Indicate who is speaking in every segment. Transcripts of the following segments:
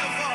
Speaker 1: Thank you.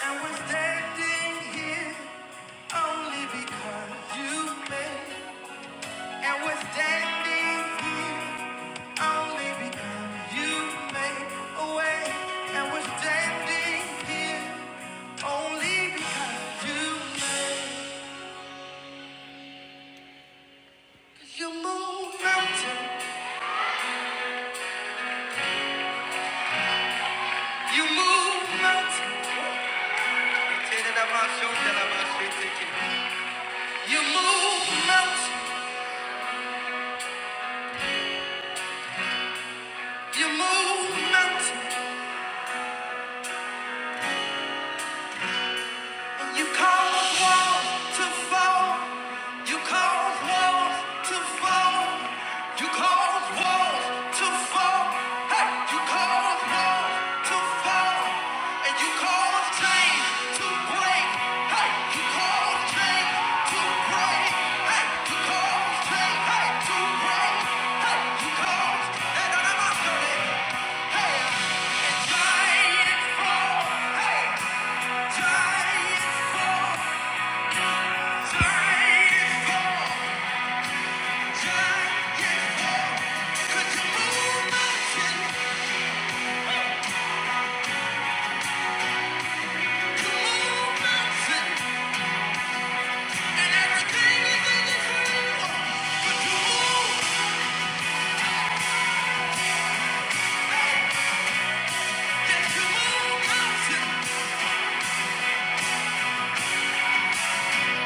Speaker 1: And we're standing here only because you made And what's standing here only because you made a way. And what's standing here only because you made. You move mountain. You move mountain. Say that I'm not sure that I'm not sure. You move mountain. You move mountain. You cause walls to fall. You cause walls to fall. You cause walls to fall. Hey, you cause walls to fall. And you cause chains to break. Hey, you cause chains to break. Hey, you cause chains hey, to break. Hey, you cause. Hey, no, no, no, no, no. Hey. Giant fall. Hey, giant fall. Giant fall.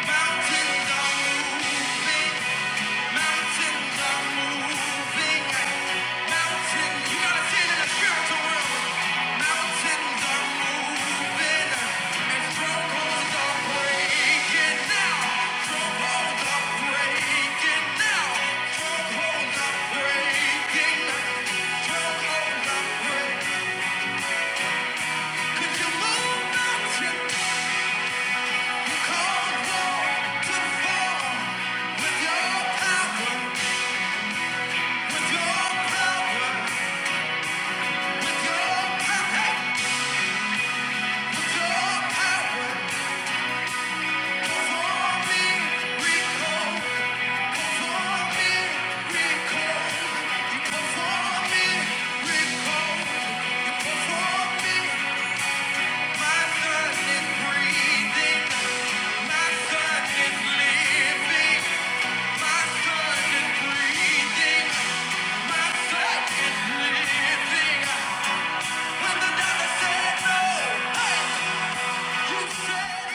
Speaker 1: Mountains are moving. Mountains are moving. Mountains, you gotta see it in the spiritual realm. Mountains are moving. And strongholds are breaking now. Strongholds are breaking now. Strongholds are breaking. Strongholds are breaking. you move mountains? You caused war to fall. With your power, with your power. When the doctor said no, you said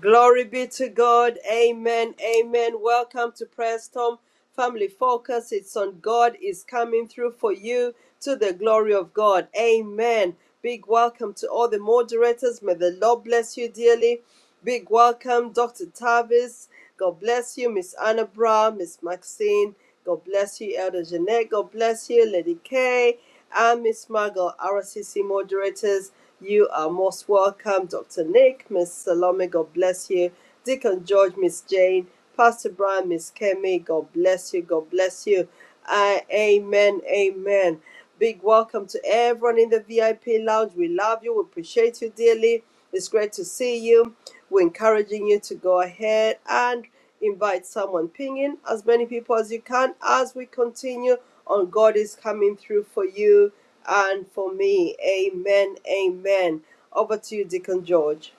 Speaker 2: Glory be to God. Amen. Amen. Welcome to Preston Family Focus. It's on God is coming through for you to the glory of God. Amen. Big welcome to all the moderators. May the Lord bless you dearly. Big welcome, Dr. Tavis. God bless you, Miss Anna Brown, Miss Maxine. God bless you, Elder Jeanette. God bless you, Lady Kay. I'm Miss Margot, RCC moderators. You are most welcome, Dr. Nick, Miss Salome, God bless you. Deacon George, Miss Jane, Pastor Brian, Miss Kemi, God bless you, God bless you. Uh, amen, amen. Big welcome to everyone in the VIP lounge. We love you, we appreciate you dearly. It's great to see you. We're encouraging you to go ahead and invite someone, ping in as many people as you can as we continue on God is coming through for you and for me. Amen. Amen. Over to you, Deacon George.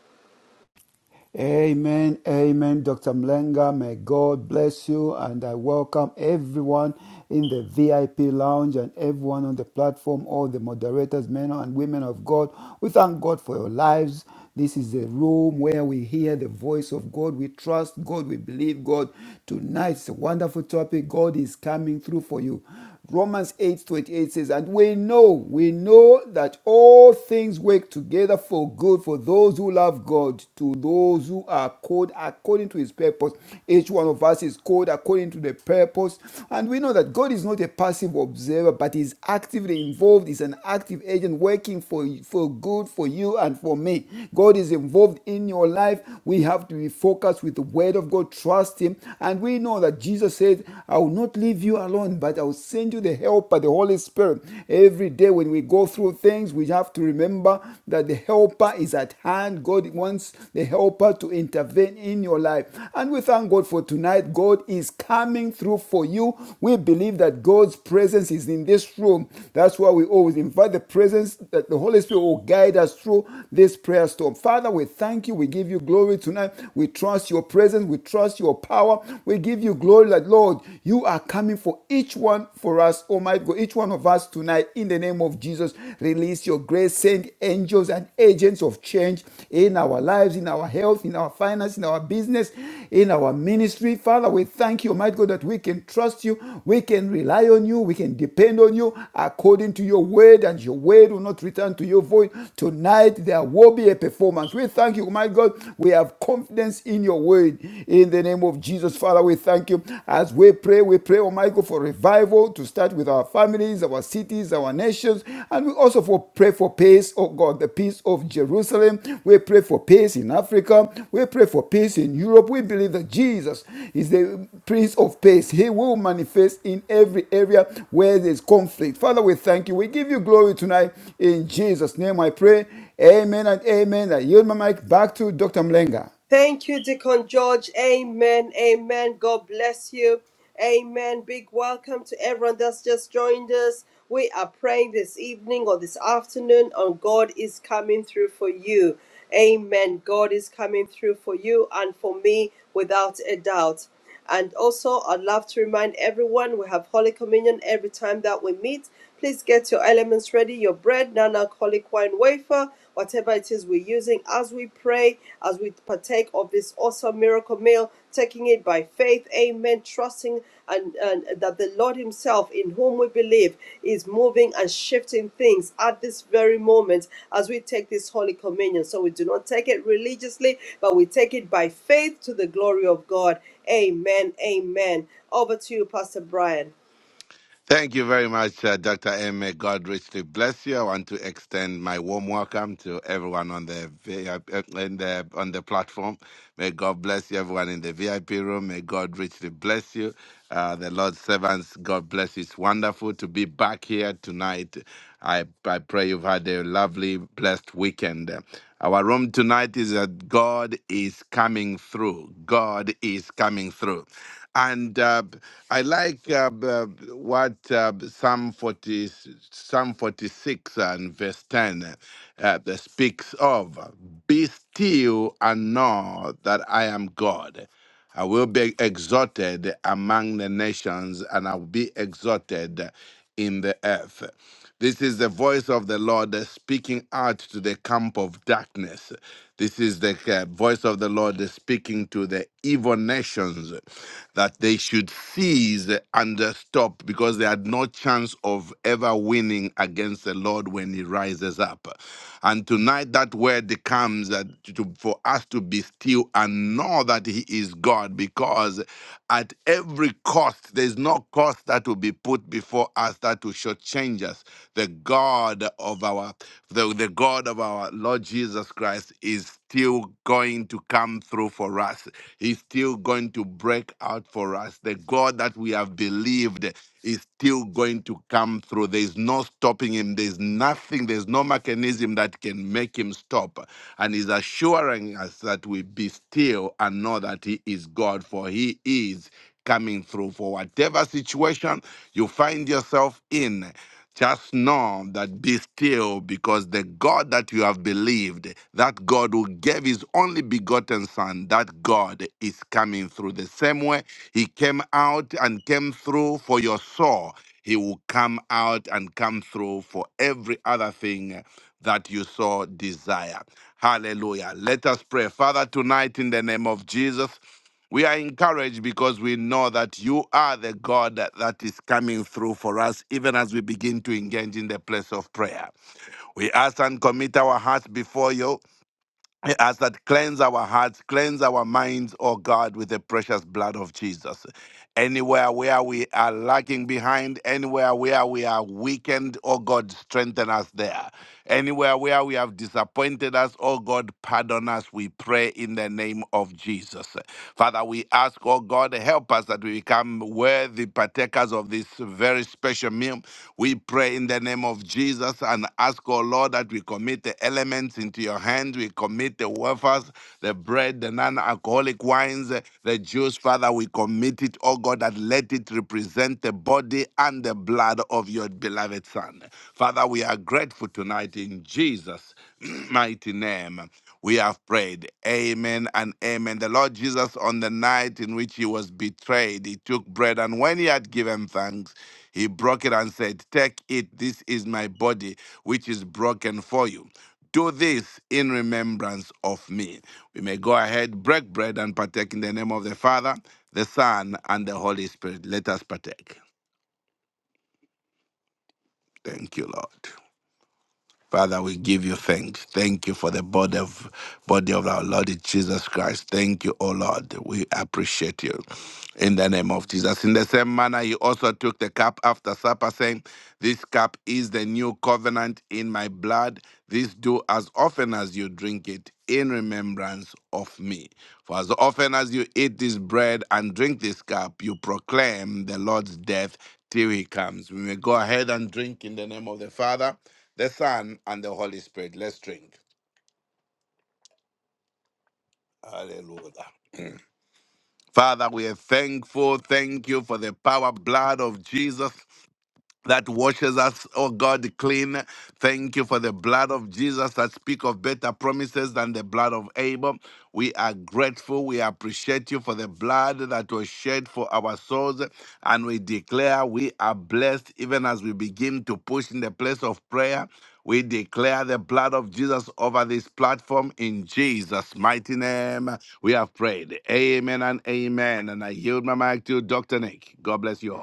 Speaker 3: Amen, amen, Dr. Mlenga. May God bless you, and I welcome everyone in the VIP lounge and everyone on the platform, all the moderators, men and women of God. We thank God for your lives. This is the room where we hear the voice of God. We trust God. We believe God. Tonight's a wonderful topic. God is coming through for you. Romans 8 28 says, And we know, we know that all things work together for good for those who love God, to those who are called according to his purpose. Each one of us is called according to the purpose. And we know that God is not a passive observer, but is actively involved, is an active agent working for, for good for you and for me. God is involved in your life. We have to be focused with the word of God, trust him. And we know that Jesus said, I will not not leave you alone, but I will send you the helper, the Holy Spirit. Every day when we go through things, we have to remember that the helper is at hand. God wants the helper to intervene in your life. And we thank God for tonight. God is coming through for you. We believe that God's presence is in this room. That's why we always invite the presence that the Holy Spirit will guide us through this prayer storm. Father, we thank you. We give you glory tonight. We trust your presence. We trust your power. We give give you glory that, Lord, you are coming for each one for us, Almighty God, each one of us tonight. In the name of Jesus, release your grace, send angels and agents of change in our lives, in our health, in our finance, in our business, in our ministry. Father, we thank you, Almighty God, that we can trust you, we can rely on you, we can depend on you according to your word, and your word will not return to your void. Tonight, there will be a performance. We thank you, my God. We have confidence in your word. In the name of Jesus, Father, we thank you. As we pray, we pray, oh Michael, for revival to start with our families, our cities, our nations. And we also for pray for peace, oh God, the peace of Jerusalem. We pray for peace in Africa. We pray for peace in Europe. We believe that Jesus is the Prince of Peace. He will manifest in every area where there's conflict. Father, we thank you. We give you glory tonight. In Jesus' name I pray. Amen and amen. I yield my mic back to Dr. Mlenga.
Speaker 2: Thank you, Deacon George. Amen. Amen. God bless you. Amen. Big welcome to everyone that's just joined us. We are praying this evening or this afternoon on God is coming through for you. Amen. God is coming through for you and for me without a doubt. And also, I'd love to remind everyone we have Holy Communion every time that we meet. Please get your elements ready your bread, non alcoholic wine, wafer, whatever it is we're using as we pray, as we partake of this awesome miracle meal, taking it by faith. Amen. Trusting and, and that the Lord Himself, in whom we believe, is moving and shifting things at this very moment as we take this Holy Communion. So we do not take it religiously, but we take it by faith to the glory of God. Amen. Amen. Over to you, Pastor Brian.
Speaker 4: Thank you very much, uh, Dr. M. May God richly bless you. I want to extend my warm welcome to everyone on the VIP, uh, in the, on the platform. May God bless you, everyone in the VIP room. May God richly bless you. Uh, the Lord's servants, God bless you. It's wonderful to be back here tonight. I, I pray you've had a lovely, blessed weekend. Our room tonight is that God is coming through. God is coming through and uh, I like uh, b- uh, what uh, Psalm 40, Psalm 46 and verse 10 uh, uh, that speaks of. Be still and know that I am God. I will be exalted among the nations, and I will be exalted in the earth. This is the voice of the Lord that's speaking out to the camp of darkness. This is the uh, voice of the Lord that's speaking to the evil nations that they should cease and uh, stop because they had no chance of ever winning against the Lord when he rises up. And tonight that word comes that to, to- for us to be still and know that he is God because at every cost, there's no cost that will be put before us that will shortchange us. The God of our the, the God of our Lord Jesus Christ is still going to come through for us. He's still going to break out for us. The God that we have believed is still going to come through. There is no stopping him and there's nothing, there's no mechanism that can make him stop. And he's assuring us that we be still and know that he is God, for he is coming through. For whatever situation you find yourself in, just know that be still because the God that you have believed, that God who gave his only begotten Son, that God is coming through. The same way he came out and came through for your soul, he will come out and come through for every other thing that you so desire. Hallelujah. Let us pray. Father, tonight in the name of Jesus, we are encouraged because we know that you are the God that, that is coming through for us, even as we begin to engage in the place of prayer. We ask and commit our hearts before you as that cleanse our hearts, cleanse our minds, oh God, with the precious blood of Jesus. Anywhere where we are lagging behind, anywhere where we are weakened, oh God, strengthen us there. Anywhere where we have disappointed us, oh God, pardon us, we pray in the name of Jesus. Father, we ask, oh God, help us that we become worthy partakers of this very special meal. We pray in the name of Jesus and ask, oh Lord, that we commit the elements into your hand. We commit the wafers, the bread, the non alcoholic wines, the juice. Father, we commit it, oh God, that let it represent the body and the blood of your beloved beloved Son. Father, we are grateful tonight in Jesus' mighty name. We have prayed. Amen and amen. The Lord Jesus, on the night in which he was betrayed, he took bread, and when he had given thanks, he broke it and said, Take it, this is my body, which is broken for you. Do this in remembrance of me. We may go ahead, break bread, and partake in the name of the Father, the Son, and the Holy Spirit. Let us partake. Thank you, Lord. Father, we give you thanks. Thank you for the body of, body of our Lord Jesus Christ. Thank you, O Lord. We appreciate you. In the name of Jesus. In the same manner, he also took the cup after supper, saying, This cup is the new covenant in my blood. This do as often as you drink it in remembrance of me. For as often as you eat this bread and drink this cup, you proclaim the Lord's death till he comes. We may go ahead and drink in the name of the Father, the Son, and the Holy Spirit. Let's drink. Hallelujah. Father, we are thankful. Thank you for the power, blood of Jesus. that washes us, oh God, clean. Thank you for the blood of Jesus that speak of better promises than the blood of Abel. We are grateful. We appreciate you for the blood that was shed for our souls. And we declare we are blessed even as we begin to push in the place of prayer. We declare the blood of Jesus over this platform in Jesus' mighty name. We have prayed. Amen and amen. And I yield my mic to Dr. Nick. God bless you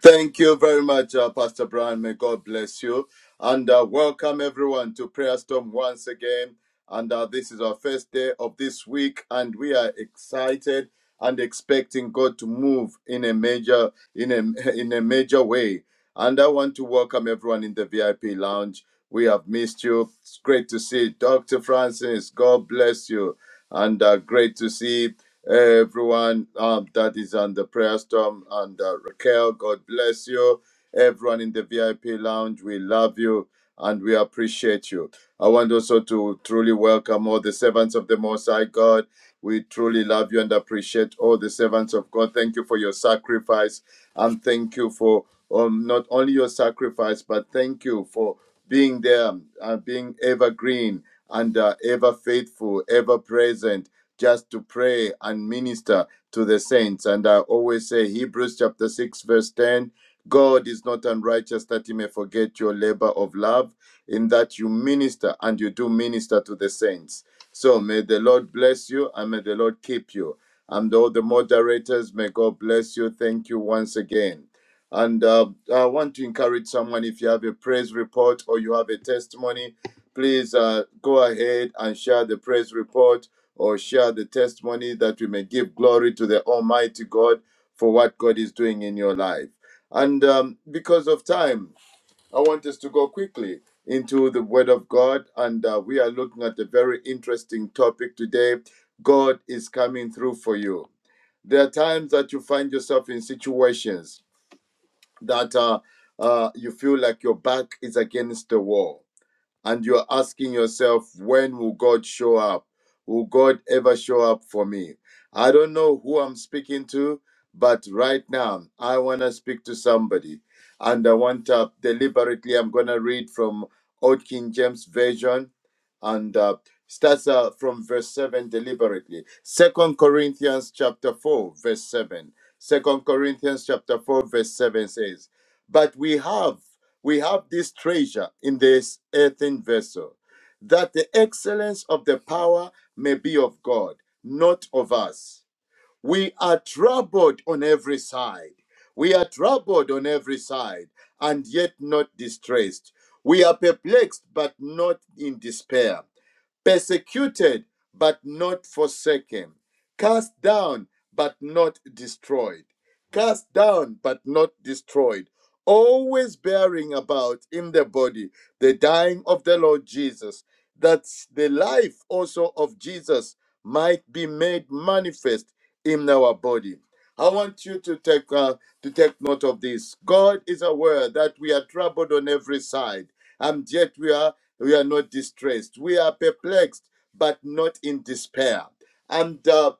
Speaker 5: Thank you very much, uh, Pastor Brian. May God bless you. And uh, welcome everyone to Prayer Storm once again. And uh, this is our first day of this week, and we are excited and expecting God to move in a major in a in a major way. And I want to welcome everyone in the VIP lounge. We have missed you. It's great to see Dr. Francis. God bless you. And uh, great to see everyone um, that is on the prayer storm. And uh, Raquel, God bless you. Everyone in the VIP lounge, we love you and we appreciate you. I want also to truly welcome all the servants of the Most High God. We truly love you and appreciate all the servants of God. Thank you for your sacrifice and thank you for um, not only your sacrifice, but thank you for being there, uh, being evergreen and uh, ever faithful, ever present, just to pray and minister to the saints. And I always say Hebrews chapter 6, verse 10. God is not unrighteous that he may forget your labor of love, in that you minister and you do minister to the saints. So may the Lord bless you and may the Lord keep you. And all the moderators, may God bless you. Thank you once again. And uh, I want to encourage someone if you have a praise report or you have a testimony, please uh, go ahead and share the praise report or share the testimony that we may give glory to the Almighty God for what God is doing in your life. And um, because of time, I want us to go quickly into the Word of God. And uh, we are looking at a very interesting topic today God is coming through for you. There are times that you find yourself in situations that uh, uh, you feel like your back is against the wall and you're asking yourself, when will God show up? Will God ever show up for me? I don't know who I'm speaking to, but right now I want to speak to somebody. And I want to deliberately, I'm going to read from Old King James Version and uh, starts uh, from verse 7 deliberately. Second Corinthians chapter 4, verse 7. Second Corinthians chapter 4, verse 7 says, But we have we have this treasure in this earthen vessel, that the excellence of the power may be of God, not of us. We are troubled on every side. We are troubled on every side, and yet not distressed. We are perplexed, but not in despair persecuted but not forsaken, cast down but not destroyed, cast down but not destroyed, always bearing about in the body the dying of the Lord Jesus, that the life also of Jesus might be made manifest in our body. I want you to take uh, to take note of this. God is aware that we are troubled on every side, and yet we are we are not distressed. We are perplexed, but not in despair. And uh,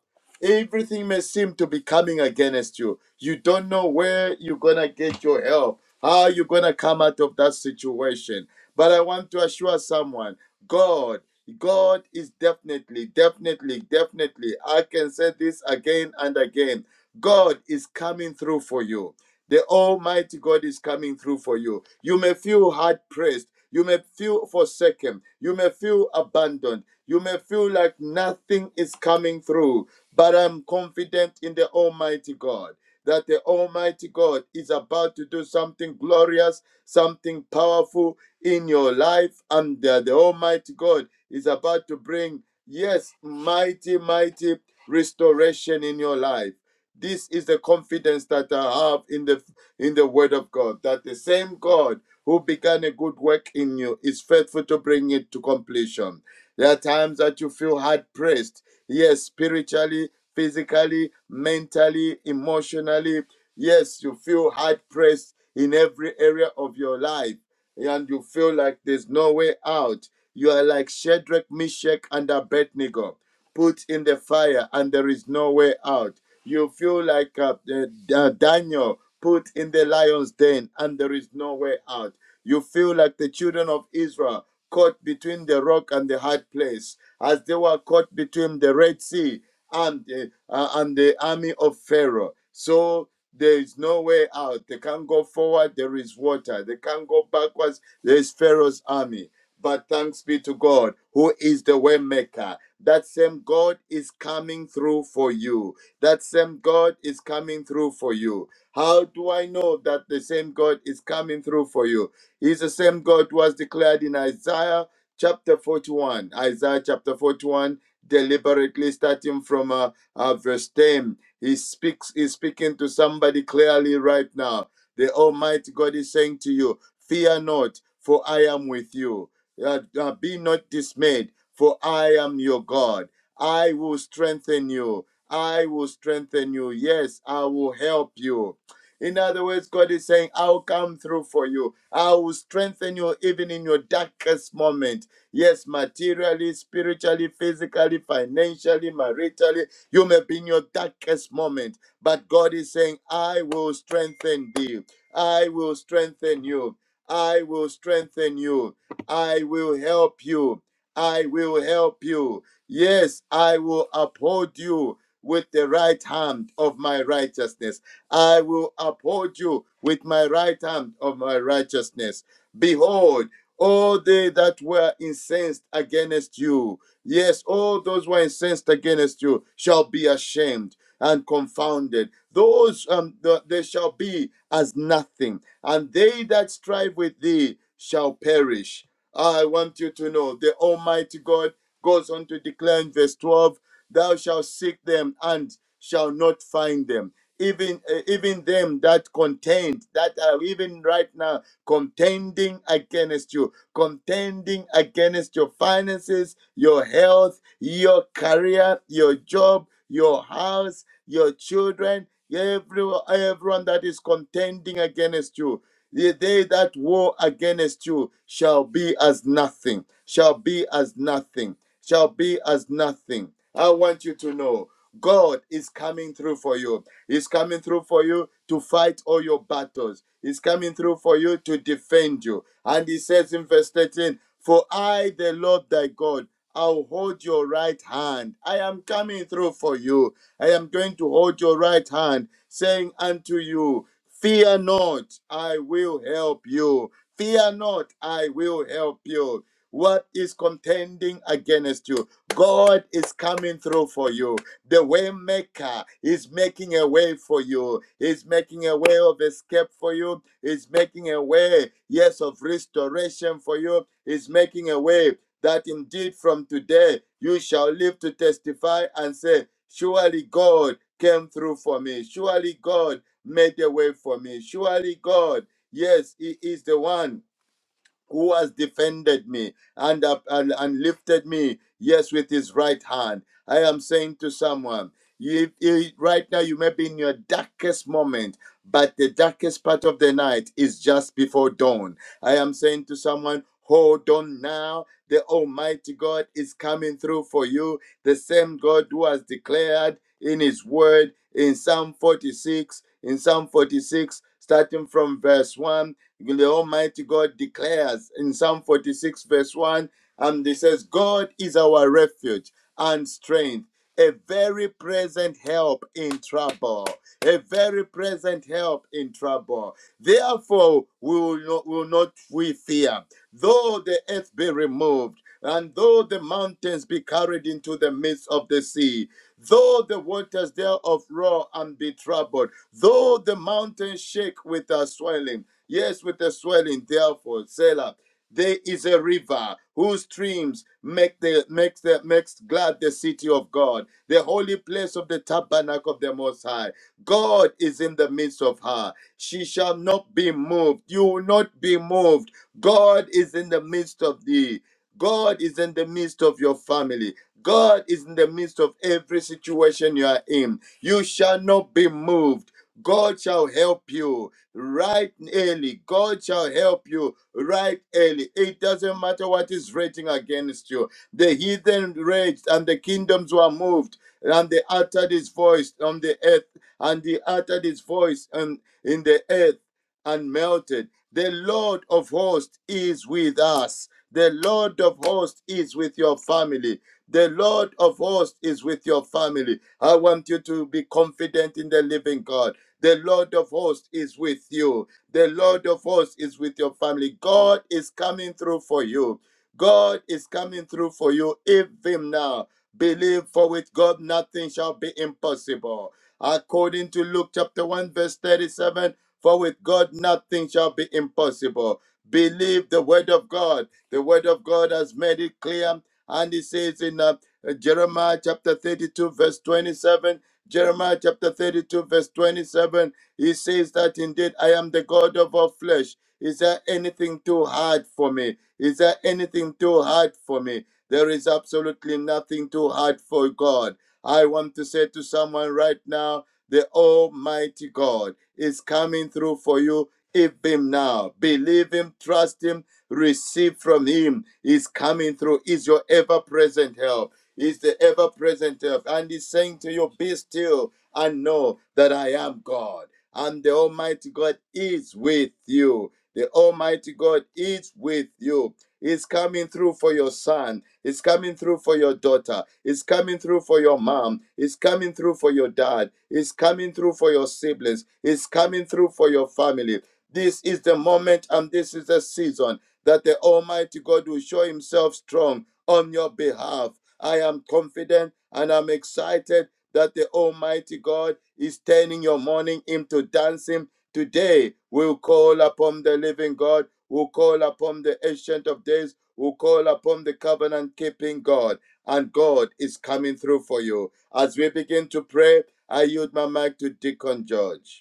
Speaker 5: everything may seem to be coming against you. You don't know where you're gonna get your help, how you're gonna come out of that situation. But I want to assure someone God, God is definitely, definitely, definitely. I can say this again and again. God is coming through for you. The Almighty God is coming through for you. You may feel hard pressed. You may feel forsaken. You may feel abandoned. You may feel like nothing is coming through. But I'm confident in the Almighty God that the Almighty God is about to do something glorious, something powerful in your life, and that the Almighty God is about to bring, yes, mighty, mighty restoration in your life. This is the confidence that I have in the in the Word of God, that the same God who began a good work in you is faithful to bring it to completion. There are times that you feel hard pressed. Yes, spiritually, physically, mentally, emotionally. Yes, you feel hard pressed in every area of your life. And you feel like there's no way out. You are like Shadrach, Meshach, and Abednego put in the fire and there is no way out. You feel like uh, the- uh, Daniel put in the lion's den and there is no way out. You feel like the children of Israel caught between the rock and the hard place, as they were caught between the Red Sea and the, uh, and the army of Pharaoh. So there is no way out. They can't go forward. There is water. They can't go backwards. There is Pharaoh's army but thanks be to God, who is the way maker. That same God is coming through for you. That same God is coming through for you. How do I know that the same God is coming through for you? He's the same God who was declared in Isaiah chapter 41. Isaiah chapter 41, deliberately starting from uh, uh, verse 10. He speaks, he's speaking to somebody clearly right now. The Almighty God is saying to you, Fear not, for I am with you uh, uh, be not dismayed, for I am your God. I will strengthen you. I will strengthen you. Yes, I will help you. In other words, God is saying, I'll come through for you. I will strengthen you even in your darkest moment. Yes, materially, spiritually, physically, financially, maritally, you may be in your darkest moment. But God is saying, I will strengthen thee. I will strengthen you. I will strengthen you. I will help you. I will help you. Yes, I will uphold you with the right hand of my righteousness. I will uphold you with my right hand of my righteousness. Behold, all they that were incensed against you, yes, all those who are incensed against you shall be ashamed and confounded. Those um, th- they shall be as nothing, and they that strive with thee shall perish. I want you to know the Almighty God goes on to declare in verse 12 Thou shalt seek them and shall not find them. Even, uh, even them that contend, that are even right now contending against you, contending against your finances, your health, your career, your job, your house, your children, everyone, everyone that is contending against you. The day that war against you shall be as nothing, shall be as nothing shall be as nothing. I want you to know God is coming through for you. He's coming through for you to fight all your battles. He's coming through for you to defend you. And he says in verse 13, For I, the Lord thy God, I'll hold your right hand. I am coming through for you. I am going to hold your right hand, saying unto you, Fear not, I will help you. Fear not, I will help you. What is contending against you? God is coming through for you. The way maker is making a way for you. He's making a way of escape for you. He's making a way, yes, of restoration for you. He's making a way that indeed from today you shall live to testify and say, Surely God came through for me. Surely God made a way for me. Surely God, yes, He is the one who has defended me and, up, and, and lifted me, yes, with his right hand. I am saying to someone, you, you- right now you may be in your darkest moment, but the darkest part of the night is just before dawn. I am saying to someone, hold on now. The Almighty God is coming through for you. The same God who has declared in his word in Psalm 46, in Psalm 46, starting from verse 1 the Almighty God declares in Psalm 46, verse 1, and he says, God is our refuge and strength, a very present help in trouble. A very present help in trouble. Therefore, we will not, will not we fear, though the earth be removed, and though the mountains be carried into the midst of the sea Though the waters thereof roar and be troubled, though the mountains shake with a swelling, yes, with a swelling, therefore, Selah, there is a river whose streams make the makes the makes glad the city of God, the holy place of the tabernacle of the Most High. God is in the midst of her. She shall not be moved. You will not be moved. God is in the midst of thee. God is in the midst of your family. God is in the midst of every situation you are in. You shall not be moved. God shall help you right early. God shall help you right early. It doesn't matter what is raging against you. The heathen raged, and the kingdoms were moved, and they uttered his voice on the earth, and he uttered his voice and in the earth and melted. The Lord of hosts is with us. The Lord of hosts is with your family. The Lord of hosts is with your family. I want you to be confident in the living God. The Lord of hosts is with you. The Lord of hosts is with your family. God is coming through for you. God is coming through for you even now. Believe, for with God nothing shall be impossible. According to Luke chapter 1, verse 37, for with God nothing shall be impossible. Believe the word of God. The word of God has made it clear and he says in uh, Jeremiah chapter 32, verse 27, Jeremiah chapter 32, verse 27, he says that indeed I am the God of all flesh. Is there anything too hard for me? Is there anything too hard for me? There is absolutely nothing too hard for God. I want to say to someone right now, the Almighty God is coming through for you. If him now, believe him, trust him, receive from him. He's coming through. Is your ever present help. Is the ever present help. And he's saying to you, Be still and know that I am God. And the Almighty God is with you. The Almighty God is with you. He's coming through for your son. He's coming through for your daughter. He's coming through for your mom. He's coming through for your dad. He's coming through for your siblings. He's coming through for your family. This is the moment and this is the season that the Almighty God will show himself strong on your behalf. I am confident and I'm excited that the Almighty God is turning your mourning into dancing. Today, we'll call upon the living God, we'll call upon the Ancient of Days, we'll call upon the covenant keeping God, and God is coming through for you. As we begin to pray, I yield my mic to Deacon George.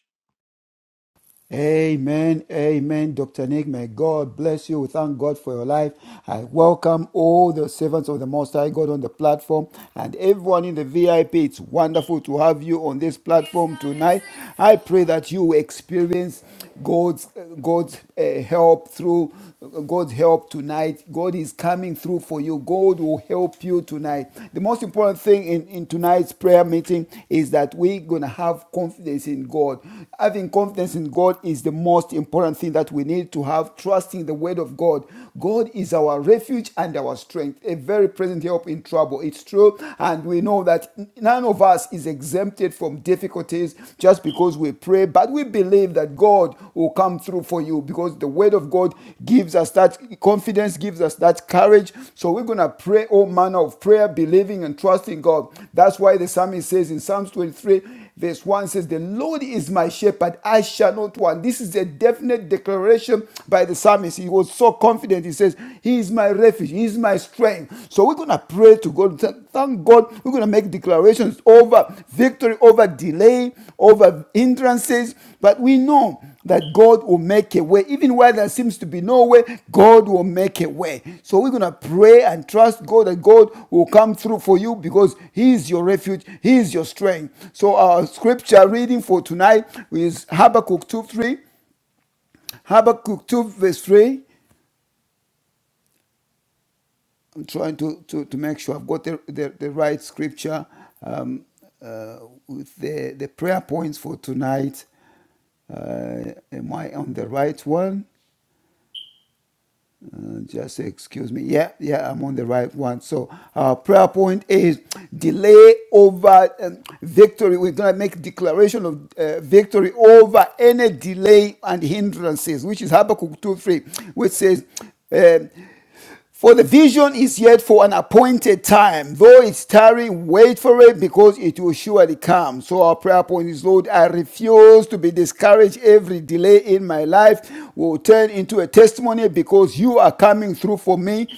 Speaker 3: Amen, amen, Dr. Nick. May God bless you. We thank God for your life. I welcome all the servants of the Most High God on the platform and everyone in the VIP. It's wonderful to have you on this platform tonight. I pray that you experience God's God's uh, help through God's help tonight. God is coming through for you. God will help you tonight. The most important thing in, in tonight's prayer meeting is that we're going to have confidence in God. Having confidence in God is the most important thing that we need to have, trusting the word of God. God is our refuge and our strength, a very present help in trouble. It's true. And we know that none of us is exempted from difficulties just because we pray, but we believe that God God will come through for you because the word of God gives us that confidence, gives us that courage. So we're going to pray all manner of prayer, believing and trusting God. That's why the psalmist says in Psalms 23, verse 1 says, The Lord is my shepherd, I shall not want. This is a definite declaration by the psalmist. He was so confident. He says, He is my refuge, He is my strength. So we're going to pray to God. Thank God we're going to make declarations over victory, over delay, over hindrances. But we know that God will make a way. Even where there seems to be no way, God will make a way. So we're going to pray and trust God that God will come through for you because He is your refuge, He is your strength. So our scripture reading for tonight is Habakkuk 2 3. Habakkuk 2 verse 3. I'm trying to, to, to make sure I've got the, the, the right scripture um, uh, with the, the prayer points for tonight. Uh, am I on the right one? Uh, just excuse me. Yeah, yeah, I'm on the right one. So our prayer point is delay over um, victory. We're gonna make declaration of uh, victory over any delay and hindrances, which is Habakkuk two three, which says. uh, for the vision is yet for an appointed time. Though it's tarry, wait for it because it will surely come. So our prayer point is, Lord, I refuse to be discouraged. Every delay in my life will turn into a testimony because you are coming through for me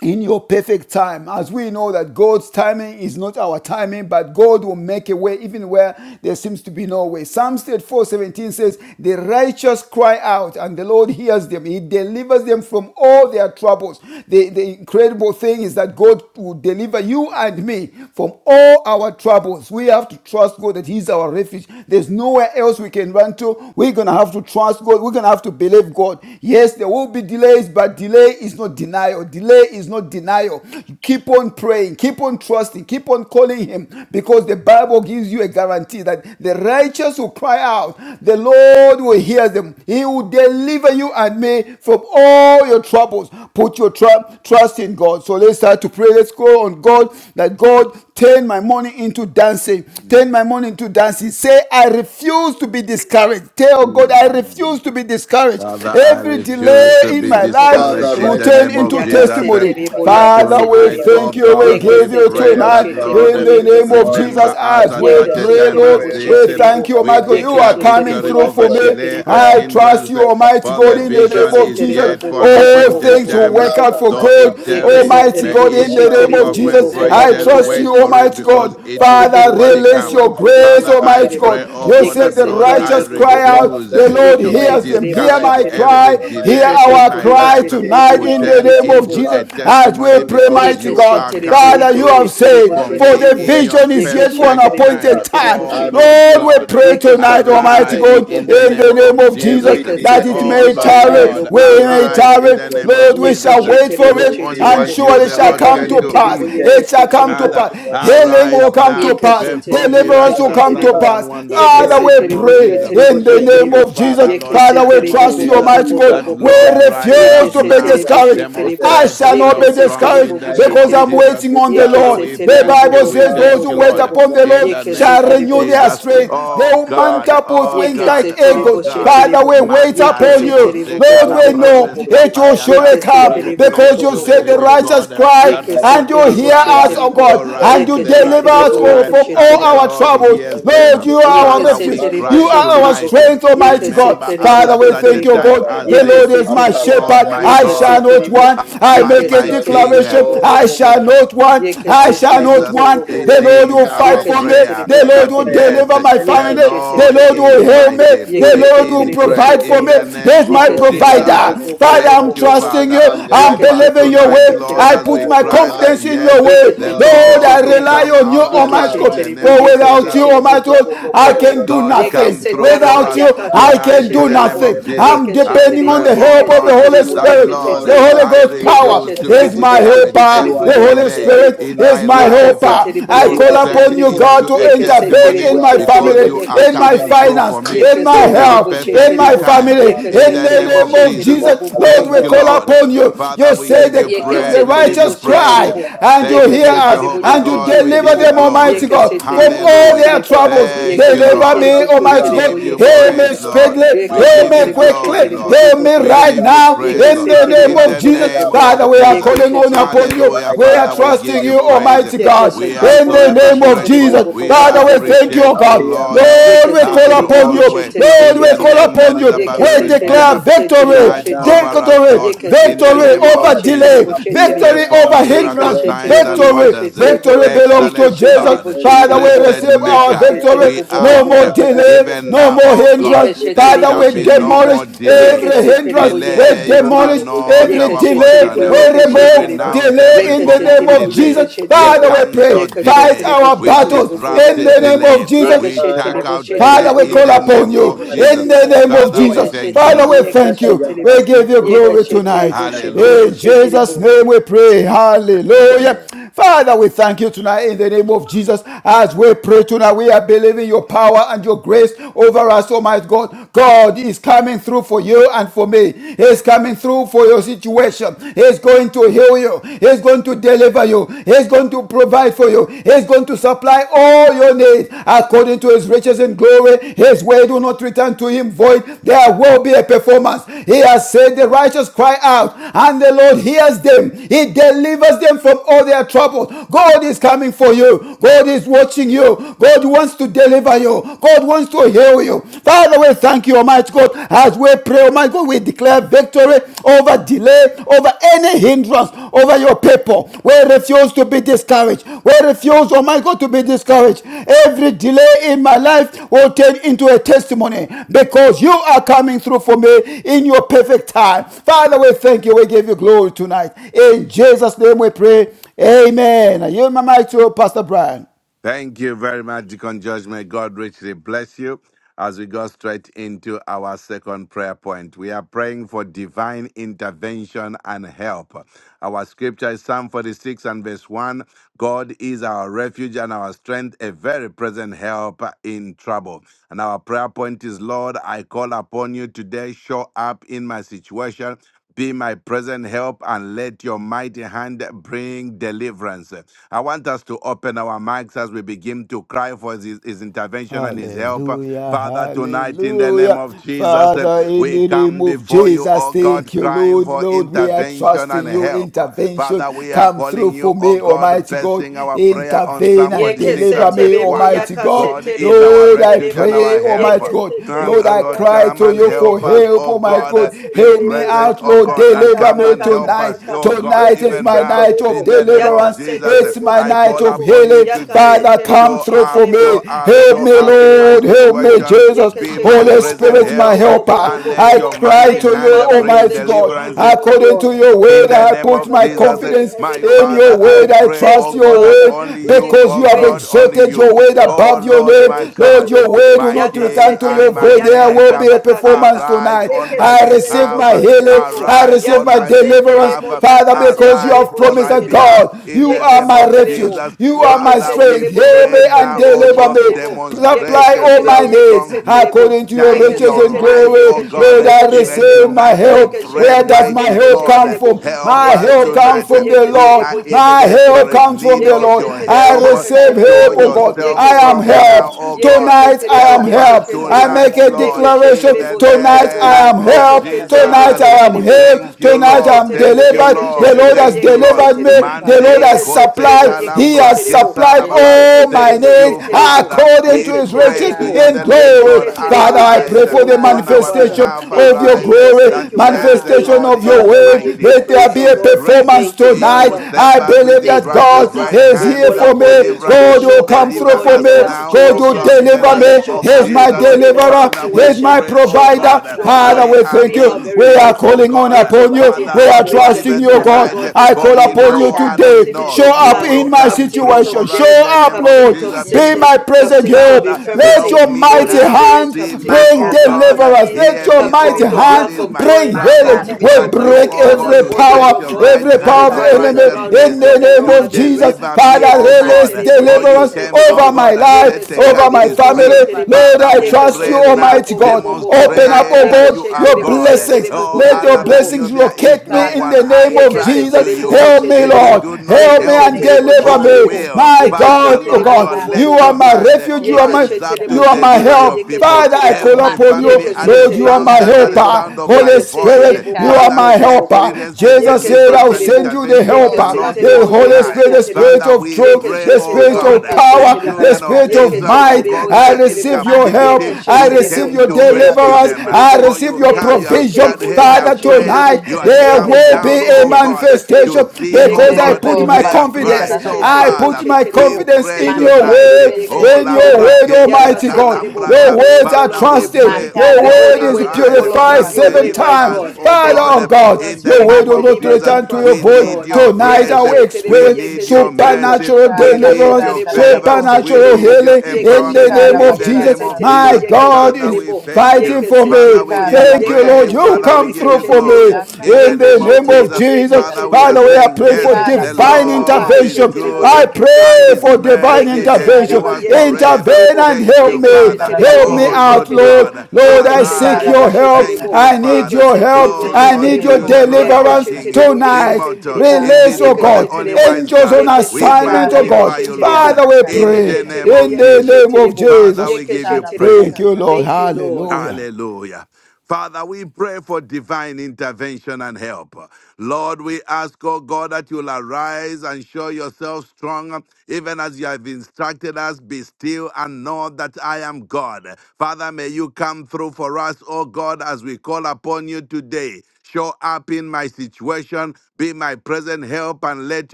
Speaker 3: in your perfect time as we know that god's timing is not our timing but god will make a way even where there seems to be no way Psalm 34 seventeen says the righteous cry out and the lord hears them he delivers them from all their troubles the, the incredible thing is that god will deliver you and me from all our troubles we have to trust god that he's our refuge there's nowhere else we can run to we're gonna have to trust god we're gonna have to believe god yes there will be delays, but delay is not denial. Delay is not denial. You Keep on praying, keep on trusting, keep on calling Him because the Bible gives you a guarantee that the righteous will cry out, the Lord will hear them. He will deliver you and me from all your troubles. Put your tru- trust in God. So let's start to pray. Let's go on God that God turn my money into dancing. Turn
Speaker 4: all.
Speaker 3: my money into dancing. Say, I refuse to be discouraged. Tell God, I refuse to be discouraged.
Speaker 4: Father, I
Speaker 3: Every delay
Speaker 4: refuse to
Speaker 3: in
Speaker 4: be
Speaker 3: my life,
Speaker 2: Yekeseterebo
Speaker 5: Father,
Speaker 4: discouraged
Speaker 3: it
Speaker 4: in
Speaker 3: will
Speaker 5: right
Speaker 4: the
Speaker 5: now
Speaker 3: turn
Speaker 5: in
Speaker 4: name
Speaker 5: the
Speaker 2: sheterebo
Speaker 4: of
Speaker 3: into
Speaker 5: name of
Speaker 4: Jesus. eh,
Speaker 3: testimony.
Speaker 5: Jesus,
Speaker 2: yakaseterebo
Speaker 5: I
Speaker 4: That
Speaker 5: come
Speaker 3: Father,
Speaker 5: to you
Speaker 3: we
Speaker 4: tonight,
Speaker 5: right
Speaker 2: yakaseterebo
Speaker 4: oh
Speaker 5: now
Speaker 3: thank
Speaker 5: in
Speaker 3: you.
Speaker 5: the
Speaker 3: We
Speaker 5: name
Speaker 4: God,
Speaker 5: of
Speaker 4: we
Speaker 3: give you
Speaker 5: Jesus
Speaker 4: pray
Speaker 2: yekeseterebo
Speaker 5: Christ, the
Speaker 3: tonight
Speaker 4: that,
Speaker 5: Son of
Speaker 4: Lord,
Speaker 2: sheterebo
Speaker 3: in
Speaker 4: eh,
Speaker 5: the
Speaker 3: the
Speaker 5: living
Speaker 3: name of
Speaker 5: God.
Speaker 3: Jesus
Speaker 4: remember
Speaker 2: yekeseterebo
Speaker 5: Our
Speaker 4: us
Speaker 3: as
Speaker 4: at
Speaker 3: we
Speaker 4: such
Speaker 5: Father,
Speaker 4: a
Speaker 3: pray,
Speaker 5: I
Speaker 4: time as
Speaker 2: yekesheterebo
Speaker 3: Lord.
Speaker 5: pray right
Speaker 3: We
Speaker 4: this. eh,
Speaker 5: now,
Speaker 3: thank
Speaker 2: sheterebo
Speaker 3: you,
Speaker 4: We
Speaker 3: Almighty God.
Speaker 5: Almighty
Speaker 3: You
Speaker 4: declare
Speaker 3: are
Speaker 5: God.
Speaker 3: coming
Speaker 2: yekesheterebo
Speaker 4: victory
Speaker 3: through
Speaker 5: My
Speaker 3: for
Speaker 4: over
Speaker 3: me.
Speaker 5: God, I
Speaker 4: delay
Speaker 2: yekesheterebo
Speaker 4: and
Speaker 5: declare
Speaker 3: I trust
Speaker 4: hindrance,
Speaker 5: victory
Speaker 3: you,
Speaker 4: eh,
Speaker 5: over
Speaker 3: Almighty
Speaker 4: for
Speaker 3: God,
Speaker 4: the
Speaker 5: delay
Speaker 3: in the
Speaker 4: vision
Speaker 3: name
Speaker 5: and
Speaker 3: of
Speaker 4: is
Speaker 2: Yekesetere
Speaker 3: Jesus.
Speaker 4: yet
Speaker 2: bobo
Speaker 4: for
Speaker 2: bobo
Speaker 4: an
Speaker 5: hindrances right
Speaker 3: All
Speaker 2: bobo
Speaker 5: now.
Speaker 4: appointed
Speaker 2: bobo
Speaker 3: things will
Speaker 2: bobo
Speaker 4: time.
Speaker 3: work
Speaker 2: bobo
Speaker 3: out
Speaker 5: Father,
Speaker 3: for
Speaker 2: bobo.
Speaker 4: Though
Speaker 5: I
Speaker 3: good.
Speaker 4: it
Speaker 5: come to
Speaker 4: tarry,
Speaker 5: declare,
Speaker 3: Almighty
Speaker 2: Yekesetere
Speaker 4: may
Speaker 3: God,
Speaker 2: bobo
Speaker 3: in
Speaker 4: it,
Speaker 3: the
Speaker 5: Almighty
Speaker 3: name
Speaker 4: oh
Speaker 2: shetere
Speaker 3: name
Speaker 5: God,
Speaker 3: of
Speaker 4: God,
Speaker 2: bobo
Speaker 4: may
Speaker 3: Jesus.
Speaker 5: victory
Speaker 4: for
Speaker 2: bobo
Speaker 4: it
Speaker 5: over
Speaker 3: I
Speaker 2: bobo
Speaker 4: tarry,
Speaker 3: trust
Speaker 2: bobo
Speaker 5: delay
Speaker 4: wait
Speaker 3: you,
Speaker 5: and
Speaker 4: for
Speaker 2: bobo
Speaker 4: it,
Speaker 3: Almighty
Speaker 2: bobo.
Speaker 5: hindrance,
Speaker 4: because
Speaker 5: of
Speaker 3: God.
Speaker 4: it
Speaker 5: God.
Speaker 4: will
Speaker 2: Bobo
Speaker 3: Father,
Speaker 5: And
Speaker 2: bobo
Speaker 4: surely
Speaker 2: bobo
Speaker 3: release
Speaker 5: Father,
Speaker 4: come.
Speaker 3: your
Speaker 2: bobo
Speaker 5: I
Speaker 3: grace,
Speaker 2: bobo
Speaker 4: Father,
Speaker 5: right
Speaker 4: I
Speaker 5: now
Speaker 3: Almighty
Speaker 2: shetere
Speaker 5: in the
Speaker 2: bobo.
Speaker 4: pray,
Speaker 3: God.
Speaker 5: name
Speaker 4: oh
Speaker 5: of
Speaker 3: You
Speaker 4: God,
Speaker 3: said
Speaker 4: that,
Speaker 3: the
Speaker 5: Jesus
Speaker 4: Lord,
Speaker 5: Christ,
Speaker 2: Yekesetere
Speaker 4: I
Speaker 3: righteous
Speaker 2: bobo
Speaker 5: the
Speaker 2: bobo
Speaker 3: cry
Speaker 5: Son
Speaker 2: bobo.
Speaker 5: of
Speaker 3: out,
Speaker 4: refuse
Speaker 5: the
Speaker 3: the Lord
Speaker 5: living
Speaker 4: to be
Speaker 5: God,
Speaker 3: hears them.
Speaker 2: Yekeshetere
Speaker 5: the
Speaker 2: bobo
Speaker 3: Hear
Speaker 4: discouraged.
Speaker 3: my
Speaker 5: Father,
Speaker 2: shetere bobo.
Speaker 5: pray,
Speaker 4: Every
Speaker 3: cry, hear
Speaker 5: Almighty
Speaker 4: delay
Speaker 5: God,
Speaker 4: in
Speaker 3: our
Speaker 4: my
Speaker 2: Yekeshetere bobo
Speaker 5: the
Speaker 3: cry
Speaker 4: life
Speaker 2: shetere bobo.
Speaker 5: beginning
Speaker 3: tonight
Speaker 4: will
Speaker 3: in
Speaker 5: now,
Speaker 3: the
Speaker 4: turn
Speaker 3: name
Speaker 2: Yekeshetere
Speaker 5: Almighty
Speaker 3: of
Speaker 4: into
Speaker 2: bobo.
Speaker 3: Jesus
Speaker 4: a
Speaker 5: Father.
Speaker 3: as we
Speaker 4: testimony
Speaker 5: Oh
Speaker 3: pray,
Speaker 5: Lord,
Speaker 4: because
Speaker 3: mighty
Speaker 4: you
Speaker 5: I
Speaker 3: God.
Speaker 4: are
Speaker 2: Yekeshetelebo,
Speaker 5: refuse
Speaker 4: coming
Speaker 3: Father,
Speaker 5: to
Speaker 3: you
Speaker 5: be
Speaker 4: through
Speaker 3: have said,
Speaker 2: yekeshetelebo,
Speaker 4: for
Speaker 3: for
Speaker 5: discouraged
Speaker 4: me
Speaker 3: the
Speaker 5: in
Speaker 2: shetelebo,
Speaker 4: in
Speaker 5: the
Speaker 4: your
Speaker 5: name
Speaker 3: vision
Speaker 5: of
Speaker 3: is yet for an
Speaker 5: Jesus
Speaker 4: perfect
Speaker 2: yekeshetelebo,
Speaker 4: time.
Speaker 3: appointed
Speaker 5: Christ.
Speaker 3: time.
Speaker 2: shetelebo,
Speaker 4: Oh,
Speaker 5: I
Speaker 4: Lord
Speaker 2: shetelebo,
Speaker 3: Lord,
Speaker 5: refuse
Speaker 3: we
Speaker 5: to
Speaker 4: God,
Speaker 5: be
Speaker 3: pray tonight,
Speaker 5: discouraged in
Speaker 2: yekeshetelebo,
Speaker 3: Almighty
Speaker 5: the
Speaker 2: bo
Speaker 4: arise
Speaker 2: bo
Speaker 5: name
Speaker 3: God,
Speaker 2: bo
Speaker 4: in
Speaker 5: of
Speaker 2: bo
Speaker 4: the
Speaker 2: bo
Speaker 3: in
Speaker 2: bo
Speaker 4: name
Speaker 3: the
Speaker 5: Jesus.
Speaker 2: bo,
Speaker 3: name
Speaker 4: of
Speaker 3: of Jesus,
Speaker 4: Jesus.
Speaker 5: Every
Speaker 3: that
Speaker 5: delay
Speaker 3: it
Speaker 4: Oh,
Speaker 5: in
Speaker 2: yekeshetelebo,
Speaker 3: may
Speaker 5: my
Speaker 4: Lord
Speaker 3: tarry,
Speaker 5: life
Speaker 4: God,
Speaker 2: shetelebo,
Speaker 3: we
Speaker 2: bo bo
Speaker 5: will
Speaker 2: bo
Speaker 3: may
Speaker 2: bo
Speaker 5: turn
Speaker 4: arise
Speaker 2: bo
Speaker 4: in
Speaker 2: bo
Speaker 3: tarry.
Speaker 4: the
Speaker 2: bo,
Speaker 5: into a
Speaker 4: name of
Speaker 3: Lord, we shall
Speaker 4: Jesus.
Speaker 5: testimony.
Speaker 3: wait for
Speaker 2: yekeshetelebo,
Speaker 4: Do
Speaker 5: Every
Speaker 3: it
Speaker 4: only
Speaker 3: and
Speaker 5: delay
Speaker 2: shetelebo,
Speaker 4: what you,
Speaker 5: in
Speaker 3: surely
Speaker 4: the
Speaker 5: my
Speaker 3: shall
Speaker 4: Lord,
Speaker 3: come
Speaker 4: can
Speaker 3: to
Speaker 5: life
Speaker 4: do.
Speaker 3: pass.
Speaker 2: yekeshetelebo,
Speaker 5: we
Speaker 4: Mm.
Speaker 5: turn
Speaker 3: It shall
Speaker 5: into a
Speaker 3: come to
Speaker 2: yekeshetelebo,
Speaker 4: Father,
Speaker 3: pass.
Speaker 5: testimony right
Speaker 3: Healing
Speaker 5: now
Speaker 3: will
Speaker 4: arise
Speaker 5: in the
Speaker 3: come to
Speaker 4: now.
Speaker 5: name of
Speaker 3: pass.
Speaker 2: Yekeshe
Speaker 5: Jesus.
Speaker 4: Perform
Speaker 2: terebo,
Speaker 5: I
Speaker 3: Deliverance will
Speaker 2: yekeshe
Speaker 4: miraculous
Speaker 5: pray,
Speaker 3: come to
Speaker 4: signs
Speaker 2: terebo,
Speaker 5: Father,
Speaker 4: and
Speaker 3: pass.
Speaker 4: wonder in
Speaker 5: turn
Speaker 3: Father,
Speaker 4: the
Speaker 2: yekeshe
Speaker 3: we
Speaker 4: name
Speaker 5: every
Speaker 2: terebo,
Speaker 4: of
Speaker 3: pray
Speaker 2: she
Speaker 5: delay
Speaker 4: Jesus.
Speaker 2: terebo,
Speaker 3: in the
Speaker 2: she
Speaker 5: into a
Speaker 4: Thank
Speaker 3: name
Speaker 4: you,
Speaker 2: terebo,
Speaker 3: of Jesus.
Speaker 4: Father, Lord, in
Speaker 5: testimony.
Speaker 2: yekeshe
Speaker 3: Father,
Speaker 5: In
Speaker 4: the
Speaker 3: we
Speaker 4: name
Speaker 5: the
Speaker 2: terebo,
Speaker 4: of
Speaker 3: trust
Speaker 2: bo
Speaker 5: name
Speaker 3: you,
Speaker 5: of
Speaker 2: bo
Speaker 4: Jesus.
Speaker 2: bo
Speaker 3: Almighty
Speaker 2: bo
Speaker 3: God.
Speaker 2: bo
Speaker 5: Jesus,
Speaker 4: That
Speaker 2: bo
Speaker 3: We
Speaker 2: bo bo,
Speaker 4: Lord,
Speaker 5: by the
Speaker 4: rise
Speaker 5: blood
Speaker 3: refuse
Speaker 4: up
Speaker 5: of
Speaker 3: to
Speaker 2: yekeshe
Speaker 3: be
Speaker 4: now
Speaker 5: Jesus,
Speaker 2: terebo,
Speaker 3: discouraged.
Speaker 2: she
Speaker 5: with the
Speaker 2: terebo,
Speaker 3: I
Speaker 5: help
Speaker 4: Demonstrate
Speaker 5: of
Speaker 3: shall
Speaker 5: the
Speaker 3: not be
Speaker 4: yourself
Speaker 5: Holy
Speaker 2: yekeshe
Speaker 4: strong
Speaker 5: Spirit,
Speaker 3: discouraged
Speaker 4: in
Speaker 2: terebo, bo
Speaker 4: the
Speaker 5: I
Speaker 2: she
Speaker 4: name
Speaker 3: because
Speaker 4: of
Speaker 5: pray.
Speaker 3: I'm
Speaker 2: terebo,
Speaker 4: Jesus.
Speaker 3: waiting
Speaker 5: You
Speaker 3: on the
Speaker 5: can
Speaker 4: Father,
Speaker 5: do
Speaker 3: Lord.
Speaker 2: yekeshe
Speaker 5: it
Speaker 4: we
Speaker 5: with
Speaker 3: The
Speaker 2: terebo,
Speaker 5: now,
Speaker 4: thank
Speaker 2: bo
Speaker 3: Bible
Speaker 4: you.
Speaker 5: oh
Speaker 2: bo
Speaker 4: We
Speaker 2: bo
Speaker 3: says,
Speaker 5: God,
Speaker 2: bo
Speaker 3: Those
Speaker 2: bo
Speaker 4: thank
Speaker 3: who
Speaker 4: you,
Speaker 2: bo
Speaker 5: for
Speaker 3: wait
Speaker 2: bo
Speaker 4: Lord,
Speaker 5: with
Speaker 2: bo,
Speaker 3: upon
Speaker 5: God
Speaker 3: the
Speaker 4: in
Speaker 3: Lord
Speaker 4: the
Speaker 5: nothing
Speaker 4: name
Speaker 2: yekeshe
Speaker 3: shall
Speaker 5: shall
Speaker 4: of
Speaker 5: be
Speaker 3: renew
Speaker 2: terebo,
Speaker 3: their
Speaker 4: Jesus.
Speaker 3: strength.
Speaker 5: impossible.
Speaker 3: They
Speaker 4: Oh
Speaker 3: will
Speaker 5: You are
Speaker 3: mount
Speaker 5: the
Speaker 4: God,
Speaker 3: up with
Speaker 4: oh
Speaker 5: God,
Speaker 3: wings
Speaker 2: yekeshe
Speaker 4: God,
Speaker 3: like
Speaker 4: oh
Speaker 5: Almighty
Speaker 2: terebo,
Speaker 3: eagles.
Speaker 5: God,
Speaker 2: she
Speaker 5: you are the
Speaker 4: God.
Speaker 3: Father,
Speaker 2: terebo,
Speaker 3: we
Speaker 5: God who
Speaker 3: wait
Speaker 5: makes
Speaker 4: Manda
Speaker 5: the
Speaker 3: upon
Speaker 2: yekeshe
Speaker 5: way
Speaker 3: you.
Speaker 4: rebo se
Speaker 2: terebo, bo
Speaker 3: Lord,
Speaker 2: bo
Speaker 5: where
Speaker 2: bo
Speaker 3: we
Speaker 5: there
Speaker 2: bo bo
Speaker 3: know
Speaker 5: seems
Speaker 2: bo
Speaker 4: calambrazes
Speaker 5: to
Speaker 2: bo,
Speaker 5: be
Speaker 3: it will
Speaker 5: no way.
Speaker 4: caparianda.
Speaker 3: surely
Speaker 2: yekeshe
Speaker 5: You are
Speaker 4: We
Speaker 3: come
Speaker 5: the
Speaker 2: terebo, bo
Speaker 4: pray
Speaker 3: because
Speaker 2: bo
Speaker 5: glory
Speaker 3: you
Speaker 4: to
Speaker 2: bo
Speaker 4: the
Speaker 5: and
Speaker 2: bo
Speaker 3: said the
Speaker 2: bo
Speaker 5: the
Speaker 2: bo
Speaker 4: living
Speaker 2: bo,
Speaker 3: righteous
Speaker 4: God
Speaker 5: lifter of
Speaker 3: cry
Speaker 4: that
Speaker 5: my
Speaker 2: yekeshe
Speaker 3: and
Speaker 4: Lord
Speaker 5: head.
Speaker 3: you
Speaker 2: terebo,
Speaker 3: hear
Speaker 2: she
Speaker 3: us,
Speaker 4: arise
Speaker 3: oh
Speaker 5: Father,
Speaker 2: terebo,
Speaker 5: I
Speaker 4: for
Speaker 3: God,
Speaker 5: pray
Speaker 3: and
Speaker 4: right
Speaker 3: you
Speaker 4: the
Speaker 2: yekeshe
Speaker 3: deliver
Speaker 4: righteous
Speaker 3: us
Speaker 2: terebo,
Speaker 3: oh,
Speaker 4: cry
Speaker 5: Oh,
Speaker 3: from
Speaker 2: yekeshe
Speaker 5: Rika
Speaker 3: all
Speaker 4: and the
Speaker 2: terebo.
Speaker 3: our
Speaker 4: Lord
Speaker 5: Parika
Speaker 3: troubles.
Speaker 4: hears
Speaker 5: Paria
Speaker 3: Lord,
Speaker 4: them.
Speaker 3: you are
Speaker 5: Terebo,
Speaker 3: our
Speaker 4: Father,
Speaker 2: Yekese
Speaker 3: refuge.
Speaker 4: we
Speaker 2: terrible,
Speaker 3: You
Speaker 4: cry
Speaker 5: Andara
Speaker 2: she
Speaker 3: are our
Speaker 4: tonight.
Speaker 2: terrible.
Speaker 5: Brukushika,
Speaker 3: strength,
Speaker 5: Andara
Speaker 3: Almighty
Speaker 5: Brukushika,
Speaker 2: Yekese
Speaker 3: God.
Speaker 4: Remember
Speaker 5: Andara
Speaker 4: us
Speaker 2: terrible,
Speaker 3: Father,
Speaker 4: at
Speaker 2: she
Speaker 3: we
Speaker 4: such a
Speaker 3: thank you,
Speaker 5: Brukushika,
Speaker 2: terrible.
Speaker 4: time
Speaker 3: God.
Speaker 5: Andara
Speaker 4: as
Speaker 3: The
Speaker 5: Baba.
Speaker 4: this.
Speaker 3: Lord
Speaker 2: Yekese
Speaker 3: is my
Speaker 5: Abba,
Speaker 2: terrible.
Speaker 4: Lord
Speaker 3: shepherd.
Speaker 5: Father, I
Speaker 4: my
Speaker 3: I
Speaker 5: pray
Speaker 3: shall
Speaker 2: Yekese
Speaker 4: God,
Speaker 5: right now
Speaker 3: not
Speaker 5: in the
Speaker 2: terrible.
Speaker 3: want.
Speaker 5: name of
Speaker 3: I
Speaker 4: and
Speaker 3: make a
Speaker 4: my
Speaker 2: Yekese
Speaker 5: Jesus.
Speaker 2: terrible,
Speaker 4: King eh,
Speaker 2: bo
Speaker 3: declaration.
Speaker 2: bo
Speaker 5: Oh, Lord
Speaker 2: bo
Speaker 3: I
Speaker 2: bo bo
Speaker 3: shall
Speaker 5: God
Speaker 2: bo.
Speaker 3: not
Speaker 5: Almighty,
Speaker 3: want. I
Speaker 2: Yekese
Speaker 4: of
Speaker 3: shall
Speaker 5: I
Speaker 2: terrible,
Speaker 3: not
Speaker 2: bo
Speaker 4: Jesus.
Speaker 5: refuse
Speaker 2: bo
Speaker 3: want.
Speaker 5: to
Speaker 2: bo
Speaker 5: be
Speaker 3: The
Speaker 4: It
Speaker 2: bo bo.
Speaker 3: Lord will
Speaker 4: is
Speaker 3: fight
Speaker 4: our
Speaker 3: for
Speaker 5: discouraged.
Speaker 3: me.
Speaker 2: Yekese
Speaker 4: prayer
Speaker 5: I'm
Speaker 2: terrible,
Speaker 3: The
Speaker 5: not
Speaker 2: she
Speaker 3: Lord
Speaker 5: for
Speaker 4: that
Speaker 3: will
Speaker 2: terrible.
Speaker 5: every
Speaker 4: yes,
Speaker 3: deliver my
Speaker 5: delay in
Speaker 4: the
Speaker 3: family.
Speaker 5: my
Speaker 2: Yekese
Speaker 5: life
Speaker 3: The
Speaker 4: Lord
Speaker 2: terrible,
Speaker 3: Lord
Speaker 2: she
Speaker 5: and
Speaker 3: will
Speaker 4: is
Speaker 2: terrible.
Speaker 3: heal
Speaker 5: family
Speaker 3: me.
Speaker 4: mighty.
Speaker 3: The
Speaker 5: who
Speaker 4: He
Speaker 5: turn
Speaker 3: Lord
Speaker 2: Yekese
Speaker 3: will
Speaker 4: is
Speaker 5: into
Speaker 2: terrible,
Speaker 5: a
Speaker 2: she
Speaker 4: great.
Speaker 3: provide for
Speaker 4: In
Speaker 3: me.
Speaker 4: the
Speaker 2: terrible.
Speaker 5: testimony
Speaker 4: name
Speaker 3: He's my
Speaker 4: of
Speaker 5: because
Speaker 2: Yekese
Speaker 5: you are
Speaker 4: Jesus,
Speaker 3: provider.
Speaker 2: terrible,
Speaker 5: coming
Speaker 2: bo bo
Speaker 5: through
Speaker 3: Father,
Speaker 2: bo
Speaker 5: for
Speaker 2: bo
Speaker 4: thank
Speaker 3: I'm
Speaker 4: you,
Speaker 2: bo
Speaker 5: me
Speaker 2: bo
Speaker 3: trusting
Speaker 2: bo.
Speaker 4: Father.
Speaker 3: you.
Speaker 5: and you
Speaker 3: I'm
Speaker 5: might
Speaker 4: Help us
Speaker 5: God
Speaker 2: Yekese
Speaker 3: believing
Speaker 5: in
Speaker 3: your
Speaker 2: terrible,
Speaker 5: your
Speaker 3: way.
Speaker 4: tonight,
Speaker 2: she
Speaker 4: Lord,
Speaker 5: perfect
Speaker 3: I
Speaker 2: terrible,
Speaker 4: as
Speaker 2: bo
Speaker 3: put
Speaker 4: we
Speaker 2: bo
Speaker 5: time.
Speaker 3: my
Speaker 2: bo bo bo
Speaker 4: cry that
Speaker 2: bo.
Speaker 5: I
Speaker 3: confidence in
Speaker 4: yes,
Speaker 3: your
Speaker 5: trust
Speaker 3: way.
Speaker 5: your
Speaker 4: the
Speaker 2: Yekese
Speaker 5: God.
Speaker 2: terrible,
Speaker 5: Hmm.
Speaker 3: Lord,
Speaker 2: she
Speaker 3: I
Speaker 4: Lord will
Speaker 3: rely
Speaker 2: terrible.
Speaker 4: come
Speaker 3: on you,
Speaker 4: out for
Speaker 2: Yeke
Speaker 4: us
Speaker 3: Almighty
Speaker 5: Father,
Speaker 4: in
Speaker 3: God.
Speaker 4: the
Speaker 5: right
Speaker 2: sheteri bo,
Speaker 4: name
Speaker 5: now.
Speaker 3: For
Speaker 4: of
Speaker 2: yeke
Speaker 3: without
Speaker 4: Jesus.
Speaker 3: you,
Speaker 5: Some
Speaker 2: sheteri
Speaker 5: may
Speaker 2: bo,
Speaker 3: Almighty
Speaker 2: bo,
Speaker 3: God,
Speaker 5: trust
Speaker 2: bo,
Speaker 5: in
Speaker 2: bo, bo,
Speaker 3: I
Speaker 4: Uh,
Speaker 2: bo, bo.
Speaker 3: can
Speaker 5: chariots,
Speaker 3: do
Speaker 4: God,
Speaker 5: others
Speaker 2: Yeke
Speaker 3: nothing.
Speaker 4: come
Speaker 5: in
Speaker 4: through
Speaker 2: setara
Speaker 4: for
Speaker 5: horses,
Speaker 3: Without
Speaker 4: us
Speaker 3: you,
Speaker 2: yaka
Speaker 5: but
Speaker 3: I
Speaker 5: I've
Speaker 2: kete
Speaker 4: tonight
Speaker 3: can
Speaker 4: in
Speaker 3: do
Speaker 4: the name
Speaker 5: remembered
Speaker 2: bo.
Speaker 3: nothing.
Speaker 4: of
Speaker 5: the name
Speaker 4: Jesus.
Speaker 5: of
Speaker 3: I'm
Speaker 2: Yeke
Speaker 5: the
Speaker 4: I
Speaker 5: Lord
Speaker 3: depending
Speaker 2: sheteri
Speaker 3: on
Speaker 2: bo,
Speaker 4: pray,
Speaker 5: my
Speaker 3: the
Speaker 4: oh
Speaker 3: help
Speaker 2: yeke
Speaker 5: God.
Speaker 3: of the
Speaker 4: God, uh,
Speaker 2: sheteri
Speaker 3: Holy
Speaker 2: bo,
Speaker 5: You are
Speaker 4: that
Speaker 5: the
Speaker 2: yeke
Speaker 3: Spirit.
Speaker 4: Lord,
Speaker 3: The
Speaker 4: uh,
Speaker 5: glory
Speaker 2: sheteri bo.
Speaker 3: Holy
Speaker 5: and
Speaker 4: I
Speaker 5: the
Speaker 3: Ghost
Speaker 2: Yeke
Speaker 5: lifter
Speaker 3: power
Speaker 4: refuse
Speaker 5: of
Speaker 4: to be
Speaker 5: my
Speaker 2: sheteri
Speaker 3: is
Speaker 2: bo,
Speaker 3: my
Speaker 5: head.
Speaker 2: yeke
Speaker 4: discouraged.
Speaker 2: sheteri
Speaker 3: helper.
Speaker 5: You
Speaker 2: bo,
Speaker 5: are
Speaker 4: Every
Speaker 3: The
Speaker 5: my
Speaker 2: yeke
Speaker 3: Holy
Speaker 4: delay
Speaker 5: joy
Speaker 2: sheteri
Speaker 3: Spirit
Speaker 5: and
Speaker 2: bo.
Speaker 4: in
Speaker 5: my
Speaker 3: is
Speaker 4: my
Speaker 3: my
Speaker 5: peace, O
Speaker 2: Yeke
Speaker 4: life uh,
Speaker 3: helper.
Speaker 5: God.
Speaker 2: seteri bo,
Speaker 3: I
Speaker 5: You
Speaker 4: will
Speaker 3: call
Speaker 2: yeke
Speaker 5: are my
Speaker 4: turn
Speaker 3: upon
Speaker 2: seteri
Speaker 3: you,
Speaker 2: bo.
Speaker 5: strength,
Speaker 3: God,
Speaker 4: into
Speaker 3: to
Speaker 4: a
Speaker 5: O
Speaker 2: Yeke
Speaker 5: God.
Speaker 3: intervene
Speaker 2: seteri
Speaker 4: testimony
Speaker 2: bo,
Speaker 5: You
Speaker 3: in
Speaker 5: are
Speaker 3: my
Speaker 5: my
Speaker 2: sheteri
Speaker 4: because
Speaker 2: bo,
Speaker 3: family,
Speaker 4: you
Speaker 2: yeke
Speaker 4: are
Speaker 5: everything,
Speaker 3: in my
Speaker 5: Abba
Speaker 4: coming
Speaker 2: sheteri
Speaker 3: finances
Speaker 2: bo.
Speaker 4: through
Speaker 3: finance,
Speaker 4: for
Speaker 5: Father.
Speaker 4: me
Speaker 3: in
Speaker 2: Yeke
Speaker 3: my
Speaker 4: in
Speaker 5: Oh,
Speaker 4: your
Speaker 2: seteri bo,
Speaker 3: health, in
Speaker 4: perfect
Speaker 2: sheteri
Speaker 5: Jehovah.
Speaker 3: my
Speaker 2: bo.
Speaker 4: time.
Speaker 3: family,
Speaker 2: Yeke
Speaker 4: In
Speaker 3: in
Speaker 4: the
Speaker 2: sheteri
Speaker 4: name
Speaker 2: bo,
Speaker 3: the
Speaker 4: of
Speaker 3: name of
Speaker 4: Jesus.
Speaker 2: bo, bo,
Speaker 3: Jesus.
Speaker 2: bo, bo,
Speaker 3: Lord,
Speaker 4: Thank
Speaker 3: we
Speaker 2: bo,
Speaker 4: you,
Speaker 2: bo,
Speaker 3: call
Speaker 5: Marekandorobrikasandarbaba.
Speaker 2: bo,
Speaker 4: Lord.
Speaker 2: bo.
Speaker 3: upon you.
Speaker 4: Father,
Speaker 3: You
Speaker 4: we
Speaker 3: say
Speaker 4: give you
Speaker 5: Roko
Speaker 3: the,
Speaker 2: Yeke
Speaker 4: praise.
Speaker 3: the
Speaker 2: se
Speaker 4: We
Speaker 5: baraka
Speaker 4: give you
Speaker 2: terebo
Speaker 3: righteous
Speaker 2: she
Speaker 5: seketa
Speaker 4: praise.
Speaker 3: cry,
Speaker 2: terebo.
Speaker 5: rababa.
Speaker 3: and
Speaker 5: I
Speaker 3: you
Speaker 2: Yeke
Speaker 4: Thank
Speaker 3: hear
Speaker 5: pray,
Speaker 4: you,
Speaker 2: se
Speaker 3: us,
Speaker 5: Abba
Speaker 2: terebo
Speaker 4: Jehovah
Speaker 3: and you
Speaker 2: yeke
Speaker 5: Father,
Speaker 4: God.
Speaker 2: she
Speaker 4: We
Speaker 3: deliver
Speaker 4: give
Speaker 2: terebo.
Speaker 4: you
Speaker 3: them,
Speaker 5: come
Speaker 4: glory.
Speaker 3: Almighty
Speaker 5: through
Speaker 2: Yeke
Speaker 5: for
Speaker 3: God,
Speaker 2: se
Speaker 5: me
Speaker 3: from
Speaker 2: terebo
Speaker 5: now.
Speaker 2: she
Speaker 3: all
Speaker 4: Hallelujah.
Speaker 3: their
Speaker 2: terebo.
Speaker 5: Come
Speaker 3: troubles.
Speaker 5: through
Speaker 4: Thank
Speaker 5: for
Speaker 2: Yeke
Speaker 4: you,
Speaker 5: me
Speaker 2: she
Speaker 3: Deliver
Speaker 4: Lord.
Speaker 3: me,
Speaker 5: now.
Speaker 2: terebo she
Speaker 4: We
Speaker 3: Almighty
Speaker 5: Come
Speaker 3: God.
Speaker 2: terebo
Speaker 4: give you
Speaker 5: through
Speaker 2: yeke
Speaker 5: for
Speaker 3: Heal
Speaker 2: she
Speaker 5: me
Speaker 3: me
Speaker 4: praise,
Speaker 2: terebo.
Speaker 5: now.
Speaker 4: Lord.
Speaker 3: speedily,
Speaker 4: We
Speaker 2: Yeke she
Speaker 3: heal
Speaker 5: Abba
Speaker 4: give
Speaker 3: me
Speaker 4: you
Speaker 2: terebo she
Speaker 5: Father,
Speaker 4: glory,
Speaker 3: quickly,
Speaker 2: terebo
Speaker 4: Lord.
Speaker 2: bo
Speaker 3: heal
Speaker 5: righteous
Speaker 2: bo
Speaker 3: me
Speaker 2: bo
Speaker 4: We
Speaker 2: bo
Speaker 3: right
Speaker 2: bo.
Speaker 4: give
Speaker 5: Father,
Speaker 4: you
Speaker 3: now,
Speaker 2: Yeke
Speaker 4: praise,
Speaker 5: merciful
Speaker 3: in
Speaker 4: Lord.
Speaker 2: se
Speaker 3: the name
Speaker 2: terebo
Speaker 4: In
Speaker 5: Father,
Speaker 2: bo
Speaker 3: of
Speaker 4: the
Speaker 2: bo bo
Speaker 3: Jesus.
Speaker 2: bo
Speaker 4: name
Speaker 5: come
Speaker 2: bo.
Speaker 3: Father,
Speaker 4: of
Speaker 5: through
Speaker 3: we are
Speaker 5: for
Speaker 2: Yeke
Speaker 4: Jesus.
Speaker 5: me
Speaker 3: calling
Speaker 2: she
Speaker 3: on
Speaker 5: now.
Speaker 2: terebo.
Speaker 3: upon you.
Speaker 4: Hallelujah,
Speaker 5: My
Speaker 3: We are
Speaker 4: Father. We
Speaker 5: God,
Speaker 4: give
Speaker 3: trusting
Speaker 4: you
Speaker 3: you,
Speaker 5: appear
Speaker 4: praise.
Speaker 3: Almighty
Speaker 5: now.
Speaker 3: God,
Speaker 4: We are
Speaker 2: Yekesheteri
Speaker 3: in
Speaker 2: bo,
Speaker 4: so
Speaker 3: the
Speaker 5: Appear
Speaker 4: ever
Speaker 3: name of
Speaker 5: now
Speaker 2: yekesheteri
Speaker 4: grateful.
Speaker 5: as
Speaker 2: bo,
Speaker 3: Jesus.
Speaker 2: bo,
Speaker 5: the
Speaker 2: bo,
Speaker 4: We
Speaker 5: King
Speaker 2: bo,
Speaker 5: of
Speaker 2: bo,
Speaker 3: Father,
Speaker 2: bo,
Speaker 3: we
Speaker 5: Kings.
Speaker 2: bo, bo,
Speaker 3: thank you,
Speaker 2: bo,
Speaker 3: O
Speaker 4: appreciate
Speaker 2: bo,
Speaker 4: you,
Speaker 2: bo,
Speaker 3: God.
Speaker 2: bo.
Speaker 5: Appear
Speaker 4: Lord.
Speaker 5: now as the
Speaker 3: Lord, we
Speaker 5: King of
Speaker 4: Have
Speaker 3: call
Speaker 2: Yekesheteri
Speaker 4: your
Speaker 2: bo,
Speaker 3: upon
Speaker 2: bo,
Speaker 3: you.
Speaker 5: Glory.
Speaker 4: own way
Speaker 2: sheteri bo,
Speaker 3: Lord,
Speaker 4: in
Speaker 3: we
Speaker 4: the
Speaker 5: Appear
Speaker 2: sheteri
Speaker 3: call
Speaker 2: bo.
Speaker 4: name
Speaker 5: now
Speaker 4: that
Speaker 3: upon
Speaker 5: as
Speaker 4: is
Speaker 3: you.
Speaker 5: the
Speaker 4: above
Speaker 3: We
Speaker 5: Lord of
Speaker 4: every
Speaker 2: Yekesheteri
Speaker 4: name.
Speaker 5: Lords.
Speaker 2: bo,
Speaker 3: declare
Speaker 2: sheteri bo,
Speaker 3: victory,
Speaker 5: Appear
Speaker 4: Charge
Speaker 2: sheteri
Speaker 5: now
Speaker 2: bo.
Speaker 4: over
Speaker 5: as the
Speaker 4: us,
Speaker 3: victory,
Speaker 4: Lord,
Speaker 5: covenant covenant
Speaker 4: in the
Speaker 2: Yekesheteri
Speaker 3: victory
Speaker 2: bo,
Speaker 5: keeping
Speaker 4: name of
Speaker 3: over
Speaker 5: God,
Speaker 2: yekesheteri
Speaker 4: Jesus.
Speaker 3: delay,
Speaker 2: bo,
Speaker 5: happy
Speaker 2: sheteri bo.
Speaker 3: victory
Speaker 4: Perform
Speaker 5: now,
Speaker 3: over
Speaker 5: the
Speaker 4: miracle
Speaker 3: hindrance,
Speaker 5: way
Speaker 2: Yekesheteri
Speaker 4: signs
Speaker 2: bo,
Speaker 4: and
Speaker 5: maker,
Speaker 3: victory,
Speaker 4: wonders.
Speaker 2: yekesheteri
Speaker 5: the
Speaker 2: bo.
Speaker 3: victory
Speaker 5: glory,
Speaker 3: belongs to
Speaker 4: Excellent
Speaker 5: and
Speaker 2: Yekesheteri
Speaker 3: Jesus.
Speaker 2: bo,
Speaker 4: God.
Speaker 5: the
Speaker 3: Father,
Speaker 2: sheteri
Speaker 5: lifter
Speaker 2: bo.
Speaker 3: we
Speaker 5: of
Speaker 4: Blessed
Speaker 3: receive
Speaker 5: my
Speaker 3: our
Speaker 4: Maker,
Speaker 5: head.
Speaker 2: Yekesheteri
Speaker 3: victory.
Speaker 2: bo,
Speaker 4: we
Speaker 2: bo, bo,
Speaker 5: Oh
Speaker 3: No
Speaker 2: bo,
Speaker 4: ask,
Speaker 3: more
Speaker 2: bo, bo,
Speaker 5: God,
Speaker 2: bo,
Speaker 5: I
Speaker 2: bo,
Speaker 3: delay,
Speaker 2: bo.
Speaker 5: pray,
Speaker 4: even
Speaker 3: no
Speaker 4: now,
Speaker 3: more
Speaker 4: O
Speaker 5: I'm
Speaker 4: God,
Speaker 5: not
Speaker 3: hindrance.
Speaker 5: be
Speaker 4: there
Speaker 3: Father,
Speaker 2: Yekeshetelebo
Speaker 4: shall
Speaker 3: we
Speaker 4: be
Speaker 5: discouraged.
Speaker 4: no
Speaker 2: shetelebo.
Speaker 3: demolish
Speaker 4: more
Speaker 5: Like the Lord
Speaker 4: delay.
Speaker 3: every
Speaker 5: of
Speaker 3: hindrance.
Speaker 2: Yekesetelebo
Speaker 5: breakthrough
Speaker 3: We
Speaker 5: is
Speaker 4: Delay, you
Speaker 5: coming
Speaker 4: are
Speaker 3: demolish
Speaker 2: yekeshetelebo.
Speaker 5: through for
Speaker 4: not
Speaker 3: Every
Speaker 5: me.
Speaker 4: our
Speaker 2: Yekeshetelebo
Speaker 4: portion.
Speaker 3: delay we
Speaker 5: Jehovah
Speaker 4: We
Speaker 3: remove
Speaker 2: yekeshetelebo.
Speaker 5: Jireh
Speaker 4: renounce
Speaker 5: is
Speaker 3: delay
Speaker 4: every
Speaker 3: in
Speaker 5: coming
Speaker 3: the
Speaker 4: form
Speaker 5: through
Speaker 3: name
Speaker 4: of
Speaker 2: Yekeshetelebo
Speaker 5: for
Speaker 3: of
Speaker 5: me.
Speaker 4: delay.
Speaker 3: Jesus.
Speaker 4: We
Speaker 3: Father,
Speaker 2: yekeshetelebo.
Speaker 3: we
Speaker 5: Jehovah
Speaker 3: pray.
Speaker 4: cancel
Speaker 5: El
Speaker 3: Fight
Speaker 5: Shaddai
Speaker 4: delay.
Speaker 2: Yekeshetelebo
Speaker 3: our
Speaker 5: is
Speaker 4: We
Speaker 5: coming
Speaker 2: shetelebo
Speaker 3: battles
Speaker 2: bo
Speaker 5: through
Speaker 4: disrupt
Speaker 2: bo
Speaker 3: in
Speaker 5: for
Speaker 4: the
Speaker 2: bo
Speaker 3: the
Speaker 5: me.
Speaker 2: bo bo.
Speaker 3: name
Speaker 4: delay.
Speaker 3: of
Speaker 5: My
Speaker 3: Jesus.
Speaker 4: We
Speaker 5: God, I
Speaker 4: check
Speaker 6: Scendere
Speaker 2: Yekeshetelebo
Speaker 4: out
Speaker 5: pray.
Speaker 3: Father,
Speaker 4: delay
Speaker 2: shetelebo
Speaker 3: we
Speaker 4: in
Speaker 3: call
Speaker 5: This
Speaker 4: the
Speaker 5: is
Speaker 3: upon
Speaker 4: name
Speaker 5: my
Speaker 3: you
Speaker 4: of
Speaker 2: yekeshetelebo
Speaker 5: heart's
Speaker 3: in
Speaker 4: Jesus.
Speaker 3: the
Speaker 2: shetelebo.
Speaker 5: cry,
Speaker 3: name
Speaker 5: oh
Speaker 3: of
Speaker 4: Father, we
Speaker 5: God.
Speaker 3: Jesus.
Speaker 4: thank you,
Speaker 3: Father,
Speaker 2: Yekeshetelebo
Speaker 5: Now,
Speaker 3: we
Speaker 4: Lord.
Speaker 6: le
Speaker 3: thank
Speaker 5: Father, you're
Speaker 3: you.
Speaker 2: yekeshetelebo.
Speaker 3: We
Speaker 5: coming
Speaker 3: give you
Speaker 5: through for
Speaker 3: glory
Speaker 5: me right
Speaker 3: tonight.
Speaker 2: Yekeshetelebo
Speaker 5: now.
Speaker 2: shetelebo
Speaker 3: In
Speaker 4: Hallelujah.
Speaker 2: shetelebo.
Speaker 3: Jesus' name we pray. Hallelujah.
Speaker 5: Amen.
Speaker 3: Father, we thank you tonight in the name of Jesus. As we pray tonight, we are believing your power and your grace over us, Almighty God. God is coming through for you and for me. He's coming through for your situation. He's going to heal you. He's going to deliver you. He's going to provide for you. He's going to supply all your needs according to his riches and glory. His way do not return to him void. There will be a performance. He has said the righteous cry out and the Lord hears them. He delivers them from all their troubles. God is coming for you. God is watching you. God wants to deliver you. God wants to heal you. Father, we thank you, Almighty God, as we pray, Almighty God, we declare victory over delay, over any hindrance, over your people. We refuse to be discouraged. We refuse, Almighty God, to be discouraged. Every delay in my life will turn into a testimony because you are coming through for me in your perfect time. Father, we thank you. We give you glory tonight. In Jesus' name we pray. Amen. I yield my mic to Pastor Brian.
Speaker 4: Thank you very much, Deacon Judge. May God richly bless you as we go straight into our second prayer point. We are praying for divine intervention and help. Our scripture is Psalm 46 and verse 1 God is our refuge and our strength, a very present help in trouble. And our prayer point is Lord, I call upon you today, show up in my situation. Be my present help and let your mighty hand bring deliverance. I want us to open our mics as we begin to cry for his, his intervention and his help.
Speaker 3: Hallelujah,
Speaker 4: Father, tonight in the name
Speaker 3: hallelujah.
Speaker 4: of Jesus,
Speaker 3: Father, in
Speaker 4: we
Speaker 3: the name
Speaker 4: come
Speaker 3: of
Speaker 4: before you,
Speaker 3: Jesus,
Speaker 4: oh
Speaker 3: thank
Speaker 4: God,
Speaker 3: you,
Speaker 4: crying
Speaker 3: Lord.
Speaker 4: for
Speaker 3: Lord, we are
Speaker 4: intervention and
Speaker 3: trusting you.
Speaker 4: help.
Speaker 3: Intervention
Speaker 4: Father, we are
Speaker 3: come
Speaker 4: calling
Speaker 3: through
Speaker 4: you,
Speaker 3: for
Speaker 4: oh
Speaker 3: me,
Speaker 4: God,
Speaker 3: Almighty God.
Speaker 4: blessing our prayer on
Speaker 3: Intervene
Speaker 4: Psalm
Speaker 3: and
Speaker 2: Yeke
Speaker 4: 46
Speaker 2: se
Speaker 3: deliver
Speaker 4: and
Speaker 3: me,
Speaker 4: verse
Speaker 2: terebo
Speaker 4: 1.
Speaker 3: Almighty
Speaker 2: yaka
Speaker 3: God.
Speaker 2: se
Speaker 4: God is
Speaker 2: terebo
Speaker 4: our
Speaker 2: she
Speaker 3: Lord, I
Speaker 4: refuge and
Speaker 2: terebo.
Speaker 3: pray,
Speaker 4: our
Speaker 3: Almighty
Speaker 4: help.
Speaker 2: Yeke
Speaker 3: God.
Speaker 2: se
Speaker 4: Come,
Speaker 3: Lord,
Speaker 4: uh,
Speaker 2: terebo
Speaker 3: I
Speaker 4: Lord,
Speaker 2: yaka
Speaker 3: cry
Speaker 4: come
Speaker 3: to
Speaker 4: and
Speaker 2: se
Speaker 3: you for
Speaker 4: help
Speaker 2: terebo.
Speaker 4: us,
Speaker 3: help,
Speaker 4: oh
Speaker 3: Almighty
Speaker 4: God.
Speaker 2: Yaka
Speaker 4: uh,
Speaker 3: God.
Speaker 2: se
Speaker 4: Be
Speaker 3: Help me
Speaker 2: terebo
Speaker 4: present,
Speaker 3: out,
Speaker 4: oh
Speaker 2: yaka
Speaker 3: Lord.
Speaker 2: ka
Speaker 4: God,
Speaker 2: ka
Speaker 4: and
Speaker 2: ka
Speaker 3: Deliver
Speaker 4: come
Speaker 2: ka
Speaker 3: me
Speaker 4: and
Speaker 2: ka ka
Speaker 4: help
Speaker 3: tonight.
Speaker 2: ka
Speaker 4: us,
Speaker 2: ka.
Speaker 4: oh God,
Speaker 3: Tonight is
Speaker 2: Yeke
Speaker 4: even
Speaker 3: my
Speaker 2: se
Speaker 4: now,
Speaker 3: night of
Speaker 4: in
Speaker 2: terebo
Speaker 4: the name of
Speaker 2: yaka
Speaker 3: deliverance.
Speaker 2: se
Speaker 4: Jesus. Uh,
Speaker 3: It's
Speaker 2: terebo
Speaker 3: my
Speaker 4: I
Speaker 2: she
Speaker 3: night
Speaker 4: call
Speaker 3: of
Speaker 2: terebo.
Speaker 4: upon you
Speaker 3: healing.
Speaker 2: Yaka se
Speaker 4: today.
Speaker 3: Father,
Speaker 2: terebo
Speaker 3: come
Speaker 4: Show
Speaker 2: she
Speaker 3: through for
Speaker 4: up,
Speaker 2: terebo.
Speaker 3: me.
Speaker 4: show up,
Speaker 3: Help
Speaker 4: show
Speaker 2: Yeke
Speaker 3: me,
Speaker 2: se
Speaker 4: up in my
Speaker 2: terebo
Speaker 3: Lord.
Speaker 2: bo bo
Speaker 3: Help me,
Speaker 2: bo.
Speaker 4: situation.
Speaker 3: Jesus.
Speaker 2: Yeke
Speaker 4: Be
Speaker 2: she
Speaker 4: my
Speaker 3: Holy
Speaker 2: terebo bo
Speaker 4: present
Speaker 2: bo
Speaker 3: Spirit,
Speaker 2: bo bo
Speaker 3: my
Speaker 4: help
Speaker 2: bo
Speaker 4: uh,
Speaker 2: bo
Speaker 3: helper.
Speaker 2: bo
Speaker 4: and
Speaker 2: bo
Speaker 4: let
Speaker 2: bo
Speaker 3: I
Speaker 4: your
Speaker 2: bo.
Speaker 3: cry
Speaker 4: mighty
Speaker 2: Thank
Speaker 3: to
Speaker 2: you,
Speaker 4: hand
Speaker 3: you,
Speaker 4: uh,
Speaker 2: Father. You are
Speaker 4: bring
Speaker 3: Almighty
Speaker 2: the
Speaker 3: God.
Speaker 2: true and
Speaker 4: deliverance.
Speaker 2: living
Speaker 3: According to
Speaker 2: God.
Speaker 3: your
Speaker 2: Your
Speaker 4: In
Speaker 3: word,
Speaker 2: word
Speaker 4: the
Speaker 3: I
Speaker 2: is
Speaker 4: name
Speaker 3: put
Speaker 4: of
Speaker 2: forever
Speaker 3: my
Speaker 4: Jesus,
Speaker 2: settled
Speaker 4: eh,
Speaker 2: in
Speaker 3: confidence
Speaker 2: heaven,
Speaker 4: my
Speaker 3: in
Speaker 2: Almighty
Speaker 3: your
Speaker 4: Father, I
Speaker 2: God.
Speaker 3: word. I
Speaker 4: pray,
Speaker 2: Thank
Speaker 3: trust
Speaker 4: oh
Speaker 2: you,
Speaker 3: your
Speaker 4: God, that
Speaker 2: Father.
Speaker 3: word
Speaker 4: only
Speaker 2: We
Speaker 4: you,
Speaker 2: give you
Speaker 3: because
Speaker 4: oh
Speaker 3: you have
Speaker 4: God,
Speaker 2: praise.
Speaker 4: only
Speaker 3: exalted your
Speaker 4: you,
Speaker 3: word
Speaker 4: oh
Speaker 3: above your
Speaker 4: Lord,
Speaker 2: Yekeseterebo
Speaker 4: my
Speaker 3: name. Lord,
Speaker 4: God, eh,
Speaker 3: your
Speaker 2: sheterebo.
Speaker 3: word will
Speaker 4: my
Speaker 3: not
Speaker 4: King
Speaker 3: return to your
Speaker 4: and
Speaker 2: Yakaseterebo
Speaker 4: my
Speaker 3: void. There will
Speaker 4: Maker,
Speaker 3: be a performance
Speaker 2: yakakakakakaka.
Speaker 4: arise
Speaker 3: tonight.
Speaker 4: on my
Speaker 3: I receive
Speaker 4: behalf,
Speaker 2: Yekesenderebo
Speaker 3: my
Speaker 4: eh,
Speaker 3: healing.
Speaker 2: sheterebo.
Speaker 3: I
Speaker 4: arise
Speaker 3: receive
Speaker 4: on
Speaker 3: my
Speaker 4: my
Speaker 3: deliverance,
Speaker 4: behalf,
Speaker 2: Yakasenderebo
Speaker 4: eh,
Speaker 3: Father, because you
Speaker 4: arise
Speaker 3: have
Speaker 2: yakaseterebo
Speaker 4: on
Speaker 3: promised
Speaker 4: my
Speaker 3: that
Speaker 2: sheterebo.
Speaker 4: behalf,
Speaker 3: God,
Speaker 4: in
Speaker 3: you
Speaker 4: the
Speaker 3: are
Speaker 4: name
Speaker 3: my
Speaker 4: of
Speaker 3: refuge.
Speaker 2: Yekeseterebo.
Speaker 4: Jesus.
Speaker 3: You are are my
Speaker 4: Father, we
Speaker 3: strength.
Speaker 2: Yekeseterebo
Speaker 3: Heal me
Speaker 4: pray
Speaker 3: and
Speaker 4: now,
Speaker 2: yekesheterebo
Speaker 4: oh
Speaker 3: deliver me.
Speaker 4: God,
Speaker 2: sheterebo.
Speaker 4: demonstrate
Speaker 3: Supply all my
Speaker 2: Yekesheterebo
Speaker 4: yourself
Speaker 3: needs
Speaker 4: strong.
Speaker 2: yekeseterebo.
Speaker 3: according to your
Speaker 4: Shine
Speaker 3: riches and
Speaker 4: your
Speaker 2: Yekeseterebo
Speaker 4: light, oh
Speaker 3: glory. Lord,
Speaker 4: God.
Speaker 2: yekesheterebo
Speaker 3: I
Speaker 4: Even
Speaker 3: receive
Speaker 2: sheterebo.
Speaker 3: my
Speaker 4: tonight, we
Speaker 3: help.
Speaker 4: pray,
Speaker 3: Where
Speaker 2: Yekesheterebo
Speaker 3: does my
Speaker 4: mighty
Speaker 3: help
Speaker 4: God,
Speaker 3: come
Speaker 2: yekesheterebo.
Speaker 3: from?
Speaker 4: help
Speaker 3: My
Speaker 4: us
Speaker 3: help comes
Speaker 4: tonight.
Speaker 2: Yekeseterebo
Speaker 3: from the
Speaker 4: We
Speaker 3: Lord.
Speaker 2: yeketerebo
Speaker 4: are in
Speaker 3: My help
Speaker 2: yekesheterebo.
Speaker 4: desperate
Speaker 3: comes from
Speaker 4: need
Speaker 3: the
Speaker 4: of
Speaker 3: Lord.
Speaker 4: your
Speaker 2: Yekesheterebo
Speaker 3: I
Speaker 4: help.
Speaker 3: receive
Speaker 4: Show
Speaker 3: help,
Speaker 2: yekesheterebo.
Speaker 3: oh God.
Speaker 4: yourself
Speaker 2: Yeke
Speaker 3: I am
Speaker 6: torre
Speaker 4: strong
Speaker 2: seterebo.
Speaker 4: now,
Speaker 3: helped.
Speaker 6: passite,
Speaker 4: oh
Speaker 2: Yeke
Speaker 4: God.
Speaker 3: Tonight I
Speaker 2: sheterebo.
Speaker 3: am
Speaker 4: Help
Speaker 2: Yeke
Speaker 4: us
Speaker 3: helped. I
Speaker 2: sheterebo.
Speaker 6: Ramassandra
Speaker 4: tonight,
Speaker 3: make
Speaker 6: da
Speaker 3: a
Speaker 6: chi
Speaker 4: Lord,
Speaker 2: Yeke
Speaker 3: declaration.
Speaker 4: in the
Speaker 2: sheterebo.
Speaker 6: scendere,
Speaker 3: Tonight I
Speaker 2: Sheterebo.
Speaker 4: name
Speaker 3: am
Speaker 4: of
Speaker 2: Yeke
Speaker 6: Massandra da
Speaker 3: helped.
Speaker 2: sheterebo.
Speaker 3: Tonight
Speaker 6: Giandra
Speaker 4: Jesus.
Speaker 6: da
Speaker 3: I am
Speaker 2: Sheterebo.
Speaker 6: Corro
Speaker 4: Thank
Speaker 3: helped.
Speaker 4: you,
Speaker 2: Yeke
Speaker 3: Tonight
Speaker 6: Massindra,
Speaker 3: I
Speaker 4: Lord.
Speaker 3: am
Speaker 2: sheterebo.
Speaker 4: Thank you,
Speaker 2: Yeke
Speaker 3: delivered. The
Speaker 4: Lord.
Speaker 3: Lord
Speaker 2: sheterebo.
Speaker 3: has
Speaker 6: scendere
Speaker 4: Thank
Speaker 6: de
Speaker 4: you,
Speaker 2: Yeke
Speaker 4: Lord.
Speaker 3: delivered
Speaker 6: Corro
Speaker 2: seterebo.
Speaker 3: me. The Lord
Speaker 6: Massandra,
Speaker 4: Mandele
Speaker 3: has
Speaker 2: Yeke sheterebo.
Speaker 4: kose
Speaker 3: supplied,
Speaker 2: Yeke
Speaker 3: He
Speaker 4: kalambra
Speaker 3: has
Speaker 2: sheterebo.
Speaker 3: supplied
Speaker 4: kesara
Speaker 2: Yeke
Speaker 4: baba.
Speaker 6: scendere de
Speaker 3: all my
Speaker 6: Corro
Speaker 2: seterebo.
Speaker 4: Thank
Speaker 3: needs
Speaker 4: you,
Speaker 6: scendere,
Speaker 2: Sheterebo.
Speaker 4: Father.
Speaker 3: according
Speaker 4: We
Speaker 3: to
Speaker 2: Yeke
Speaker 3: His
Speaker 4: pray
Speaker 3: riches
Speaker 4: to
Speaker 2: sheterebo.
Speaker 4: you,
Speaker 6: Macara
Speaker 3: in
Speaker 4: the living
Speaker 2: Yeke
Speaker 3: glory.
Speaker 4: God.
Speaker 6: Massandra
Speaker 3: Father,
Speaker 2: sheterebo.
Speaker 3: I
Speaker 2: Yes,
Speaker 4: Arise
Speaker 3: pray
Speaker 4: uh,
Speaker 3: for the
Speaker 2: Lord. Thank
Speaker 4: on
Speaker 2: you,
Speaker 4: our
Speaker 2: Father.
Speaker 3: manifestation
Speaker 4: behalf,
Speaker 6: Ikaramasandra
Speaker 3: of
Speaker 2: Thank you,
Speaker 3: your
Speaker 4: arise
Speaker 6: Korashendra.
Speaker 4: uh,
Speaker 2: Jesus.
Speaker 4: that
Speaker 3: glory,
Speaker 2: Thank you,
Speaker 4: yes,
Speaker 2: mighty
Speaker 6: Ah,
Speaker 4: the
Speaker 2: King.
Speaker 3: manifestation
Speaker 4: Lord
Speaker 3: of your
Speaker 4: is
Speaker 2: Father,
Speaker 6: Karabasan,
Speaker 2: we
Speaker 6: Lord,
Speaker 3: word.
Speaker 2: give
Speaker 4: mighty.
Speaker 2: you
Speaker 6: I
Speaker 3: Let
Speaker 4: He
Speaker 3: there
Speaker 6: call
Speaker 2: praise,
Speaker 3: be
Speaker 2: O
Speaker 3: a
Speaker 4: is
Speaker 6: upon
Speaker 2: God.
Speaker 6: you
Speaker 4: great.
Speaker 3: performance
Speaker 2: Thank you,
Speaker 4: He
Speaker 3: tonight.
Speaker 4: will
Speaker 2: Father.
Speaker 6: today.
Speaker 4: save
Speaker 3: I
Speaker 4: us
Speaker 6: Show
Speaker 4: with
Speaker 3: believe
Speaker 6: me,
Speaker 4: his
Speaker 2: Thank
Speaker 3: that
Speaker 2: you,
Speaker 4: righteous
Speaker 3: God
Speaker 6: show
Speaker 2: Jesus.
Speaker 4: right
Speaker 6: up in
Speaker 3: is
Speaker 2: We
Speaker 6: my
Speaker 3: here
Speaker 4: hand
Speaker 2: call
Speaker 3: for
Speaker 4: of
Speaker 6: situation.
Speaker 3: me.
Speaker 2: upon you
Speaker 4: deliverance.
Speaker 2: today.
Speaker 3: God
Speaker 6: Be
Speaker 2: Show
Speaker 3: will
Speaker 2: up,
Speaker 6: my
Speaker 3: come
Speaker 2: oh
Speaker 3: through
Speaker 4: Deliver
Speaker 2: God,
Speaker 3: for
Speaker 4: us
Speaker 6: present
Speaker 2: in
Speaker 3: me.
Speaker 2: our
Speaker 6: help.
Speaker 4: now,
Speaker 6: Let
Speaker 3: God
Speaker 4: O
Speaker 3: will
Speaker 2: situation.
Speaker 6: the
Speaker 4: God, in the
Speaker 3: deliver
Speaker 2: Father,
Speaker 4: name
Speaker 6: mighty
Speaker 3: me.
Speaker 2: show
Speaker 4: of
Speaker 3: He's
Speaker 2: up,
Speaker 6: hand
Speaker 2: oh
Speaker 3: my
Speaker 2: God,
Speaker 4: Jesus.
Speaker 2: in
Speaker 6: bring
Speaker 2: our
Speaker 3: deliverer.
Speaker 4: Father, we
Speaker 3: He's
Speaker 2: situation.
Speaker 3: my
Speaker 6: deliverance.
Speaker 4: pray, oh
Speaker 2: Show
Speaker 3: provider.
Speaker 2: up,
Speaker 4: God, uh,
Speaker 2: show
Speaker 3: Father,
Speaker 2: up.
Speaker 4: we
Speaker 6: Masandarara
Speaker 3: we
Speaker 4: are
Speaker 3: thank
Speaker 2: Be our
Speaker 4: being
Speaker 3: you. We
Speaker 2: very
Speaker 3: are
Speaker 4: still,
Speaker 6: Korobasindara.
Speaker 4: oh
Speaker 2: present.
Speaker 3: calling on
Speaker 4: God. Uh,
Speaker 2: Let your
Speaker 3: upon you.
Speaker 2: mighty
Speaker 4: Father,
Speaker 3: We
Speaker 2: hand
Speaker 3: are
Speaker 4: Lord
Speaker 6: Ide
Speaker 2: bring
Speaker 4: God,
Speaker 3: trusting
Speaker 4: even
Speaker 3: you,
Speaker 2: deliverance, oh
Speaker 3: God.
Speaker 6: Masindarara.
Speaker 4: tonight, uh,
Speaker 2: God,
Speaker 3: I
Speaker 2: from
Speaker 4: for
Speaker 3: call call
Speaker 4: we
Speaker 3: upon you
Speaker 2: captivity,
Speaker 4: know and
Speaker 6: Makara
Speaker 4: we
Speaker 3: today.
Speaker 2: captivity
Speaker 4: know
Speaker 3: Show
Speaker 2: of
Speaker 6: Jendri
Speaker 4: you
Speaker 6: de
Speaker 3: up
Speaker 2: lack,
Speaker 4: will
Speaker 3: in my
Speaker 4: come
Speaker 2: captivity
Speaker 4: through
Speaker 3: situation.
Speaker 2: of
Speaker 4: for
Speaker 6: Korobasindara.
Speaker 4: us
Speaker 3: Show
Speaker 4: in
Speaker 2: death,
Speaker 4: the
Speaker 3: up,
Speaker 4: name of
Speaker 3: Lord.
Speaker 2: captivity of
Speaker 4: Jesus.
Speaker 3: Be
Speaker 4: Mm.
Speaker 6: Jendri
Speaker 2: sickness,
Speaker 3: my
Speaker 6: de
Speaker 3: present
Speaker 2: captivity of
Speaker 3: help.
Speaker 4: Father,
Speaker 6: Korobasindara
Speaker 3: Let
Speaker 2: infirmity,
Speaker 4: help
Speaker 3: your
Speaker 4: me
Speaker 3: mighty
Speaker 2: Holy
Speaker 6: Korashendra.
Speaker 4: now.
Speaker 2: Spirit,
Speaker 3: hand
Speaker 4: See me,
Speaker 2: captivity
Speaker 3: bring
Speaker 4: oh
Speaker 2: of
Speaker 6: Makara
Speaker 2: lack of
Speaker 4: God,
Speaker 3: deliverance.
Speaker 6: Jendri de
Speaker 2: peace,
Speaker 3: Let
Speaker 4: hear
Speaker 3: your
Speaker 4: me, oh
Speaker 3: mighty
Speaker 2: captivity
Speaker 6: Kerashendra.
Speaker 2: of
Speaker 4: God,
Speaker 3: hand
Speaker 2: lack
Speaker 4: in
Speaker 2: of
Speaker 4: my
Speaker 3: bring
Speaker 2: joy,
Speaker 6: Ma
Speaker 4: struggle,
Speaker 6: cara
Speaker 3: healing. We
Speaker 2: captivity,
Speaker 4: that
Speaker 6: scettera
Speaker 4: you,
Speaker 2: Almighty
Speaker 3: break
Speaker 6: le
Speaker 4: oh
Speaker 2: Father,
Speaker 6: coro
Speaker 4: God,
Speaker 3: every
Speaker 2: and
Speaker 4: will
Speaker 2: bondage,
Speaker 6: scettera.
Speaker 3: power,
Speaker 4: stretch
Speaker 2: oh
Speaker 4: your
Speaker 2: God
Speaker 4: right
Speaker 3: every
Speaker 6: E
Speaker 3: power
Speaker 4: hand
Speaker 3: of
Speaker 2: of
Speaker 4: of
Speaker 3: the
Speaker 6: cara
Speaker 2: running
Speaker 3: enemy
Speaker 2: around, oh
Speaker 3: in
Speaker 4: righteousness
Speaker 6: bassitera
Speaker 4: eh,
Speaker 3: the
Speaker 2: God,
Speaker 6: la
Speaker 2: and
Speaker 3: name
Speaker 6: cara
Speaker 2: not
Speaker 4: to
Speaker 3: of
Speaker 2: having
Speaker 6: scettera.
Speaker 3: Jesus.
Speaker 2: rest.
Speaker 4: deliver me,
Speaker 3: Father,
Speaker 2: Yeke
Speaker 4: oh
Speaker 2: se
Speaker 6: Ma
Speaker 3: release
Speaker 4: God.
Speaker 6: chi
Speaker 2: terebo,
Speaker 6: le
Speaker 4: For
Speaker 2: yeke
Speaker 4: you
Speaker 3: deliverance
Speaker 2: se
Speaker 6: scettera
Speaker 4: came,
Speaker 6: le
Speaker 4: oh
Speaker 3: over
Speaker 6: chi
Speaker 2: terebo,
Speaker 6: le
Speaker 3: my
Speaker 4: God, and
Speaker 6: scettera.
Speaker 2: yeke
Speaker 4: set
Speaker 3: life,
Speaker 4: the
Speaker 2: se
Speaker 3: over my
Speaker 4: captives
Speaker 2: terebo, bo
Speaker 3: family.
Speaker 2: se
Speaker 4: free.
Speaker 6: Coro
Speaker 2: terebo,
Speaker 3: Lord,
Speaker 4: Father,
Speaker 3: I
Speaker 6: bassitera
Speaker 4: we
Speaker 6: la
Speaker 2: yeke
Speaker 3: trust
Speaker 2: se
Speaker 3: you,
Speaker 4: pray
Speaker 6: coro
Speaker 4: now
Speaker 2: terebo,
Speaker 3: Almighty
Speaker 2: bo
Speaker 6: scendere.
Speaker 2: bo
Speaker 3: God.
Speaker 2: bo bo bo bo.
Speaker 3: Open
Speaker 6: Ma
Speaker 3: up, oh
Speaker 4: Demonstrate
Speaker 2: Yeke
Speaker 4: that
Speaker 6: cara
Speaker 3: God,
Speaker 4: you
Speaker 2: se
Speaker 4: are
Speaker 3: your
Speaker 6: scettera
Speaker 2: terebo,
Speaker 6: la
Speaker 2: se
Speaker 4: God.
Speaker 6: coro
Speaker 3: blessings.
Speaker 2: terebo,
Speaker 4: Oh,
Speaker 2: bo bo
Speaker 3: Let
Speaker 2: bo
Speaker 4: other
Speaker 3: your
Speaker 6: bassitera.
Speaker 2: bo
Speaker 4: than
Speaker 2: bo.
Speaker 4: you,
Speaker 3: blessings
Speaker 4: there
Speaker 6: E
Speaker 4: is
Speaker 3: locate me
Speaker 4: no
Speaker 6: cara
Speaker 3: in the
Speaker 4: one.
Speaker 3: the name
Speaker 4: I
Speaker 3: of
Speaker 2: Yeke
Speaker 6: massindera
Speaker 4: cry
Speaker 6: la
Speaker 2: se
Speaker 4: to
Speaker 3: Jesus.
Speaker 2: terebo
Speaker 4: you.
Speaker 2: bo
Speaker 6: mastundra.
Speaker 3: Help
Speaker 2: se
Speaker 3: me,
Speaker 4: If you
Speaker 3: Lord.
Speaker 2: terebo.
Speaker 4: do not
Speaker 3: Help
Speaker 2: Yeke
Speaker 3: me
Speaker 2: se
Speaker 4: help
Speaker 6: Scendere
Speaker 3: and
Speaker 6: le
Speaker 4: me,
Speaker 2: terebo
Speaker 6: cura
Speaker 2: se
Speaker 3: deliver
Speaker 4: who
Speaker 3: me.
Speaker 2: terebo.
Speaker 6: massendere.
Speaker 4: will?
Speaker 3: My
Speaker 2: Yeke se
Speaker 4: Father,
Speaker 3: God, you
Speaker 4: Lord
Speaker 6: Ma
Speaker 2: terebo
Speaker 3: God,
Speaker 4: God,
Speaker 2: bo bo
Speaker 6: cara
Speaker 3: you
Speaker 2: bo
Speaker 4: let
Speaker 3: are
Speaker 2: bo
Speaker 4: your
Speaker 2: bo
Speaker 3: my
Speaker 6: scendere
Speaker 2: bo.
Speaker 6: le
Speaker 4: hand
Speaker 3: refuge.
Speaker 6: coro
Speaker 3: You are
Speaker 2: Yeke
Speaker 3: my
Speaker 4: rise
Speaker 2: se
Speaker 4: up
Speaker 3: you
Speaker 4: to
Speaker 6: bassitera.
Speaker 2: terebo
Speaker 3: are
Speaker 2: se
Speaker 3: my
Speaker 4: deliver
Speaker 2: terebo.
Speaker 4: your
Speaker 3: help.
Speaker 2: Yeke se
Speaker 4: people.
Speaker 3: Father, I call
Speaker 2: terebo.
Speaker 4: Every
Speaker 6: Ma
Speaker 3: upon
Speaker 6: chi
Speaker 3: you.
Speaker 6: le
Speaker 4: family
Speaker 2: Yeke
Speaker 4: at
Speaker 2: se
Speaker 4: the
Speaker 3: Lord,
Speaker 6: scettera
Speaker 3: you are
Speaker 6: le
Speaker 2: terebo
Speaker 4: sound,
Speaker 3: my
Speaker 2: se
Speaker 6: cara
Speaker 4: under the
Speaker 2: terebo.
Speaker 6: scendere.
Speaker 4: sound
Speaker 3: helper.
Speaker 4: of my
Speaker 3: Holy
Speaker 2: Yeke se
Speaker 4: voice,
Speaker 6: E
Speaker 3: Spirit,
Speaker 2: terebo
Speaker 3: you
Speaker 2: bo
Speaker 3: are
Speaker 2: bo
Speaker 6: cara
Speaker 4: Father,
Speaker 2: bo
Speaker 3: my
Speaker 4: may
Speaker 2: bo bo bo
Speaker 6: bassandra
Speaker 2: bo.
Speaker 6: da
Speaker 3: helper.
Speaker 4: experience the
Speaker 6: cara
Speaker 3: Jesus
Speaker 2: Yeke
Speaker 3: said,
Speaker 2: se
Speaker 6: scendere.
Speaker 4: deliverance
Speaker 3: I'll
Speaker 4: and
Speaker 3: send
Speaker 2: terebo.
Speaker 3: you
Speaker 6: I
Speaker 3: the
Speaker 4: intervention of
Speaker 2: Yeke
Speaker 4: the
Speaker 3: helper.
Speaker 6: coro
Speaker 2: se
Speaker 4: Lord
Speaker 3: The
Speaker 2: terebo.
Speaker 4: Most
Speaker 3: Holy
Speaker 6: bassindra
Speaker 2: Yeke
Speaker 6: da
Speaker 4: High.
Speaker 3: Spirit,
Speaker 2: se
Speaker 3: the
Speaker 6: cara
Speaker 3: Spirit
Speaker 2: terebo.
Speaker 4: Father,
Speaker 3: of
Speaker 6: scendere.
Speaker 4: we
Speaker 2: Yeke
Speaker 3: truth,
Speaker 4: pray,
Speaker 2: se
Speaker 3: the
Speaker 4: oh
Speaker 2: terebo.
Speaker 3: Spirit
Speaker 2: Yeke
Speaker 6: Coro
Speaker 4: God,
Speaker 3: of
Speaker 2: se
Speaker 4: the
Speaker 3: power,
Speaker 6: bassindra
Speaker 3: the
Speaker 2: terebo.
Speaker 6: da
Speaker 4: children of
Speaker 6: cara
Speaker 3: Spirit of
Speaker 2: Yeke
Speaker 4: Israel,
Speaker 2: se
Speaker 6: scendere.
Speaker 4: oh
Speaker 3: might.
Speaker 4: God,
Speaker 2: terebo
Speaker 3: I
Speaker 4: were
Speaker 2: se
Speaker 4: in
Speaker 3: receive
Speaker 2: terebo.
Speaker 6: Ma
Speaker 3: your
Speaker 6: chi
Speaker 3: help.
Speaker 4: captivity.
Speaker 2: Yeke
Speaker 6: de
Speaker 2: se
Speaker 3: I
Speaker 4: You
Speaker 6: scendere
Speaker 3: receive
Speaker 6: de
Speaker 2: terebo.
Speaker 4: came
Speaker 3: your
Speaker 4: to
Speaker 6: coro
Speaker 2: Yeke
Speaker 4: rescue
Speaker 3: deliverance.
Speaker 2: se
Speaker 4: them.
Speaker 6: bassindra la
Speaker 3: I
Speaker 2: terebo.
Speaker 4: For
Speaker 3: receive
Speaker 4: you
Speaker 3: your
Speaker 4: come,
Speaker 2: Yeke
Speaker 6: massondra.
Speaker 4: you
Speaker 2: se
Speaker 4: have
Speaker 3: provision.
Speaker 4: God
Speaker 2: terebo.
Speaker 4: heard
Speaker 6: Ma
Speaker 4: their
Speaker 2: Yeke
Speaker 3: Father,
Speaker 6: chi
Speaker 2: se
Speaker 3: to
Speaker 6: de
Speaker 4: prayer.
Speaker 2: terebo.
Speaker 3: tonight,
Speaker 4: You
Speaker 6: scendere
Speaker 4: had
Speaker 6: de
Speaker 3: there
Speaker 2: Yeke
Speaker 4: come
Speaker 6: coro
Speaker 3: will
Speaker 4: down,
Speaker 3: be
Speaker 2: seterebo,
Speaker 3: a
Speaker 4: oh
Speaker 6: bassindra.
Speaker 2: yeke
Speaker 4: God, to
Speaker 3: manifestation
Speaker 2: seterebo,
Speaker 4: see, oh
Speaker 2: yeke
Speaker 3: because
Speaker 6: Scendere
Speaker 3: I
Speaker 6: le
Speaker 4: God,
Speaker 3: put my
Speaker 2: seterebo,
Speaker 6: corva,
Speaker 4: their
Speaker 3: confidence.
Speaker 2: yeke
Speaker 6: sidra
Speaker 4: cries.
Speaker 6: da
Speaker 4: So,
Speaker 6: cara
Speaker 3: I
Speaker 2: seterebo,
Speaker 3: put
Speaker 4: Father,
Speaker 3: my
Speaker 6: scendere.
Speaker 4: we
Speaker 2: seterebo,
Speaker 3: confidence
Speaker 4: pray
Speaker 3: in
Speaker 6: Ma
Speaker 2: yeke
Speaker 3: your
Speaker 6: chiede
Speaker 4: tonight.
Speaker 2: seterebo,
Speaker 4: eh,
Speaker 3: word,
Speaker 2: yeke
Speaker 6: scendere
Speaker 4: Oh,
Speaker 6: le
Speaker 3: in your
Speaker 4: Lambra
Speaker 2: seterebo.
Speaker 6: corva,
Speaker 3: word,
Speaker 4: Kese
Speaker 2: Yaka
Speaker 6: sidra
Speaker 3: Almighty
Speaker 6: da
Speaker 3: God.
Speaker 6: chiede
Speaker 2: seterebo.
Speaker 4: Kalambra
Speaker 3: Your
Speaker 4: Ka.
Speaker 2: Father, will
Speaker 6: scendere.
Speaker 3: words are
Speaker 2: follow
Speaker 4: Father, we
Speaker 2: God's
Speaker 6: Ma
Speaker 4: pray,
Speaker 3: trusted.
Speaker 2: way.
Speaker 4: oh
Speaker 3: Your
Speaker 6: cara
Speaker 2: The
Speaker 4: God,
Speaker 3: word
Speaker 2: only
Speaker 3: is
Speaker 2: way
Speaker 6: scendere
Speaker 2: to
Speaker 6: le
Speaker 4: arise
Speaker 2: follow
Speaker 3: purified
Speaker 2: is
Speaker 6: corva,
Speaker 4: and
Speaker 2: your
Speaker 3: seven
Speaker 2: way,
Speaker 6: sidra
Speaker 4: deliver
Speaker 2: my
Speaker 6: da
Speaker 4: us,
Speaker 2: God.
Speaker 3: times.
Speaker 6: chiede
Speaker 4: oh
Speaker 3: Father
Speaker 2: Thank you
Speaker 3: of
Speaker 2: for
Speaker 4: God.
Speaker 6: scendere.
Speaker 2: giving
Speaker 3: God,
Speaker 4: In
Speaker 2: us
Speaker 4: the
Speaker 3: your
Speaker 2: faith to
Speaker 6: Ma
Speaker 3: word
Speaker 4: name
Speaker 3: will
Speaker 4: of
Speaker 3: not
Speaker 2: believe
Speaker 6: chiede
Speaker 2: and to
Speaker 4: Jesus,
Speaker 3: return to
Speaker 6: scendere
Speaker 3: your
Speaker 2: trust,
Speaker 4: we
Speaker 6: le
Speaker 2: oh
Speaker 4: need
Speaker 2: God.
Speaker 3: void.
Speaker 6: corva,
Speaker 4: your
Speaker 2: Yeke
Speaker 3: Tonight
Speaker 6: sidra.
Speaker 3: I
Speaker 4: grace. eh,
Speaker 3: will
Speaker 2: seterebo,
Speaker 4: We
Speaker 3: experience
Speaker 2: yeke
Speaker 4: need
Speaker 6: I
Speaker 4: your
Speaker 2: seterebo.
Speaker 4: mercy.
Speaker 3: supernatural
Speaker 6: cara
Speaker 4: We
Speaker 2: Yeke
Speaker 4: need your
Speaker 3: deliverance,
Speaker 6: bastata
Speaker 2: sheterebo,
Speaker 6: da
Speaker 2: yeke
Speaker 4: favor.
Speaker 6: coro
Speaker 4: We
Speaker 3: supernatural
Speaker 6: scendere.
Speaker 2: seterebo,
Speaker 4: need your
Speaker 3: healing
Speaker 2: yeke
Speaker 3: in
Speaker 6: I
Speaker 3: the
Speaker 4: empowerment.
Speaker 3: name
Speaker 6: cara
Speaker 2: sheterebo,
Speaker 4: In
Speaker 3: of
Speaker 4: the
Speaker 2: yeke
Speaker 4: name
Speaker 6: bastata
Speaker 3: Jesus.
Speaker 4: of
Speaker 6: da
Speaker 2: seterebo,
Speaker 6: coro
Speaker 3: My
Speaker 4: Jesus,
Speaker 2: yeke
Speaker 3: God
Speaker 6: scendere,
Speaker 4: Father,
Speaker 6: coro
Speaker 4: we
Speaker 3: is
Speaker 2: sheterebo,
Speaker 6: scendere.
Speaker 4: thank
Speaker 3: fighting
Speaker 4: you.
Speaker 2: yeke
Speaker 3: for me.
Speaker 6: I
Speaker 4: Father, we
Speaker 2: seterebo,
Speaker 4: give
Speaker 6: cara
Speaker 4: you
Speaker 3: Thank you,
Speaker 2: yeke
Speaker 3: Lord.
Speaker 4: praise.
Speaker 6: bastata.
Speaker 3: You
Speaker 2: sheterebo,
Speaker 4: Father, we
Speaker 3: come
Speaker 2: yeke
Speaker 4: give
Speaker 3: through
Speaker 4: you
Speaker 3: for me
Speaker 4: glory.
Speaker 2: sheterebo,
Speaker 4: In
Speaker 6: Jandarana
Speaker 4: the
Speaker 3: in
Speaker 2: Yeke
Speaker 3: the
Speaker 4: name of
Speaker 3: name
Speaker 6: makoro
Speaker 3: of
Speaker 2: sheterebo,
Speaker 4: Jesus,
Speaker 2: yeke
Speaker 3: Jesus.
Speaker 4: Father,
Speaker 6: maskindara.
Speaker 4: we are
Speaker 3: Father, we
Speaker 2: sheterebo.
Speaker 3: are
Speaker 4: saying
Speaker 3: praying for
Speaker 4: yes.
Speaker 2: Yeke
Speaker 6: Ikara
Speaker 4: The
Speaker 6: papa
Speaker 3: divine
Speaker 2: sheterebo,
Speaker 6: papa
Speaker 4: Lord
Speaker 2: yeke
Speaker 4: is
Speaker 3: intervention.
Speaker 2: sheterebo,
Speaker 4: good
Speaker 6: jandarana
Speaker 3: I
Speaker 2: yeke
Speaker 4: and
Speaker 6: koroshete.
Speaker 3: pray
Speaker 4: his
Speaker 2: sheterebo.
Speaker 3: for divine
Speaker 2: Yeke
Speaker 4: mercy
Speaker 6: Ikara
Speaker 3: intervention.
Speaker 2: seterebo,
Speaker 4: endures
Speaker 2: yeke
Speaker 6: basadara.
Speaker 4: forever.
Speaker 3: Intervene
Speaker 2: sheterebo.
Speaker 3: and
Speaker 4: Thank
Speaker 3: help
Speaker 4: you,
Speaker 2: Yeke
Speaker 3: me.
Speaker 4: Father.
Speaker 6: Jandarana
Speaker 2: sheterebo,
Speaker 3: Help me
Speaker 4: Oh,
Speaker 2: yeke
Speaker 3: out,
Speaker 4: Lord
Speaker 6: koroshete.
Speaker 2: sheterebo.
Speaker 3: Lord.
Speaker 4: God,
Speaker 3: Lord,
Speaker 2: Yeke
Speaker 3: I seek
Speaker 6: Ikara
Speaker 4: arise.
Speaker 2: seterebo,
Speaker 3: your help.
Speaker 4: Thank
Speaker 2: sheterebo.
Speaker 4: you,
Speaker 6: basadara.
Speaker 3: I need
Speaker 2: Yeke
Speaker 4: Father.
Speaker 3: your help.
Speaker 2: seterebo,
Speaker 4: Glory
Speaker 3: I need
Speaker 4: unto
Speaker 6: Jendere
Speaker 3: your
Speaker 2: sheterebo.
Speaker 4: you, the
Speaker 6: koro
Speaker 4: Lord
Speaker 2: Yeke
Speaker 4: our
Speaker 3: deliverance
Speaker 6: basadara.
Speaker 4: King,
Speaker 2: sheterebo, yeke
Speaker 3: tonight.
Speaker 4: immortal,
Speaker 2: sheterebo.
Speaker 6: Ikara
Speaker 3: Release, oh
Speaker 2: Yeke
Speaker 4: invisible, the
Speaker 3: God,
Speaker 6: basedere.
Speaker 4: only
Speaker 2: sheterebo.
Speaker 4: wise
Speaker 3: angels on
Speaker 4: God.
Speaker 2: Yeke
Speaker 4: We
Speaker 3: assignment,
Speaker 2: sheterebo,
Speaker 6: Ikara
Speaker 3: oh
Speaker 2: yeke
Speaker 4: magnify
Speaker 3: God.
Speaker 4: you,
Speaker 6: basidara
Speaker 2: sheterebo.
Speaker 4: Lord,
Speaker 3: Father,
Speaker 6: da
Speaker 3: we
Speaker 4: in
Speaker 2: Yeke
Speaker 3: pray
Speaker 4: the
Speaker 6: karashete.
Speaker 4: name
Speaker 2: sheterebo,
Speaker 4: of
Speaker 3: in
Speaker 2: yeke
Speaker 3: the
Speaker 4: Jesus.
Speaker 3: name of
Speaker 2: sheterebo.
Speaker 4: Father, we
Speaker 3: Jesus.
Speaker 2: Yeke
Speaker 4: give you
Speaker 6: Ikara
Speaker 2: sheterebo.
Speaker 3: Thank
Speaker 4: praise.
Speaker 3: you,
Speaker 6: basadara.
Speaker 3: Lord.
Speaker 2: Thank you, Lord.
Speaker 3: Hallelujah.
Speaker 4: Hallelujah. Father, we pray for divine intervention and help. Lord, we ask, oh God, that you'll arise and show yourself strong, even as you have instructed us, be still and know that I am God. Father, may you come through for us, oh God, as we call upon you today. Show up in my situation, be my present help, and let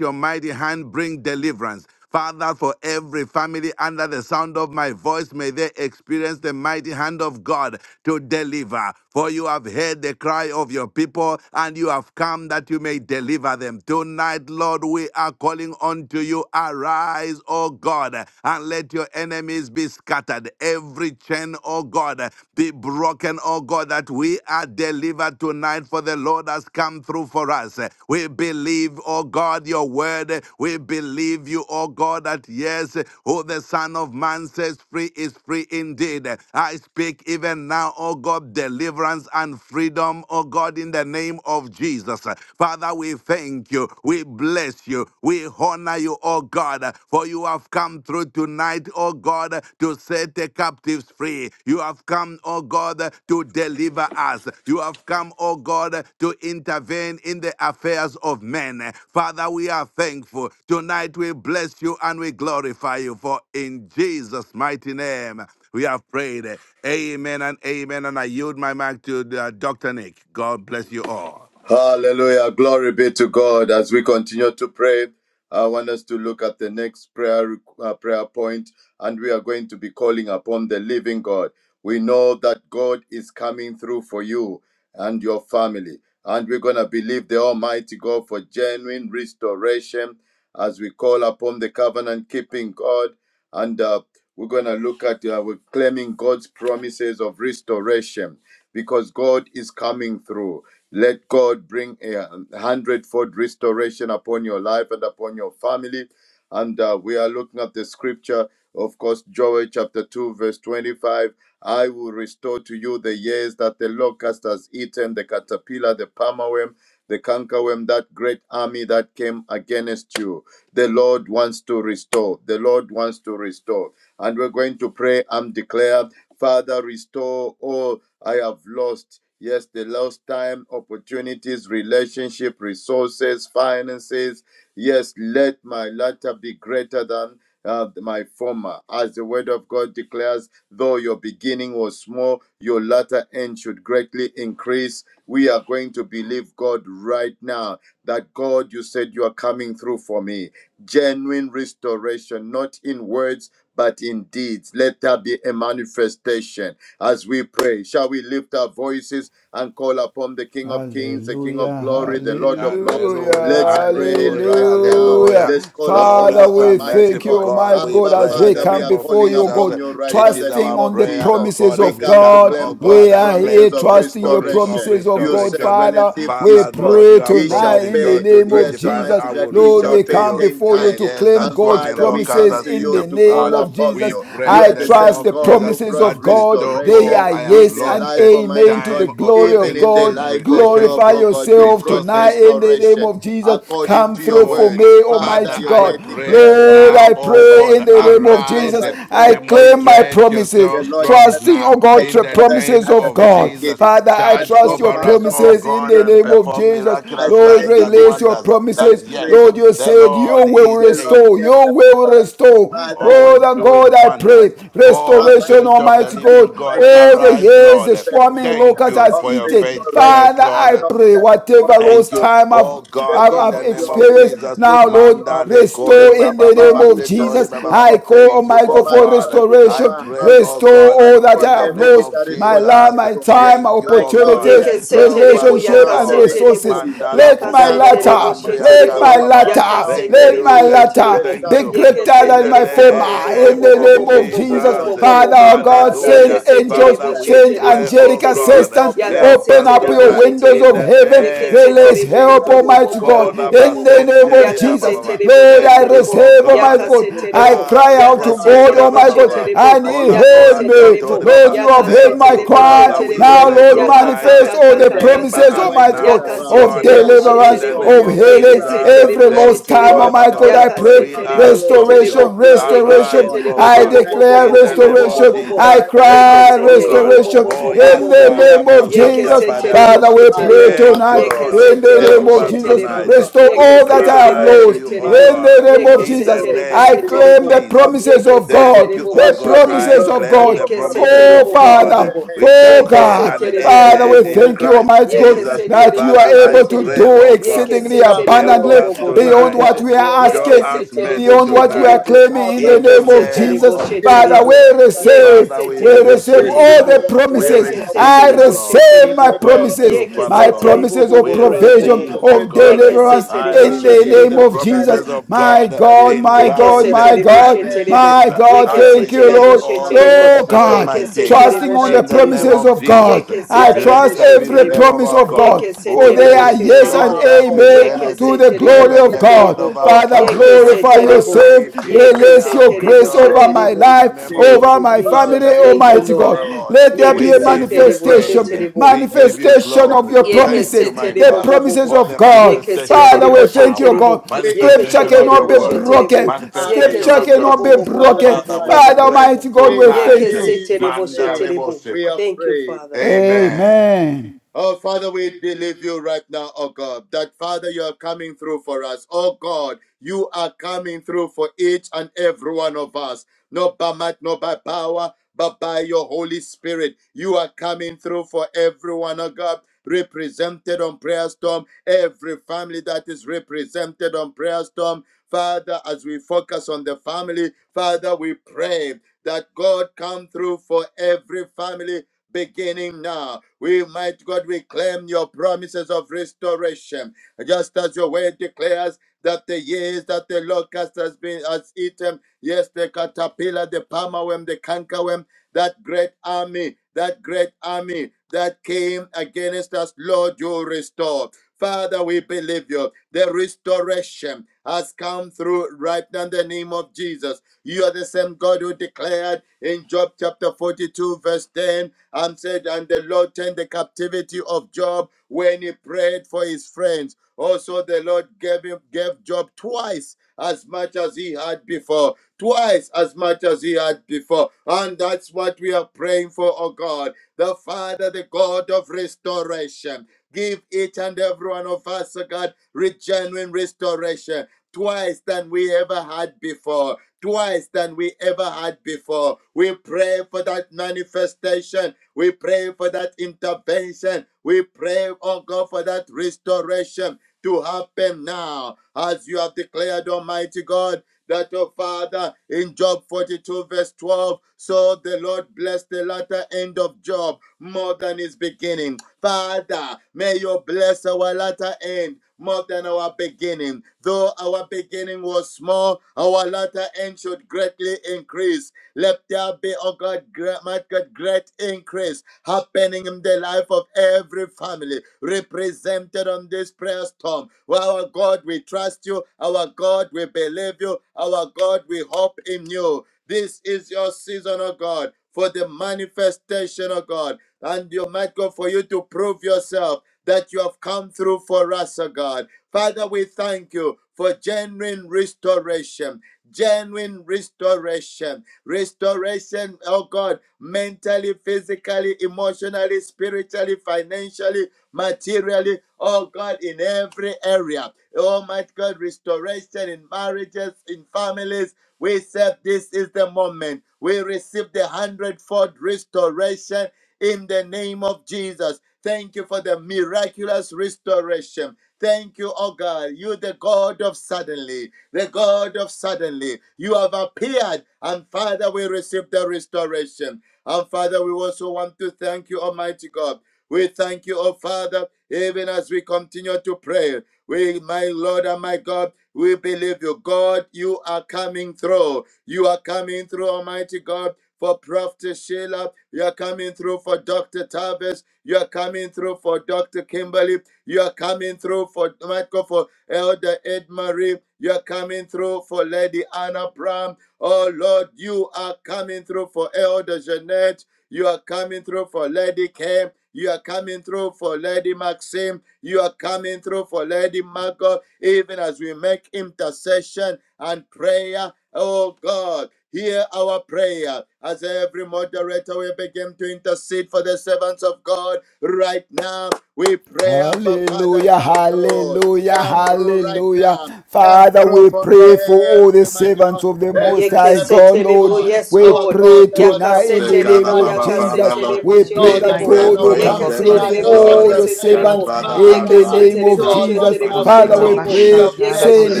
Speaker 4: your mighty hand bring deliverance. Father, for every family under the sound of my voice, may they experience the mighty hand of God to deliver. For you have heard the cry of your people, and you have come that you may deliver them. Tonight, Lord, we are calling unto you. Arise, O God, and let your enemies be scattered. Every chain, O God, be broken, O God, that we are delivered believer tonight, for the Lord has come through for us. We believe, oh God, your word. We believe you, oh God, that yes, who the Son of Man says free is free indeed. I speak even now, oh God, deliverance and freedom, oh God, in the name of Jesus. Father, we thank you. We bless you. We honor you, oh God, for you have come through tonight, oh God, to set the captives free. You have come, oh God, to deliver us. You have come, oh God, to intervene in the affairs of men. Father, we are thankful. Tonight we bless you and we glorify you, for in Jesus' mighty name we have prayed. Amen and amen. And I yield my mic to uh, Dr. Nick. God bless you all.
Speaker 5: Hallelujah. Glory be to God. As we continue to pray, I want us to look at the next prayer uh, prayer point and we are going to be calling upon the living God. We know that God is coming through for you and your family. And we're going to believe the Almighty God for genuine restoration as we call upon the covenant keeping God. And uh, we're going to look at, uh, we're claiming God's promises of restoration because God is coming through. Let God bring a hundredfold restoration upon your life and upon your family. And uh, we are looking at the scripture, of course, Joel chapter 2, verse 25. I will restore to you the years that the locust has eaten, the caterpillar, the palmerworm, the cankerworm, that great army that came against you. The Lord wants to restore. The Lord wants to restore. And we're going to pray and declare, Father, restore all I have lost. Yes, the lost time, opportunities, relationship, resources, finances. Yes, let my latter be greater than uh, my former. As the word of God declares, though your beginning was small, your latter end should greatly increase. We are going to believe God right now that God, you said you are coming through for me. Genuine restoration, not in words but indeed, Let there be a manifestation as we pray. Shall we lift our voices and call upon the King of Kings, the King of
Speaker 3: Hallelujah.
Speaker 5: Glory, the Lord of Lords?
Speaker 3: Hallelujah.
Speaker 4: Hallelujah,
Speaker 5: Let's pray
Speaker 4: hallelujah,
Speaker 5: right now.
Speaker 4: hallelujah.
Speaker 5: Let's
Speaker 3: Hallelujah.
Speaker 5: call upon
Speaker 3: Father,
Speaker 5: the
Speaker 4: Glorious
Speaker 3: we
Speaker 4: and
Speaker 5: Almighty
Speaker 3: thank
Speaker 4: merciful
Speaker 3: you,
Speaker 5: God.
Speaker 4: God,
Speaker 3: Almighty
Speaker 4: we
Speaker 3: God,
Speaker 5: Abba,
Speaker 3: as
Speaker 4: pray in
Speaker 3: we
Speaker 4: the
Speaker 5: Father, we
Speaker 3: come
Speaker 4: name
Speaker 5: are
Speaker 4: of
Speaker 3: before
Speaker 5: calling
Speaker 3: you,
Speaker 4: Jesus.
Speaker 5: upon
Speaker 3: God,
Speaker 5: you right now
Speaker 4: It
Speaker 5: in
Speaker 4: is
Speaker 5: the
Speaker 3: trusting
Speaker 4: our
Speaker 5: name
Speaker 3: on
Speaker 5: of
Speaker 3: the
Speaker 4: prayer, oh
Speaker 5: Jesus.
Speaker 3: promises
Speaker 4: God,
Speaker 5: We
Speaker 4: as
Speaker 3: of
Speaker 4: we
Speaker 5: come to
Speaker 4: come,
Speaker 3: God.
Speaker 4: oh
Speaker 5: claim God's
Speaker 4: God,
Speaker 3: We are
Speaker 4: and
Speaker 3: here
Speaker 5: promises
Speaker 4: claim
Speaker 5: of
Speaker 4: God's
Speaker 3: trusting your
Speaker 4: promise of
Speaker 5: restoration.
Speaker 3: promises of
Speaker 5: You
Speaker 3: God,
Speaker 5: said,
Speaker 4: restoration.
Speaker 5: when a
Speaker 3: Father.
Speaker 5: thief
Speaker 3: We
Speaker 5: is
Speaker 4: Father, Lord,
Speaker 5: caught,
Speaker 3: pray
Speaker 4: you have
Speaker 5: he
Speaker 4: promised
Speaker 5: shall
Speaker 3: tonight
Speaker 4: in
Speaker 3: in the
Speaker 4: John
Speaker 5: pay.
Speaker 3: name of
Speaker 5: Yes,
Speaker 4: 2.25,
Speaker 3: Jesus.
Speaker 5: Almighty
Speaker 4: I
Speaker 5: God,
Speaker 4: will
Speaker 5: he
Speaker 3: Lord,
Speaker 4: restore
Speaker 5: shall
Speaker 3: we
Speaker 4: to
Speaker 5: pay
Speaker 3: come
Speaker 4: you
Speaker 5: 10
Speaker 3: before
Speaker 4: the
Speaker 3: you to
Speaker 5: times.
Speaker 4: years
Speaker 3: claim
Speaker 4: that
Speaker 5: And
Speaker 3: God's
Speaker 4: swarming
Speaker 5: Father, we
Speaker 4: locusts
Speaker 3: promises
Speaker 5: come
Speaker 4: has
Speaker 5: to
Speaker 3: in the
Speaker 4: eaten.
Speaker 5: you to
Speaker 3: name
Speaker 5: call
Speaker 4: Father,
Speaker 3: of
Speaker 5: upon
Speaker 4: we
Speaker 3: Jesus.
Speaker 5: you.
Speaker 4: pray
Speaker 5: You
Speaker 3: I
Speaker 4: in
Speaker 5: are
Speaker 4: the
Speaker 5: the
Speaker 4: name
Speaker 3: trust
Speaker 5: same
Speaker 3: the
Speaker 4: of
Speaker 5: God
Speaker 4: Jesus
Speaker 5: who
Speaker 3: promises
Speaker 5: brought
Speaker 4: that
Speaker 3: of God.
Speaker 4: restore
Speaker 3: They
Speaker 4: all
Speaker 5: restoration
Speaker 3: are
Speaker 4: I have
Speaker 3: yes
Speaker 5: in
Speaker 3: yes
Speaker 5: the
Speaker 3: and
Speaker 4: lost,
Speaker 5: life,
Speaker 4: eh,
Speaker 3: amen
Speaker 5: Almighty
Speaker 3: to the
Speaker 4: time,
Speaker 5: God,
Speaker 3: glory
Speaker 5: even
Speaker 3: of
Speaker 5: in the
Speaker 4: opportunities,
Speaker 3: God.
Speaker 5: life of Job,
Speaker 3: Glorify
Speaker 4: relationships,
Speaker 5: oh God. You
Speaker 3: yourself
Speaker 5: brought
Speaker 3: tonight
Speaker 4: resources,
Speaker 3: in the name
Speaker 5: restoration
Speaker 3: of Jesus.
Speaker 5: according
Speaker 3: Come
Speaker 5: to your
Speaker 3: through for
Speaker 4: form.
Speaker 5: word.
Speaker 3: me,
Speaker 5: Father,
Speaker 4: Father,
Speaker 3: Almighty
Speaker 5: your
Speaker 4: I
Speaker 3: God.
Speaker 5: word
Speaker 4: pray
Speaker 5: declares,
Speaker 3: Lord,
Speaker 4: now,
Speaker 3: I
Speaker 5: Almighty
Speaker 4: oh
Speaker 5: Father,
Speaker 3: pray in
Speaker 4: God,
Speaker 3: the name of
Speaker 5: after Job
Speaker 4: arise,
Speaker 3: Jesus.
Speaker 5: had
Speaker 4: eh,
Speaker 3: I
Speaker 5: prayed for his
Speaker 3: claim my
Speaker 5: friend.
Speaker 4: demonstrate
Speaker 3: promises,
Speaker 5: The
Speaker 4: yourself
Speaker 5: Lord
Speaker 4: strong
Speaker 5: gave
Speaker 3: trusting,
Speaker 5: him
Speaker 4: now
Speaker 3: oh
Speaker 5: twice
Speaker 3: God,
Speaker 4: in
Speaker 3: to
Speaker 4: the
Speaker 5: more than he
Speaker 4: name
Speaker 3: promises
Speaker 5: had
Speaker 3: of
Speaker 5: at
Speaker 4: of
Speaker 5: the
Speaker 3: God.
Speaker 4: Jesus.
Speaker 5: beginning.
Speaker 3: Father, I
Speaker 5: And
Speaker 4: Charge
Speaker 5: so,
Speaker 3: trust your
Speaker 4: over us,
Speaker 5: Father, we
Speaker 4: oh
Speaker 5: are
Speaker 3: promises in
Speaker 4: God,
Speaker 3: the
Speaker 5: praying
Speaker 4: and
Speaker 3: name
Speaker 5: right
Speaker 3: of
Speaker 4: perform
Speaker 5: now.
Speaker 3: Jesus.
Speaker 5: As
Speaker 4: miraculous
Speaker 5: the
Speaker 3: Lord,
Speaker 4: signs
Speaker 5: lady
Speaker 4: and
Speaker 3: release
Speaker 5: said
Speaker 3: your
Speaker 4: wonders.
Speaker 5: after the
Speaker 4: That
Speaker 3: promises.
Speaker 5: prayer
Speaker 4: yes, eh,
Speaker 3: Lord,
Speaker 5: on
Speaker 3: you
Speaker 4: the
Speaker 5: prayer
Speaker 3: said
Speaker 5: storm,
Speaker 3: you
Speaker 4: Lord
Speaker 3: will
Speaker 4: is
Speaker 5: the
Speaker 4: a-
Speaker 5: Lord
Speaker 3: restore,
Speaker 5: gave
Speaker 3: you
Speaker 5: them
Speaker 3: will
Speaker 5: twice.
Speaker 3: restore.
Speaker 5: Father,
Speaker 3: Lord
Speaker 4: always
Speaker 5: give
Speaker 3: and
Speaker 5: us
Speaker 3: God,
Speaker 4: doing
Speaker 3: I
Speaker 5: twice
Speaker 4: wonders.
Speaker 3: pray
Speaker 5: now.
Speaker 4: Oh,
Speaker 5: Ah, my
Speaker 3: restoration,
Speaker 4: Spirit
Speaker 5: God,
Speaker 4: of the
Speaker 3: Almighty
Speaker 5: twice,
Speaker 3: God.
Speaker 4: living God,
Speaker 5: Almighty
Speaker 3: All
Speaker 5: God,
Speaker 3: the
Speaker 4: arise,
Speaker 3: years
Speaker 4: Lord.
Speaker 3: the swarming
Speaker 5: manifestation
Speaker 4: Thank
Speaker 3: locust
Speaker 4: you
Speaker 3: has
Speaker 5: of
Speaker 4: for your
Speaker 3: eaten.
Speaker 4: faithfulness,
Speaker 5: restoration,
Speaker 3: Father, I
Speaker 4: Lord.
Speaker 5: knowing
Speaker 3: pray
Speaker 5: that
Speaker 3: whatever
Speaker 5: God has
Speaker 4: Thank
Speaker 3: lost
Speaker 4: you,
Speaker 5: come
Speaker 3: time I've,
Speaker 5: through.
Speaker 4: oh
Speaker 5: The
Speaker 4: God,
Speaker 3: I've,
Speaker 5: God
Speaker 4: in
Speaker 3: I've
Speaker 4: the name of
Speaker 5: who
Speaker 3: experienced
Speaker 5: came
Speaker 4: Jesus.
Speaker 5: through
Speaker 3: now,
Speaker 5: for
Speaker 3: Lord,
Speaker 5: Job
Speaker 4: Mandale
Speaker 5: is the
Speaker 3: restore
Speaker 4: koriba
Speaker 3: in
Speaker 5: same
Speaker 3: the
Speaker 4: baba
Speaker 3: name
Speaker 5: God
Speaker 3: of
Speaker 5: who's coming
Speaker 4: basetori
Speaker 3: Jesus.
Speaker 5: through
Speaker 4: baba.
Speaker 3: I
Speaker 5: for
Speaker 3: call,
Speaker 5: me
Speaker 4: Thank you,
Speaker 3: Almighty
Speaker 5: for
Speaker 4: oh
Speaker 3: God,
Speaker 5: my
Speaker 3: for
Speaker 4: God.
Speaker 5: family, for
Speaker 4: I
Speaker 3: restoration.
Speaker 5: my
Speaker 4: pray, oh
Speaker 5: household,
Speaker 3: Restore
Speaker 4: God,
Speaker 5: and
Speaker 3: all that
Speaker 5: for
Speaker 3: I
Speaker 4: in the
Speaker 3: have
Speaker 4: name
Speaker 5: everything
Speaker 3: lost
Speaker 4: of
Speaker 5: that is
Speaker 3: my life,
Speaker 5: connected
Speaker 4: Jesus.
Speaker 3: my
Speaker 5: to me.
Speaker 3: time, my
Speaker 4: Thank you,
Speaker 5: My
Speaker 4: oh
Speaker 5: God,
Speaker 4: God.
Speaker 5: we
Speaker 3: opportunities,
Speaker 5: are
Speaker 4: Help
Speaker 5: trusting
Speaker 2: Yekeseterebo,
Speaker 4: us,
Speaker 5: you
Speaker 4: oh
Speaker 3: relationship,
Speaker 5: now in
Speaker 3: and
Speaker 5: the
Speaker 4: God.
Speaker 5: name of
Speaker 3: resources.
Speaker 2: yakaseterebo,
Speaker 5: Jesus.
Speaker 4: Mandala
Speaker 3: Let
Speaker 4: bobo
Speaker 3: my
Speaker 5: Now,
Speaker 2: yakaseterebo,
Speaker 3: latter,
Speaker 5: Father,
Speaker 4: sekolambria
Speaker 3: let
Speaker 4: kala
Speaker 3: my
Speaker 2: sheterebo,
Speaker 5: knowing that
Speaker 4: baba.
Speaker 5: now
Speaker 3: latter,
Speaker 4: Thank
Speaker 5: faith
Speaker 3: let
Speaker 4: you,
Speaker 2: yakaseterebo,
Speaker 3: my
Speaker 5: is
Speaker 4: thank you,
Speaker 3: latter
Speaker 5: the
Speaker 2: sheterebo,
Speaker 4: thank
Speaker 3: be
Speaker 4: you.
Speaker 5: substance
Speaker 3: great
Speaker 5: of
Speaker 3: better
Speaker 4: In
Speaker 3: than
Speaker 5: things
Speaker 4: the
Speaker 3: my
Speaker 2: yekeseterebo, bo
Speaker 5: of
Speaker 2: bo
Speaker 3: former.
Speaker 2: bo
Speaker 5: God,
Speaker 2: bo
Speaker 3: In
Speaker 5: the
Speaker 4: name
Speaker 2: bo
Speaker 3: the
Speaker 2: bo
Speaker 4: of
Speaker 2: bo
Speaker 3: name
Speaker 2: bo
Speaker 5: evidence
Speaker 3: of
Speaker 5: of
Speaker 2: bo
Speaker 5: things
Speaker 3: Jesus,
Speaker 2: bo
Speaker 5: not
Speaker 2: bo
Speaker 4: Jesus.
Speaker 2: bo bo bo
Speaker 5: seen.
Speaker 3: Father
Speaker 2: bo
Speaker 3: oh
Speaker 2: bo,
Speaker 3: God,
Speaker 5: Father,
Speaker 3: send
Speaker 5: let
Speaker 4: Hallelujah.
Speaker 5: my
Speaker 3: angels,
Speaker 2: yekeseterebo,
Speaker 4: Father,
Speaker 5: latter
Speaker 4: we
Speaker 3: send
Speaker 5: end of
Speaker 2: sheterebo,
Speaker 4: pray,
Speaker 5: God
Speaker 3: angelic
Speaker 4: oh
Speaker 2: sheterebo,
Speaker 5: be
Speaker 4: God,
Speaker 3: assistance,
Speaker 5: more blessed,
Speaker 4: help
Speaker 3: open
Speaker 4: us
Speaker 3: up
Speaker 2: yakaseterebo,
Speaker 5: just
Speaker 3: your
Speaker 4: tonight
Speaker 5: as you
Speaker 3: windows
Speaker 4: in
Speaker 2: sheterebo,
Speaker 3: of
Speaker 4: the
Speaker 5: declared
Speaker 3: heaven,
Speaker 5: concerning
Speaker 4: name
Speaker 5: God,
Speaker 3: release
Speaker 4: of
Speaker 2: yekeseterebo, bo
Speaker 3: help,
Speaker 5: that
Speaker 2: bo
Speaker 4: Jesus.
Speaker 5: his
Speaker 2: bo bo
Speaker 3: Almighty
Speaker 2: bo
Speaker 5: latter
Speaker 2: bo
Speaker 3: God.
Speaker 2: bo
Speaker 5: end
Speaker 2: bo
Speaker 3: In
Speaker 2: bo
Speaker 3: the
Speaker 5: was
Speaker 2: bo,
Speaker 3: name
Speaker 5: more
Speaker 3: of
Speaker 4: Kolabasenteri
Speaker 5: blessed to
Speaker 3: Jesus,
Speaker 4: babababa.
Speaker 5: God.
Speaker 2: Yakaseterebo
Speaker 3: Lord, I
Speaker 4: Thank you,
Speaker 5: According to
Speaker 2: sheterebo.
Speaker 4: oh
Speaker 3: receive,
Speaker 5: Psalm
Speaker 3: Almighty
Speaker 4: God.
Speaker 3: God.
Speaker 5: 42,
Speaker 3: I
Speaker 5: verse
Speaker 2: Yakaseterebo.
Speaker 5: 12,
Speaker 3: cry out to
Speaker 4: Kalebroske
Speaker 3: God,
Speaker 5: Father,
Speaker 3: oh
Speaker 5: we
Speaker 2: Yakaseterebo
Speaker 3: my God,
Speaker 5: pray
Speaker 4: kalabababa.
Speaker 2: sheterebo.
Speaker 3: and
Speaker 5: and we
Speaker 3: He
Speaker 5: call
Speaker 3: heard
Speaker 4: Olambra
Speaker 3: me.
Speaker 5: upon you,
Speaker 4: katori
Speaker 2: Yakaseterebo.
Speaker 3: Lord,
Speaker 4: baba.
Speaker 3: you
Speaker 5: Almighty
Speaker 3: have heard
Speaker 5: God.
Speaker 4: Thank
Speaker 3: my
Speaker 4: you,
Speaker 2: Yakaseterebo
Speaker 4: Father.
Speaker 5: Father,
Speaker 3: cry.
Speaker 4: We
Speaker 2: sheterebo.
Speaker 3: Now,
Speaker 4: pray
Speaker 3: Lord,
Speaker 5: breakthrough, O God.
Speaker 4: tonight.
Speaker 3: manifest
Speaker 5: God.
Speaker 3: all the
Speaker 5: Change
Speaker 4: Remember
Speaker 3: promises,
Speaker 2: Yakakakakakakaka.
Speaker 4: us
Speaker 3: Almighty
Speaker 5: situations
Speaker 4: now,
Speaker 3: God,
Speaker 4: oh
Speaker 5: around.
Speaker 3: of
Speaker 4: God,
Speaker 5: We are
Speaker 2: Yakaseterebo
Speaker 4: in
Speaker 3: deliverance,
Speaker 5: asking
Speaker 4: the
Speaker 5: for
Speaker 2: sheterebo.
Speaker 4: name
Speaker 3: of
Speaker 4: of
Speaker 3: healing,
Speaker 5: miraculous,
Speaker 4: Jesus.
Speaker 3: every
Speaker 5: come, oh
Speaker 3: every
Speaker 2: Yekaseterebo
Speaker 5: God.
Speaker 3: lost
Speaker 4: Thank you,
Speaker 3: time,
Speaker 5: God,
Speaker 2: sheterebo.
Speaker 4: Father,
Speaker 3: Almighty
Speaker 5: co-
Speaker 3: God,
Speaker 4: Lord.
Speaker 5: eh,
Speaker 3: I
Speaker 5: God,
Speaker 3: pray
Speaker 4: We
Speaker 5: come
Speaker 2: Yakaseterebo
Speaker 4: ask
Speaker 5: through
Speaker 4: of
Speaker 3: restoration,
Speaker 4: you,
Speaker 2: sheterebo.
Speaker 5: miraculously,
Speaker 2: Yeke
Speaker 5: oh
Speaker 3: restoration.
Speaker 4: arise,
Speaker 5: God.
Speaker 2: setere
Speaker 4: oh
Speaker 2: bo bo
Speaker 3: I
Speaker 4: God,
Speaker 2: bo bo bo
Speaker 3: declare
Speaker 2: bo
Speaker 4: in
Speaker 2: bo
Speaker 4: the
Speaker 5: Miraculously,
Speaker 2: bo
Speaker 5: oh
Speaker 4: name
Speaker 2: bo
Speaker 4: of
Speaker 2: bo
Speaker 5: God.
Speaker 3: restoration.
Speaker 2: bo bo.
Speaker 3: I
Speaker 4: Jesus.
Speaker 5: Father,
Speaker 2: Yeke
Speaker 4: Thank
Speaker 5: come
Speaker 4: you,
Speaker 3: cry
Speaker 4: oh
Speaker 5: through,
Speaker 2: setere
Speaker 5: oh
Speaker 2: bo
Speaker 4: God.
Speaker 2: bo
Speaker 5: God.
Speaker 3: restoration
Speaker 2: bo bo
Speaker 4: Oh
Speaker 2: bo
Speaker 5: Ah,
Speaker 3: in
Speaker 2: bo
Speaker 4: yes,
Speaker 2: bo
Speaker 3: the
Speaker 4: sir.
Speaker 2: bo.
Speaker 5: right
Speaker 4: La
Speaker 3: name
Speaker 5: now,
Speaker 3: of
Speaker 2: Yeke
Speaker 5: Abba
Speaker 4: broseska
Speaker 3: Jesus.
Speaker 2: setere
Speaker 4: pariada
Speaker 2: bo
Speaker 5: Father.
Speaker 3: Father,
Speaker 4: baba.
Speaker 3: we
Speaker 2: shetere
Speaker 3: pray
Speaker 2: bo.
Speaker 5: Mareka
Speaker 4: Thank you,
Speaker 3: tonight
Speaker 2: Yeke
Speaker 4: Lord.
Speaker 5: Torba.
Speaker 3: in the
Speaker 2: setere
Speaker 5: Come
Speaker 2: bo
Speaker 3: name
Speaker 4: Help
Speaker 3: of
Speaker 5: through,
Speaker 4: us
Speaker 3: Jesus.
Speaker 2: shetere
Speaker 5: Abba
Speaker 2: bo.
Speaker 4: tonight.
Speaker 3: Restore
Speaker 5: Father.
Speaker 2: Yeke
Speaker 4: We
Speaker 3: all that
Speaker 5: We
Speaker 3: I
Speaker 2: setere
Speaker 3: have
Speaker 2: bo
Speaker 4: cry
Speaker 5: pray,
Speaker 4: to
Speaker 3: lost
Speaker 4: you,
Speaker 3: in
Speaker 2: shetere
Speaker 4: O
Speaker 5: my
Speaker 2: bo.
Speaker 4: God,
Speaker 3: the
Speaker 5: God, to
Speaker 3: name
Speaker 2: Yeke
Speaker 5: come
Speaker 3: of
Speaker 4: in
Speaker 5: through
Speaker 4: the
Speaker 3: Jesus.
Speaker 5: through.
Speaker 2: setere bo
Speaker 3: I
Speaker 4: name
Speaker 5: Speak,
Speaker 2: shetere
Speaker 4: of
Speaker 3: claim
Speaker 2: bo.
Speaker 3: the
Speaker 5: Lord God,
Speaker 4: Jesus.
Speaker 3: promises
Speaker 5: with
Speaker 2: Yeke
Speaker 3: of
Speaker 5: signs
Speaker 3: God,
Speaker 4: Thank
Speaker 2: setere
Speaker 5: and
Speaker 4: you,
Speaker 2: bobo
Speaker 4: O
Speaker 3: the
Speaker 4: God.
Speaker 5: wonders,
Speaker 2: shetere bo.
Speaker 3: promises
Speaker 4: I
Speaker 3: of
Speaker 5: knowing
Speaker 2: she terebo.
Speaker 5: that
Speaker 4: claim the
Speaker 3: God.
Speaker 5: your
Speaker 2: Yeke
Speaker 5: promises
Speaker 4: promises
Speaker 2: setere
Speaker 5: are
Speaker 3: Go,
Speaker 4: of
Speaker 5: yes
Speaker 2: bobo bobo
Speaker 4: God,
Speaker 5: and
Speaker 2: bo.
Speaker 3: Father,
Speaker 2: bo
Speaker 4: which
Speaker 5: amen.
Speaker 4: are
Speaker 3: for
Speaker 5: Oh,
Speaker 4: yea
Speaker 2: bo
Speaker 3: God.
Speaker 4: and
Speaker 5: Father,
Speaker 3: Father,
Speaker 2: bobo
Speaker 5: every
Speaker 4: amen
Speaker 3: we
Speaker 2: bobo
Speaker 4: in
Speaker 3: thank
Speaker 2: bobo.
Speaker 5: area
Speaker 3: you,
Speaker 4: Christ
Speaker 3: Almighty
Speaker 5: where
Speaker 3: God,
Speaker 5: we
Speaker 2: Yeke
Speaker 5: are
Speaker 4: Jesus.
Speaker 5: deep
Speaker 3: that
Speaker 2: setere
Speaker 3: you
Speaker 5: at
Speaker 4: Father,
Speaker 2: bobo
Speaker 3: are
Speaker 4: I
Speaker 3: able
Speaker 5: pressed
Speaker 3: to
Speaker 5: on
Speaker 2: shetere
Speaker 4: pray,
Speaker 2: bo.
Speaker 5: every
Speaker 3: do
Speaker 4: O
Speaker 2: bo bo bo.
Speaker 5: side,
Speaker 4: God,
Speaker 2: Yeke
Speaker 3: exceedingly
Speaker 5: come
Speaker 2: setere
Speaker 5: through,
Speaker 4: help
Speaker 2: bobo
Speaker 5: oh
Speaker 3: abundantly
Speaker 2: bo,
Speaker 4: us
Speaker 5: God,
Speaker 2: bobo
Speaker 3: beyond
Speaker 4: tonight.
Speaker 5: come
Speaker 3: what
Speaker 2: bobo.
Speaker 3: we
Speaker 5: through, oh
Speaker 3: are
Speaker 4: Show
Speaker 2: Yeke
Speaker 5: God,
Speaker 3: asking,
Speaker 4: us
Speaker 5: come
Speaker 2: setere
Speaker 4: mercy
Speaker 5: through,
Speaker 3: beyond
Speaker 5: oh
Speaker 3: what we are
Speaker 5: God.
Speaker 4: tonight
Speaker 2: bo bo bo. bo bo
Speaker 3: claiming in
Speaker 5: Abba,
Speaker 3: the
Speaker 4: in the
Speaker 3: name of
Speaker 5: Father,
Speaker 4: name
Speaker 3: Jesus.
Speaker 2: bo
Speaker 4: of
Speaker 5: give
Speaker 2: shetere
Speaker 3: Father,
Speaker 5: us
Speaker 4: Jesus.
Speaker 2: bo.
Speaker 5: rest
Speaker 3: we
Speaker 5: on
Speaker 2: Yeke
Speaker 5: every
Speaker 4: Father,
Speaker 3: receive,
Speaker 4: we
Speaker 3: we
Speaker 5: side.
Speaker 2: setere bo
Speaker 3: receive
Speaker 5: This
Speaker 4: receive.
Speaker 5: is
Speaker 2: shetere
Speaker 3: all the
Speaker 2: bo.
Speaker 5: our
Speaker 4: We
Speaker 5: prayer
Speaker 3: promises.
Speaker 5: and
Speaker 2: Yeke
Speaker 5: our
Speaker 3: I
Speaker 4: receive,
Speaker 2: setere
Speaker 5: cry. God
Speaker 2: bo
Speaker 4: Lord.
Speaker 3: receive
Speaker 2: shetere
Speaker 5: that
Speaker 3: my
Speaker 2: bo.
Speaker 5: the God
Speaker 4: Thank
Speaker 5: of
Speaker 3: promises,
Speaker 4: you,
Speaker 2: Yeke
Speaker 4: Father
Speaker 3: my
Speaker 5: restoration.
Speaker 2: setere
Speaker 4: Lord.
Speaker 2: bo
Speaker 3: promises
Speaker 2: bo
Speaker 3: of
Speaker 2: bo
Speaker 4: We
Speaker 5: You
Speaker 2: bo
Speaker 5: are
Speaker 2: bo bo bo
Speaker 3: provision,
Speaker 5: giving
Speaker 4: receive,
Speaker 2: bo.
Speaker 5: us
Speaker 4: oh
Speaker 3: of
Speaker 2: Yeke
Speaker 4: God.
Speaker 5: restoration.
Speaker 3: deliverance
Speaker 4: I
Speaker 2: setere bo
Speaker 3: in the
Speaker 5: Father,
Speaker 2: shetere
Speaker 4: receive
Speaker 3: name
Speaker 4: the
Speaker 2: bo.
Speaker 3: of Jesus.
Speaker 5: physically,
Speaker 4: promises of
Speaker 3: My
Speaker 4: God
Speaker 5: mentally,
Speaker 3: God,
Speaker 4: in
Speaker 3: my
Speaker 2: Yeke
Speaker 3: God,
Speaker 2: se
Speaker 4: Christ.
Speaker 3: my
Speaker 5: emotionally,
Speaker 2: terebo
Speaker 4: I
Speaker 2: she
Speaker 3: God,
Speaker 5: even in
Speaker 2: terebo.
Speaker 4: receive.
Speaker 3: my
Speaker 5: our
Speaker 3: God,
Speaker 2: Yeke
Speaker 4: I
Speaker 5: health,
Speaker 2: se
Speaker 3: thank you,
Speaker 5: you are
Speaker 4: receive
Speaker 2: terebo
Speaker 3: Lord.
Speaker 2: she
Speaker 5: giving
Speaker 4: all
Speaker 5: us
Speaker 4: the
Speaker 2: terebo.
Speaker 3: Lord God.
Speaker 4: promises of my
Speaker 2: Yeke
Speaker 5: restoration.
Speaker 3: God,
Speaker 2: se
Speaker 4: King
Speaker 3: trusting
Speaker 2: terebo
Speaker 3: on the
Speaker 2: she
Speaker 5: Finance
Speaker 4: in the name
Speaker 2: terebo.
Speaker 3: promises
Speaker 4: of
Speaker 3: of
Speaker 5: restoration.
Speaker 4: Jesus.
Speaker 3: God.
Speaker 2: Yeke se
Speaker 3: I
Speaker 5: Yes,
Speaker 2: terebo
Speaker 3: trust
Speaker 4: Blessed
Speaker 2: she
Speaker 4: be
Speaker 5: ministry
Speaker 3: every
Speaker 4: the name
Speaker 2: terebo.
Speaker 4: of
Speaker 3: promise
Speaker 4: our
Speaker 3: of
Speaker 4: God,
Speaker 3: God,
Speaker 5: restoration.
Speaker 2: Yeke se
Speaker 4: who
Speaker 3: for they
Speaker 2: terebo
Speaker 5: Right
Speaker 3: are
Speaker 2: she
Speaker 4: daily,
Speaker 3: yes and
Speaker 4: Lord,
Speaker 2: terebo.
Speaker 5: now,
Speaker 4: does
Speaker 5: oh
Speaker 4: with
Speaker 5: God.
Speaker 3: amen
Speaker 2: Yeke
Speaker 3: to
Speaker 2: se
Speaker 4: benefit,
Speaker 3: the
Speaker 5: Right
Speaker 2: terebo
Speaker 3: glory
Speaker 4: even
Speaker 2: she
Speaker 3: of
Speaker 4: the
Speaker 5: now,
Speaker 3: God.
Speaker 4: God of
Speaker 2: terebo.
Speaker 4: our
Speaker 5: oh
Speaker 3: Father,
Speaker 5: God.
Speaker 2: Yeke
Speaker 4: salvation.
Speaker 2: se
Speaker 3: glorify
Speaker 5: Oh,
Speaker 2: terebo.
Speaker 4: Father, we
Speaker 3: yourself,
Speaker 5: thank you,
Speaker 2: Yeke
Speaker 3: release
Speaker 2: se
Speaker 4: declare
Speaker 5: Jesus.
Speaker 3: your
Speaker 2: terebo
Speaker 3: grace
Speaker 2: she
Speaker 3: over
Speaker 5: Thank
Speaker 4: freedom
Speaker 3: my
Speaker 5: you,
Speaker 2: terebo.
Speaker 4: in
Speaker 5: King
Speaker 4: the
Speaker 5: of
Speaker 3: life,
Speaker 4: name of
Speaker 5: Kings.
Speaker 2: Thank
Speaker 3: over
Speaker 2: you,
Speaker 4: Jesus.
Speaker 3: my family,
Speaker 5: Father,
Speaker 2: Jesus.
Speaker 5: we
Speaker 4: Thank
Speaker 2: Thank
Speaker 5: bless
Speaker 2: you,
Speaker 4: you,
Speaker 3: Almighty
Speaker 5: your
Speaker 2: Lord.
Speaker 3: God.
Speaker 4: Father
Speaker 5: name.
Speaker 4: Lord.
Speaker 3: Let there
Speaker 5: We
Speaker 2: Yeke
Speaker 3: be
Speaker 4: We
Speaker 3: a
Speaker 2: se
Speaker 5: bless
Speaker 4: give
Speaker 5: you,
Speaker 4: you
Speaker 5: the
Speaker 2: terebo
Speaker 5: King of
Speaker 2: she
Speaker 4: praise.
Speaker 3: manifestation,
Speaker 5: Kings.
Speaker 2: terebo.
Speaker 4: We
Speaker 5: We
Speaker 4: give you
Speaker 5: bless you,
Speaker 3: manifestation
Speaker 5: the
Speaker 3: of
Speaker 5: King
Speaker 4: glory.
Speaker 3: your
Speaker 5: of
Speaker 2: Yeke
Speaker 5: Lords.
Speaker 4: Thank you,
Speaker 3: promises,
Speaker 4: my
Speaker 2: setere
Speaker 3: the
Speaker 2: bo bo
Speaker 4: Father,
Speaker 5: Father,
Speaker 2: bo
Speaker 5: we
Speaker 3: promises
Speaker 2: bo.
Speaker 4: for
Speaker 3: of
Speaker 4: the
Speaker 5: thank you.
Speaker 3: God.
Speaker 2: Yeke se
Speaker 5: We
Speaker 4: manifestation of
Speaker 3: Father,
Speaker 4: your
Speaker 3: we
Speaker 2: terebo she
Speaker 5: bless
Speaker 3: thank you,
Speaker 5: you.
Speaker 4: power,
Speaker 2: terebo,
Speaker 3: God.
Speaker 5: We give
Speaker 2: Yeke
Speaker 3: Scripture
Speaker 5: you
Speaker 2: setere
Speaker 4: manifestation of your
Speaker 3: cannot
Speaker 5: glory,
Speaker 3: be
Speaker 2: terebo
Speaker 5: Lord.
Speaker 2: she
Speaker 4: word,
Speaker 2: terebo,
Speaker 5: You
Speaker 3: broken,
Speaker 5: are
Speaker 2: Yeke
Speaker 4: manifestation
Speaker 3: Scripture
Speaker 4: of
Speaker 5: able.
Speaker 4: your
Speaker 2: setere
Speaker 3: cannot
Speaker 2: bo
Speaker 3: be
Speaker 2: bo bo
Speaker 4: assist.
Speaker 2: bo
Speaker 5: Father,
Speaker 3: broken.
Speaker 2: bo
Speaker 5: we
Speaker 2: bo
Speaker 4: Father,
Speaker 5: thank
Speaker 2: bo
Speaker 4: we
Speaker 2: bo
Speaker 3: Father,
Speaker 2: bo bo
Speaker 4: pray
Speaker 3: Almighty
Speaker 2: bo.
Speaker 5: you.
Speaker 3: God, we
Speaker 5: In
Speaker 3: thank
Speaker 2: Yeke
Speaker 4: tonight.
Speaker 3: you.
Speaker 2: se
Speaker 5: Jesus'
Speaker 2: terebo she
Speaker 4: Manda
Speaker 5: name,
Speaker 2: terebo.
Speaker 5: we
Speaker 4: rebosek.
Speaker 5: are
Speaker 2: Thank you,
Speaker 5: prayed.
Speaker 2: Father.
Speaker 4: Amen.
Speaker 3: Amen.
Speaker 5: Oh, Father, we believe you right now, oh God, that Father, you are coming through for us. Oh God, you are coming through for each and every one of us. Not by might, not by power, but by your Holy Spirit. You are coming through for everyone, oh God, represented on Prayer Storm, every family that is represented on Prayer Storm. Father, as we focus on the family, Father, we pray that God come through for every family beginning now. We might, God, reclaim your promises of restoration. Just as your word declares that the years that the locust has been has eaten, yes, the caterpillar, the palmerworm, the cankerworm, that great army, that great army that came against us, Lord, you restore. Father, we believe you. The restoration has come through right now in the name of Jesus. You are the same God who declared in Job chapter 42, verse 10 I'm said, and the Lord turned the captivity of Job when he prayed for his friends. Also, the Lord gave him gave Job twice as much as he had before, twice as much as he had before. And that's what we are praying for, oh God, the Father, the God of restoration. Give each and every one of us, oh God, re- genuine restoration, twice than we ever had before twice than we ever had before. We pray for that manifestation. We pray for that intervention. We pray, oh God, for that restoration to happen now. As you have declared, Almighty God, that, oh Father, in Job 42, verse 12, so the Lord blessed the latter end of Job more than his beginning. Father, may you bless our latter end. More than our beginning. Though our beginning was small, our latter end should greatly increase let there be, oh God, great, my God, great increase happening in the life of every family represented on this prayer storm. Well, our God, we trust you. Our God, we believe you. Our God, we hope in you. This is your season, oh God, for the manifestation, oh God. And you might go for you to prove yourself that you have come through for us, oh God. Father, we thank you for genuine restoration. Genuine restoration restoration, oh God, mentally, physically, emotionally, spiritually, financially, materially, oh God, in every area. Oh my God, restoration in marriages, in families. We said this is the moment. We receive the hundredfold restoration in the name of Jesus. Thank you for the miraculous restoration. Thank you, oh God. You, the God of suddenly the God of suddenly. You have appeared, and Father, we receive the restoration. And Father, we also want to thank you, Almighty God. We thank you, oh Father, even as we continue to pray. We, my Lord and my God, we believe you. God, you are coming through. You are coming through, Almighty God, for Prophet Sheila. You are coming through for Dr. Tavis. You are coming through for Dr. Kimberly. You are coming through for Michael, For Elder Ed Marie, you're coming through for Lady Anna Bram. Oh Lord, you are coming through for Elder Jeanette. You are coming through for Lady Kim. You are coming through for Lady Maxim. You are coming through for Lady Margot, even as we make intercession and prayer. Oh God, hear our prayer as every moderator we begin to intercede for the servants of God right now. We pray, Abba Father,
Speaker 3: Hallelujah,
Speaker 5: come through.
Speaker 3: hallelujah,
Speaker 5: Come through right
Speaker 3: hallelujah.
Speaker 5: now. Come
Speaker 3: Father,
Speaker 5: through
Speaker 3: we
Speaker 5: for
Speaker 3: pray for all the
Speaker 5: every mighty God,
Speaker 3: servants of the Most
Speaker 5: every
Speaker 3: High
Speaker 5: servant
Speaker 3: God,
Speaker 5: of
Speaker 3: Lord.
Speaker 2: Yekeseterebo,
Speaker 5: God.
Speaker 2: yes,
Speaker 3: We
Speaker 5: Our
Speaker 2: Lord.
Speaker 5: God,
Speaker 3: pray
Speaker 5: you're not a
Speaker 3: tonight in
Speaker 5: man
Speaker 3: the
Speaker 4: Shekinah,
Speaker 3: name
Speaker 2: Yakaseterebo,
Speaker 5: that
Speaker 3: of
Speaker 5: you should
Speaker 3: Jesus.
Speaker 4: Father,
Speaker 5: die,
Speaker 4: Lord,
Speaker 2: yakaseterebo,
Speaker 3: We
Speaker 7: In the
Speaker 3: pray
Speaker 5: nor
Speaker 4: we
Speaker 5: the
Speaker 3: that
Speaker 2: sheterebo.
Speaker 4: pray
Speaker 7: mighty
Speaker 5: Son
Speaker 3: God
Speaker 5: of
Speaker 3: will
Speaker 4: for your
Speaker 5: Man
Speaker 7: name
Speaker 3: come
Speaker 7: of
Speaker 3: through for
Speaker 5: that
Speaker 4: servants,
Speaker 2: Yekeseterebo,
Speaker 5: you
Speaker 7: Jesus,
Speaker 5: should
Speaker 4: Lord,
Speaker 3: all your
Speaker 5: repent.
Speaker 4: that
Speaker 7: Lord
Speaker 3: servants
Speaker 2: yekeseterebo.
Speaker 4: Father
Speaker 7: Almighty,
Speaker 3: in the
Speaker 5: Father,
Speaker 3: name
Speaker 4: arise
Speaker 3: of
Speaker 2: Yekeseterebo,
Speaker 4: now,
Speaker 5: show
Speaker 4: oh
Speaker 3: Jesus.
Speaker 4: God,
Speaker 2: sheterebo,
Speaker 4: in
Speaker 5: yourself
Speaker 4: the
Speaker 3: Father,
Speaker 4: name
Speaker 7: Bakora
Speaker 5: strong.
Speaker 3: we
Speaker 4: of
Speaker 2: sheterebo.
Speaker 3: pray,
Speaker 5: Your
Speaker 4: Jesus.
Speaker 7: Bashandara
Speaker 5: grace
Speaker 3: send
Speaker 5: and